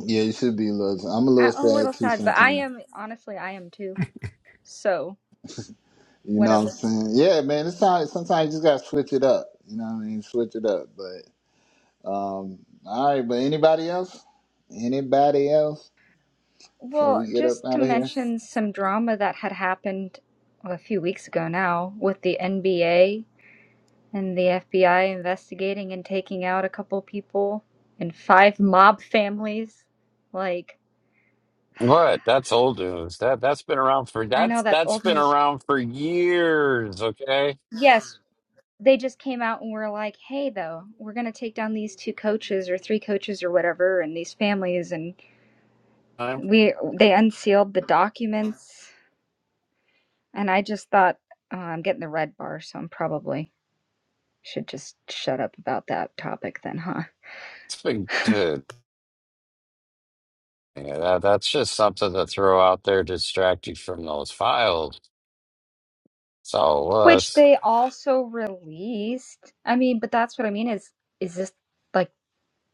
B: Yeah, you should be a little. I'm a
D: I-
B: little
D: I'm a
B: sad
D: little
B: too
D: sad, but I
B: sometimes.
D: am honestly, I am too. So,
B: You know what I'm
D: whatever.
B: saying? Yeah, man. It's time. Sometimes you just gotta switch it up. You know what I mean? Switch it up. But um, all right. But anybody else? Anybody else? Before
D: Well,
B: we get up
D: just to
B: out of here.
D: mention some drama that had happened well, a few weeks ago now with the NBA and the FBI investigating and taking out a couple people and five mob families. Like,
E: What? That's old news. That, that's been around for,
D: I know
E: that's,
D: that's
E: that's
D: old
E: been
D: news.
E: around for years. Okay.
D: Yes, they just came out and were like, hey, though, we're going to take down these two coaches or three coaches or whatever and these families and
E: Huh?
D: we they unsealed the documents and i just thought oh, i'm getting the red bar so i'm probably should just shut up about that topic then huh
E: It's been, dude. Yeah, that, that's just something to throw out there to distract you from those files. That's all it
D: which
E: was.
D: they also released i mean but that's what i mean is is this like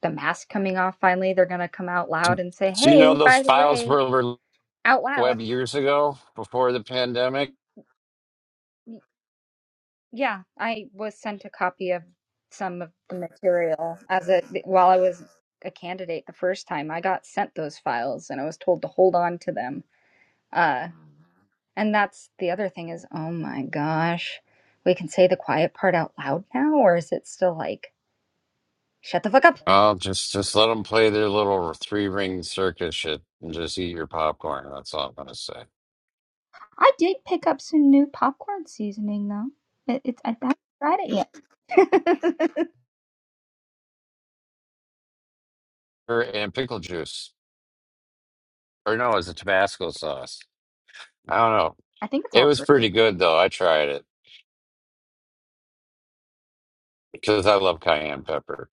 D: the mask coming off finally they're gonna come out
E: Do
D: loud and say
E: do you know
D: hey
E: those
D: by the
E: files
D: way
E: were over
D: out loud
E: web years ago before the pandemic?
D: y- yeah i was sent a copy of some of the material as a while i was a candidate the first time i got sent those files and i was told to hold on to them Uh, and that's the other thing is, oh my gosh, we can say the quiet part out loud now, or is it still like, shut the fuck up?
E: Oh, just just let them play their little three ring circus shit and just eat your popcorn. That's all I'm gonna say.
D: I did pick up some new popcorn seasoning though. It, it's I haven't tried it yet. *laughs*
E: Or and pickle juice, or no, it's a Tabasco sauce. I don't know.
D: I think it's
E: It
D: all
E: was
D: through.
E: pretty good though. I tried it because I love cayenne pepper.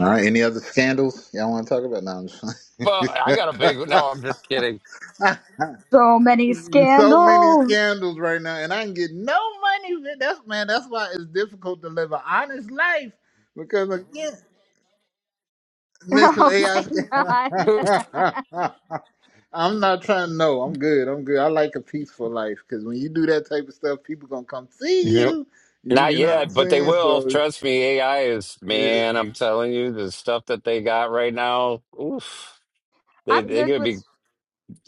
B: All right. Any other scandals y'all want to talk about? No, I'm just playing.
E: Well, I got a big. No, I'm just kidding.
D: So many
B: *laughs* so many
D: scandals. *laughs*
B: scandals right now, and I can get no money. man. That's man. That's why it's difficult to live an honest life because again, Make some
D: Oh
B: AI.
D: my god.
E: *laughs*
D: *laughs*
B: *laughs* I'm not trying to know. I'm good. I'm good. I like a peaceful life because when you do that type of stuff, people gonna come see
E: Yep.
B: you. You
E: Not
B: you know what I'm
E: yet, but they
B: saying?
E: will.
B: So
E: Trust me, AI is,
B: yeah.
E: man, I'm telling you, the stuff that they got right now, oof, they
D: I'm
E: they're
D: good
E: gonna
D: with
E: be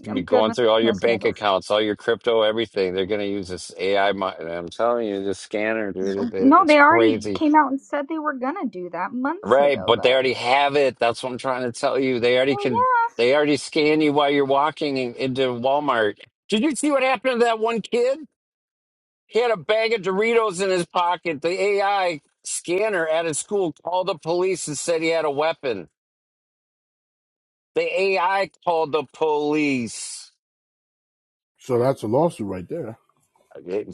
E: gonna be
D: I'm good
E: going
D: with
E: through all your
D: no
E: bank
D: scandals.
E: accounts, all your crypto, everything. They're gonna use this AI. mi- I'm telling you, this scanner, dude, it, it-
D: No,
E: it's
D: they already
E: crazy.
D: came out and said they were gonna do that months
E: Right,
D: ago
E: but they
D: though.
E: already have it. That's what I'm trying to tell you. They already
D: Well,
E: can.
D: yeah.
E: They already scan you while you're walking in, into Walmart. Did you see what happened to that one kid? He had a bag of Doritos in his pocket. The AI scanner at his school called the police and said he had a weapon. The AI called the police.
G: So that's a lawsuit right there.
E: Okay,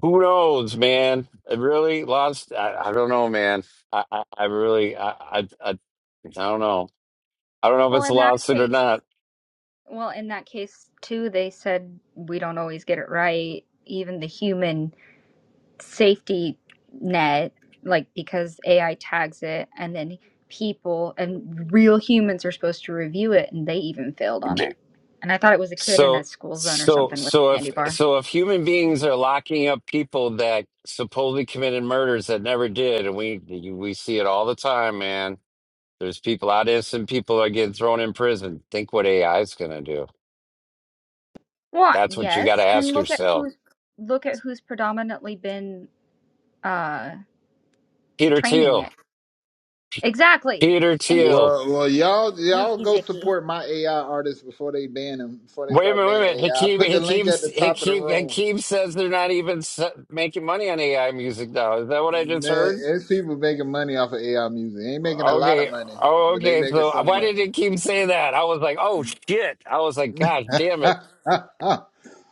E: Who knows, man? I really lost. I, I don't know, man. I, I, I really, I, I, I, I don't know. I don't know if
D: Well,
E: it's a
D: in that
E: lawsuit or
D: case.
E: not.
D: Well, in that case, too, they said we don't always get it right. Even the human safety net, like because AI tags it, and then people and real humans are supposed to review it, and they even failed on it.
E: Okay,
D: And I thought it was a kid in a
E: So,
D: school zone or
E: so,
D: something with
E: so
D: a
E: if,
D: candy bar.
E: so if human beings are locking up people that supposedly committed murders that never did, and we, we see it all the time, man There's people out innocent people are getting thrown in prison. Think what AI is going to do.
D: Well,
E: That's what you got to
D: yes, and
E: ask
D: look at
E: yourself.
D: who's look at who's predominantly been uh
E: Peter
D: training
E: Thiel.
D: it. Exactly,
E: Peter
D: and he's
E: Thiel.
B: Well, well, y'all,
D: oh,
B: y'all
D: he's
B: go
D: icky.
B: support my AI artists before they ban them. Before they
E: Wait a
B: start
E: minute, wait a
B: banning
E: minute.
B: AI, I I
E: Hakeem,
B: put the
E: Hakeem,
B: link at the top of the
E: Hakeem,
B: room.
E: Hakeem says they're not even se- making money on AI music now. Is that what I just
B: Man,
E: heard?
B: it's people making money off of AI music. They ain't making a lot
E: Okay.
B: of money,
E: Oh,
B: but they
E: okay.
B: making
E: So uh,
B: some
E: why did
B: money.
E: Hakeem say that? I was like, oh shit. I was like, gosh damn it.
B: *laughs*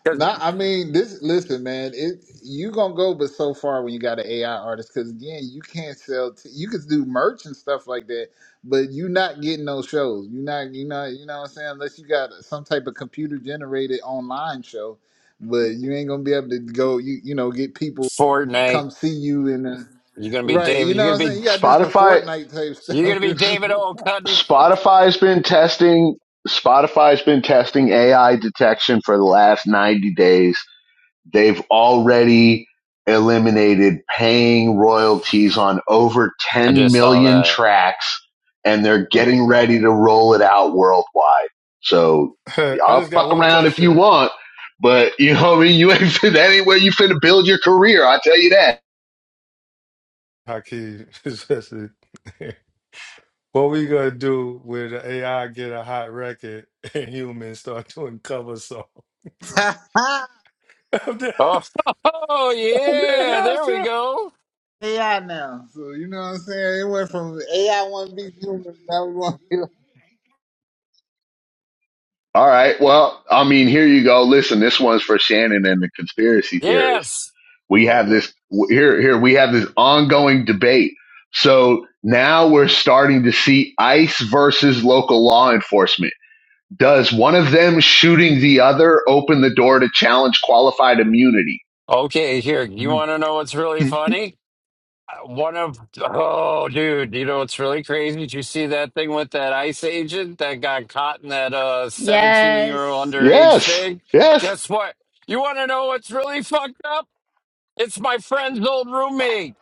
E: Because
B: Nah, I mean this. Listen, man, it you gonna go but so far when you got an AI artist because again, you can't sell. T- you could do merch and stuff like that, but you not getting those shows. You not, you know, you know what I'm saying. Unless you got some type of computer generated online show, but you ain't gonna be able to go. You you know get people to
E: Fortnite,
B: come see you in a
E: you're gonna be
B: right. You
E: David. You're
B: know
E: gonna
B: what I'm saying.
E: be.
B: You gotta do some
K: Spotify,
B: Fortnite type
E: You're
B: stuff
E: gonna
B: *laughs*
E: be
B: if
K: S-
E: David
B: you.
E: O. Cutting.
K: Spotify's been testing Spotify's been testing AI detection for the last 90 days They've already eliminated paying royalties on over
E: I
K: 10
E: just saw
K: million
E: that.
K: tracks and they're getting ready to roll it out worldwide. So
L: *laughs* I
K: y'all
L: just
K: fuck
L: got one
K: around if you
L: question,
K: want, but you know what I mean? *laughs* You ain't fin- that ain't where you finna build your career. I tell you that.
L: Hakeem. *laughs* especially. *laughs* what we gonna do when the AI get a hot record and humans start doing cover songs? *laughs*
B: *laughs*
L: of the-
E: Oh, *laughs* oh
L: of the
E: yeah,
L: AI
E: there we go.
B: AI now, so you know what I'm saying. It went from AI want to be human, now we want. to be
K: All right. Well, I mean, here you go. Listen, this one's for Shannon and the conspiracy theorists.
E: Yes.
K: We have this here here we have this ongoing debate. So now we're starting to see ICE versus local law enforcement. Does one of them shooting the other open the door to challenge qualified immunity?
E: Okay, here. You
L: song?
E: want
L: *laughs*
E: to know what's really
L: Mm.
E: funny? Uh, One of oh, dude, you know what's really crazy? Did you see that thing with that ICE agent that got caught in that uh 17-year-old
D: Yes,
E: underage
K: Yes.
E: thing?
K: Yes.
E: Guess what? You want to know what's really fucked up? It's my friend's old roommate.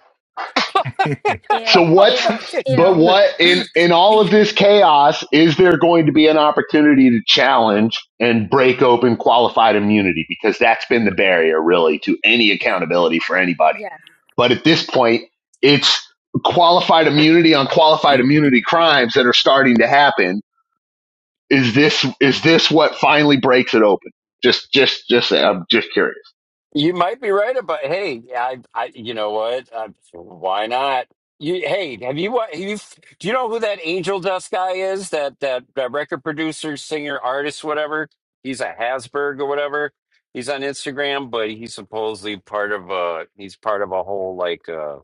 D: ew,
K: So what's
D: ew,
K: but
D: ew.
K: what in in all of this chaos is there going to be an opportunity to challenge and break open qualified immunity because that's been the barrier really to any accountability for anybody
D: Yes.
K: But at this point, it's qualified immunity on qualified immunity crimes that are starting to happen. Is this is this what finally breaks it open? Just just just I'm just curious.
E: You might be right about. Hey, I, I, you know what? I, why not? You, hey, have you what? You do you know who that Angel Dust guy is? That that, that record producer, singer, artist, whatever. He's a Hasberg or whatever. He's on Instagram, but he's supposedly part of a. He's part of a whole like. uh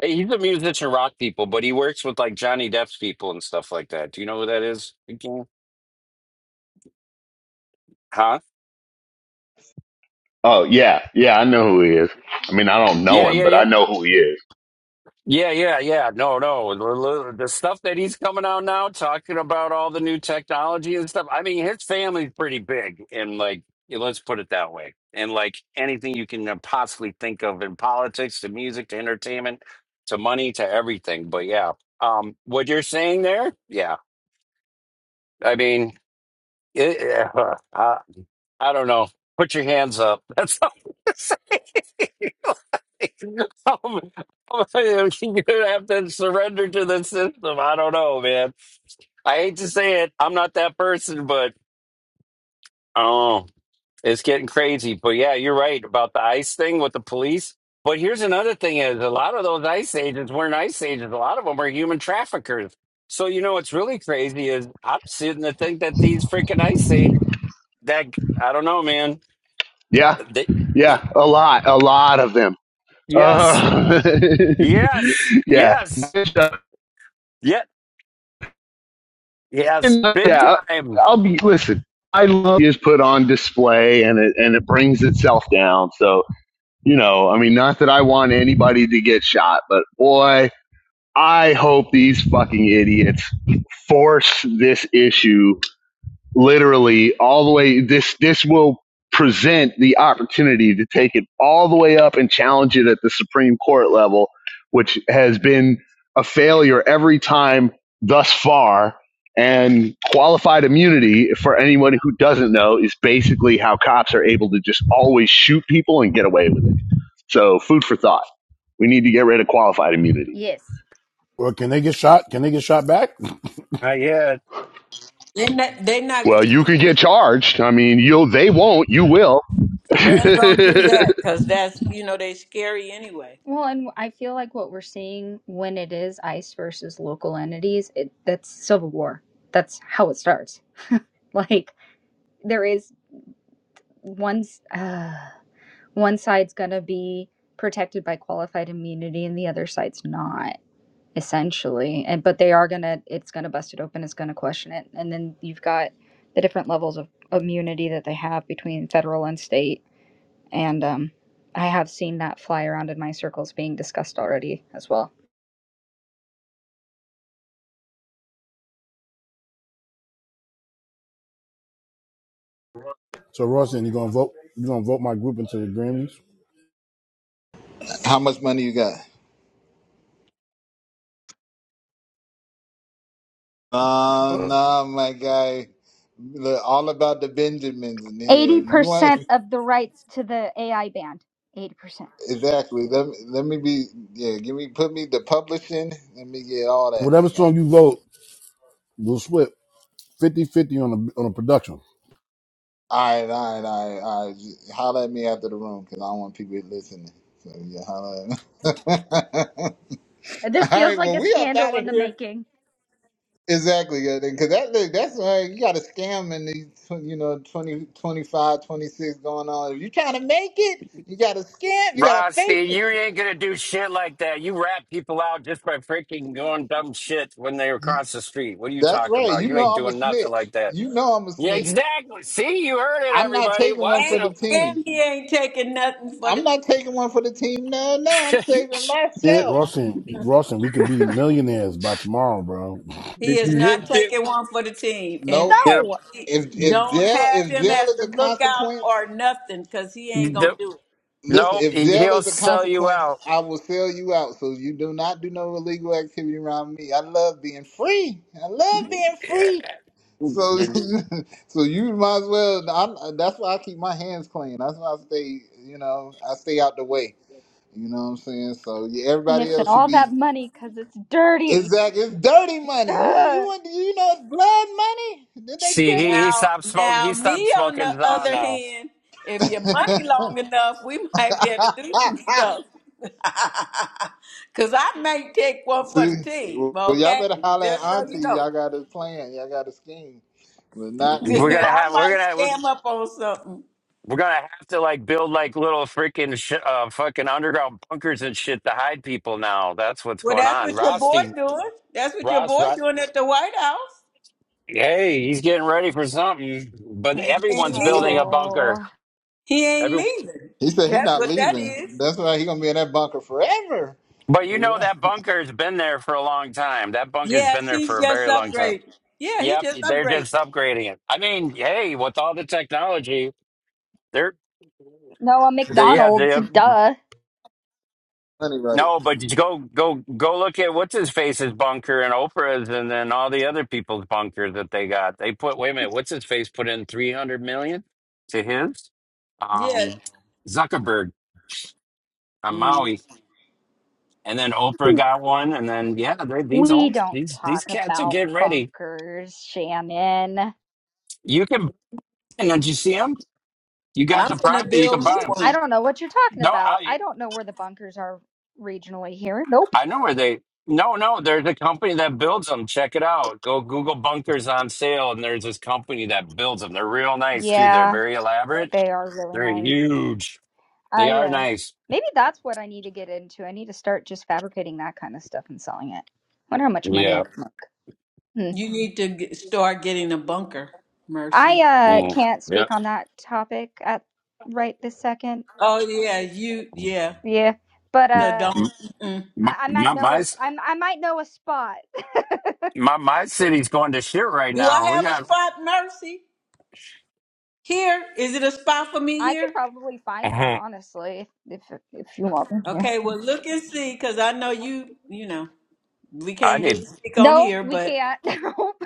E: hey, He's a musician, rock people, but he works with like Johnny Depp's people and stuff like that. Do you know who that is? Again? Huh?
K: Oh yeah, yeah, I know who he is. I mean, I don't know
E: Yeah,
K: him,
E: yeah,
K: but
E: yeah,
K: I know who he is.
E: Yeah, yeah, yeah. No, no. The the- the stuff that he's coming out now, talking about all the new technology and stuff. I mean, his family's pretty big, and like, yeah, let's put it that way. And like anything you can uh, possibly think of in politics, to music, to entertainment, to money, to everything. But yeah, um, what you're saying there, yeah. I mean, it, *laughs* uh, I, I don't know. Put your hands up. *laughs* That's all. *laughs* I'm, I'm you're *laughs* gonna have to surrender to the system. I don't know, man. I hate to say it. I'm not that person, but oh, it's getting crazy. But yeah, you're right about the ICE thing with the police. But here's another thing: is a lot of those ICE agents weren't ICE agents. A lot of them are human traffickers. So you know what's really crazy is I'm sitting to think that these freaking ICE a- that I don't know, man.
K: Yeah,
E: They,
K: yeah, a lot, a lot of them.
E: yes,
K: Uh,
E: yes,
K: *laughs* yeah,
E: yes. yeah. Yes, big
K: yeah.
E: time.
K: I'll be listen. I love is put on display, and it and it brings itself down. So you know, I mean, not that I want anybody to get shot, but boy, I hope these fucking idiots force this issue literally all the way this this will present the opportunity to take it all the way up and challenge it at the supreme court level which has been a failure every time thus far and qualified immunity for anyone who doesn't know is basically how cops are able to just always shoot people and get away with it so food for thought we need to get rid of qualified immunity
D: Yes.
G: Well, can they get shot? Can they get shot back? *laughs*
E: I hear. it.
A: They're not, they're not
K: well you could get charged i mean you'll they won't you will
A: going to do
K: *laughs*
A: that because that's, you know, they scary anyway.
D: Well, and I feel like what we're seeing when it is ICE versus local entities, it, that's civil war. That's how it starts. *laughs* Like there is one's uh, one side's gonna be protected by qualified immunity, and the other side's not essentially. And but they are gonna, it's gonna bust it open. It's gonna question it, and then you've got the different levels of immunity that they have between federal and state and um, I have seen that fly around in my circles being discussed already as well.
G: So Royston, you gonna vote? You gonna vote my group into the Grammys?
B: How much money you got? Uh, nah, my guy. Look, all about the Benjamins in here.
D: Eighty
B: you want
D: percent of the rights to the AI band. Eighty percent.
B: *laughs* exactly? Let me, let me be. Yeah, give me put me the publishing. Let me get all that, my
G: Whatever song
B: guy.
G: you vote, we'll split fifty-fifty on the on the production.
B: All right, all right, all right, all right. Just Holler at me after the room because I don't want people listening. So yeah, holler. At me. *laughs*
D: This
B: all
D: feels
B: right,
D: like
B: well
D: a
B: we up
D: scandal
B: out of
D: in the
B: here.
D: making.
B: Exactly, because that look, that's why you got a scam in these, tw- you know, 20 25, 26 going on. If you trying to make it, you got to scam, you got to
E: Rusty,
B: fake
E: you
B: it.
E: ain't gonna do shit like that. You rat people out just by freaking going dumb shit when they're across the street. What are you
B: That's
E: talking
B: right.
E: about?
B: You
E: You
B: know
E: ain't
B: I'm a
E: doing nothing like
B: snitch.
E: that.
B: You know I'm a
E: Yeah,
B: snitch.
E: exactly. See, you heard it,
B: I'm not
E: everybody.
B: taking one
E: Watch
A: And,
B: for the
E: out.
A: and
B: team.
A: he ain't taking nothing for the
B: I'm not
A: team.
B: taking one for the team. No, no, I'm saving myself.
G: Royston,
E: *laughs*
G: Royston, we could be millionaires by tomorrow, bro.
A: He is not taking one for the team. And,
B: Nope.
A: and
E: yep.
D: No,
A: he,
B: If if
A: don't
B: jail
A: have
B: if
A: him
B: jail
A: as
B: is
A: the
B: a
A: lookout
B: consequence,
A: or nothing because he ain't going to
E: Nope.
A: do it.
B: Listen,
E: Nope.
B: if jail
E: He'll
B: is a
E: sell you
B: consequence,
E: out.
B: I will sell you out. So you do not do no illegal activity around me. I love being free. I love being free. So, *laughs* so you might as well. I'm, that's why I keep my hands clean. That's why I stay. You know, I stay out the way. You know what I'm saying? So yeah, everybody
D: missing
B: else should
D: all that
B: be.
D: money because it's dirty.
B: Exactly. It's dirty money. You you
D: Ugh.
B: want you know it's blood money.
E: See, he, he
A: Now,
E: stopped smoking.
A: now,
E: He
A: me
E: stopped
A: on
E: smoking
A: the
E: Zaw
A: other
E: now.
A: hand, if your
B: Did they
A: money
B: tell
A: long enough, we *laughs* might be able to do some
B: you? *laughs*
A: stuff. *laughs* Cause I may take one for
B: See,
A: the team,
B: well, y'all
A: okay?
B: better holler at
A: Just so you
B: Auntie.
A: know,
B: Y'all got a plan. Y'all got a scheme. But
A: *laughs*
B: not.
E: We're gonna
A: I
E: have. We're
A: might
E: gonna.
A: scam up on something.
E: We're gonna have to like build like little freaking sh- uh, fucking underground bunkers and shit to hide people now. That's what's
A: Well,
E: going
A: that's
E: on.
A: what your boy
E: Rothstein,
A: doing. That's what your
E: Ross,
A: boy
E: Ross,
A: doing at the White House.
E: hey, he's getting ready for something. But
A: And He ain't
E: everyone's building
A: leaving.
E: a bunker.
D: Oh,
A: He ain't
E: Every,
A: leaving.
B: He said he
A: That's
B: not
A: what that
B: leaving.
A: is.
B: That's why he gonna be in that bunker forever.
E: but you
B: So
E: know
B: yeah,
E: that bunker's been there for a long time. That bunker's been
A: Yes,
E: there
A: he's
E: for a
A: just
E: very long time.
A: upgraded. Yeah, he
E: Yep,
A: just
E: they're
A: upgraded.
E: just upgrading it. I mean, hey, with all the technology, they're
D: no, a
E: they, yeah,
D: McDonald's.
E: they,
D: Duh.
B: money right.
E: No, but you go go go look at what's his face's bunker and Oprah's and then all the other people's bunkers that they got. They put wait a minute, what's his face put in three hundred million to his?
A: Yeah.
E: Um Zuckerberg on Maui. And then Oprah got one and then yeah, they, these
D: We
E: homes
D: don't
E: these
D: talk
E: these cats are
D: about
E: getting ready.
D: bunkers, Shannon.
E: You can and did you see them? You got
A: I'm
E: the
A: gonna
E: property, you can
A: build me
E: buy them.
D: I
A: one.
D: don't know what you're talking
E: No,
D: about.
E: I,
D: I don't know where the bunkers are regionally here. Nope.
E: I know where they. No, no, there's a company that builds them. Check it out. Go Google bunkers on sale, and there's this company that builds them. They're real nice too. They're
D: Yeah.
E: very elaborate.
D: They are really
E: They're
D: nice.
E: huge. They
D: I
E: are
D: uh
E: nice.
D: maybe that's what I need to get into. I need to start just fabricating that kind of stuff and selling it. Wonder how much money I
E: Yeah.
D: can make. Hmm.
A: You need to g start getting a bunker,
D: I
A: Mercy.
D: uh
E: Mm.
D: can't
E: Yeah.
D: speak on that topic at right this second.
A: Oh yeah, you yeah.
D: Yeah, but
A: So
D: uh
A: don't.
E: M-
A: Mm-mm.
E: My,
D: I, I
E: my
D: might know
E: my
D: a, I I might know a spot.
E: my my city's going to shit right
A: Do I
E: now. We
A: have a
E: got.
A: spot, Mercy? Here is it a spot for me
D: I could
A: here?
D: probably find one
E: Mhm.
D: honestly if if, if you want me to.
A: Okay, well look and see, because I know you. You know we
E: I
A: can't
E: need
A: really speak on
D: Nope,
A: here,
D: we
A: but
D: can't. *laughs* Nope.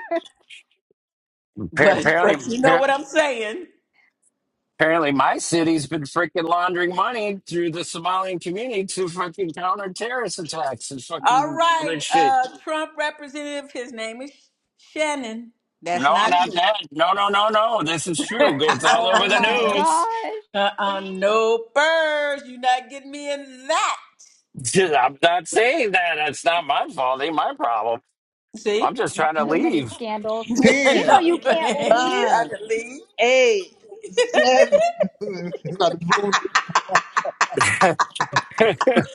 E: appar-
A: but *laughs* but
E: apparently
A: you know
E: appar-
A: what I'm saying.
E: apparently my city's been freaking laundering money through the Somalian community to fucking counter terrorist attacks and
A: All
E: fucking other
A: right,
E: shit.
A: uh, Trump representative. His name is Shannon. That's
E: No,
A: not
E: not that. No, no, no, no. This is true. It's all over
D: Oh
E: the
A: you. *laughs*
D: my
E: news.
D: gosh,
A: Uh-uh, no birds. You're not getting me in that.
E: *laughs* I'm not saying that. It's not my fault. Ain't my problem. I'm
A: See?
E: just trying
A: *laughs*
E: to
D: too many
E: leave.
D: scandals.
A: no,
D: You know
B: Ten,
D: you
A: you
D: can't
A: ain't
D: leave.
A: trying
B: nine,
A: to leave.
B: eight, seven. *laughs* It's got to boom. *laughs* It's
E: *laughs* I'm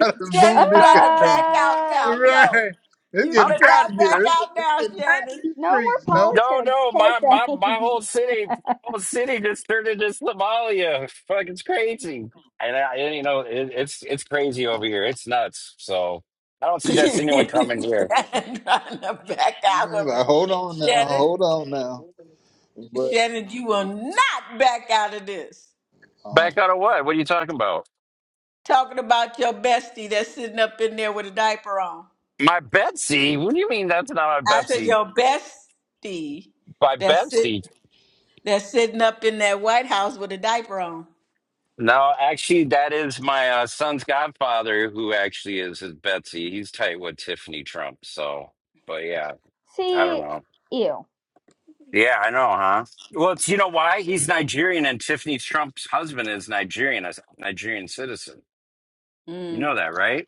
B: Got to boom.
A: Shannon's
B: This
A: trying to
B: goddamn
A: back out
D: Uh,
A: now. No,
B: right. It's
A: you
B: getting
A: cannot
B: hot
E: trying.
B: in
E: I-
A: back
B: here. It's,
A: out
B: it's
A: now,
B: getting hot in
A: Shannon.
B: these
D: no more
B: streets. No.
E: No,
D: politics.
E: no.
D: Okay,
E: My my
D: *laughs*
E: my
D: thanks.
E: whole city, whole city just turned into Somalia. Fuck, it's crazy. And I, and, you know, it, it's it's crazy over here. It's nuts. So I don't
A: *laughs*
E: suggest anyone coming here.
A: Shannon trying to back
B: He's
A: out of
B: like,
A: it.
B: hold on now.
A: Shannon,
B: Hold on now. But
A: Shannon, you will not back out of this.
B: um,
E: Back out of what? What are you talking about?
A: Talking about your bestie that's sitting up in there with a diaper on.
E: My Betsy? What do you mean that's not my
A: I said
E: Betsy?
A: your bestie
E: My
A: that's sitting.
E: Betsy?
A: That's sitting up in that White House with a diaper on.
E: No, actually, that is my uh, son's godfather, who actually is his Betsy. He's tight with Tiffany Trump. So, but yeah, I don't
D: See,
E: know.
D: ew.
E: Yeah, I know, huh? Well, it's, you know why? He's Nigerian, and Tiffany Trump's husband is Nigerian, a Nigerian citizen. You
A: Mm,
E: know that, right?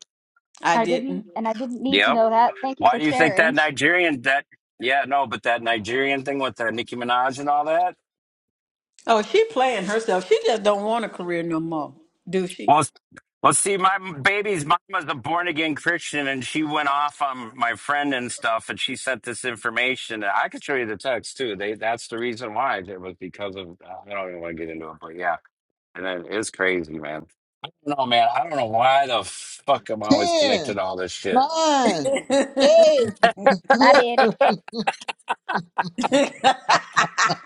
A: I
D: I didn't,
A: didn't.
D: and I didn't need to
E: Yep.
D: know that. Thank you
E: Why
D: for
E: do you think that
D: sharing.
E: Nigerian that? Yeah, no, but that Nigerian thing with the Nicki Minaj and all that.
A: Oh, she playing herself. She just don't want a career no more, do she?
E: Well, well, see, my baby's mama's a born again Christian, and she went off on my friend and stuff, and she sent this information. I could show you the text too. They that's the reason why it was because of. uh, I don't even want to get into it, but yeah, and it is crazy, man. No, man, I don't know why the fuck I'm always connected
B: ten,
E: to all this shit.
B: nine,
A: *laughs* I
B: eight.
D: Bye,
B: That's
D: bitch.
E: *laughs*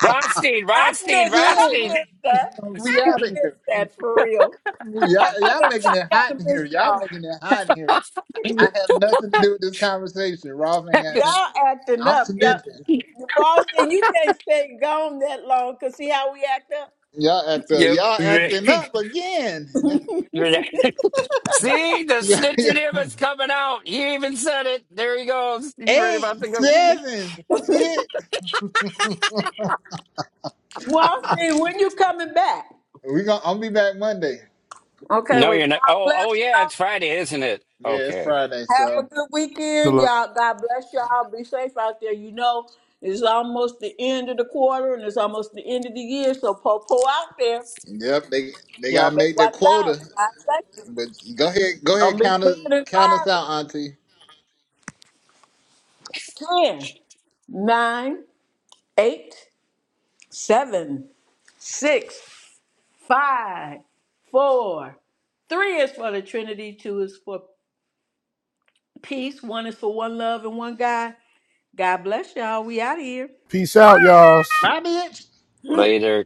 E: Ronstein,
A: missed. I
B: it.
E: Ronstein,
A: missed that.
B: We
A: I have
B: out of here.
A: missed that for real. I
B: Y'all,
A: just I
B: y'all
A: done
B: making
A: really
B: it
A: kind
B: hot
A: of
B: in here.
A: missed
B: Y'all
A: y'all.
B: making it hot in here.
E: Ronstein.
B: I have nothing to do with this conversation. Rolf ain't got nothing.
A: Y'all acting
B: I'm
A: up. Y'all.
B: snitching.
A: Boston, you can't stay gone that long because see how we act up?
B: Y'all act up. Y'all acting up
E: *laughs*
B: again. *laughs*
E: yep. *laughs* See, the
B: Yeah,
E: snitch
B: yeah.
E: in him is coming out. He even said it. There he goes. He's ready
B: Eight,
E: about to go.
B: seven, six.
A: Boston, when you coming back?
B: We gonna. I'll be back Monday.
A: Okay,
E: No,
A: wait.
E: you're not.
A: God
E: Oh, oh
A: bless
E: yeah,
A: y'all.
E: it's Friday, isn't it?
B: Yeah, it's
E: Okay.
B: Friday,
A: Have a
B: so
A: good weekend,
G: *laughs*
A: y'all. God bless y'all. Be safe out there. You know, it's almost the end of the quarter and it's almost the end of the year, so po po out there.
B: yep. They they
A: Y'all
B: gotta
A: better
B: make their
A: watch out.
B: quota.
A: God bless you.
B: But go ahead, go
A: Don't
B: ahead,
A: be
B: count us
A: drinking and
B: count us out, Auntie.
A: driving. Ten, nine, eight, seven, six, five, four, three is for the Trinity, two is for peace, one is for one love and one God. God bless y'all. We out of here.
G: Peace out, y'all.
B: My bitch.
E: Later.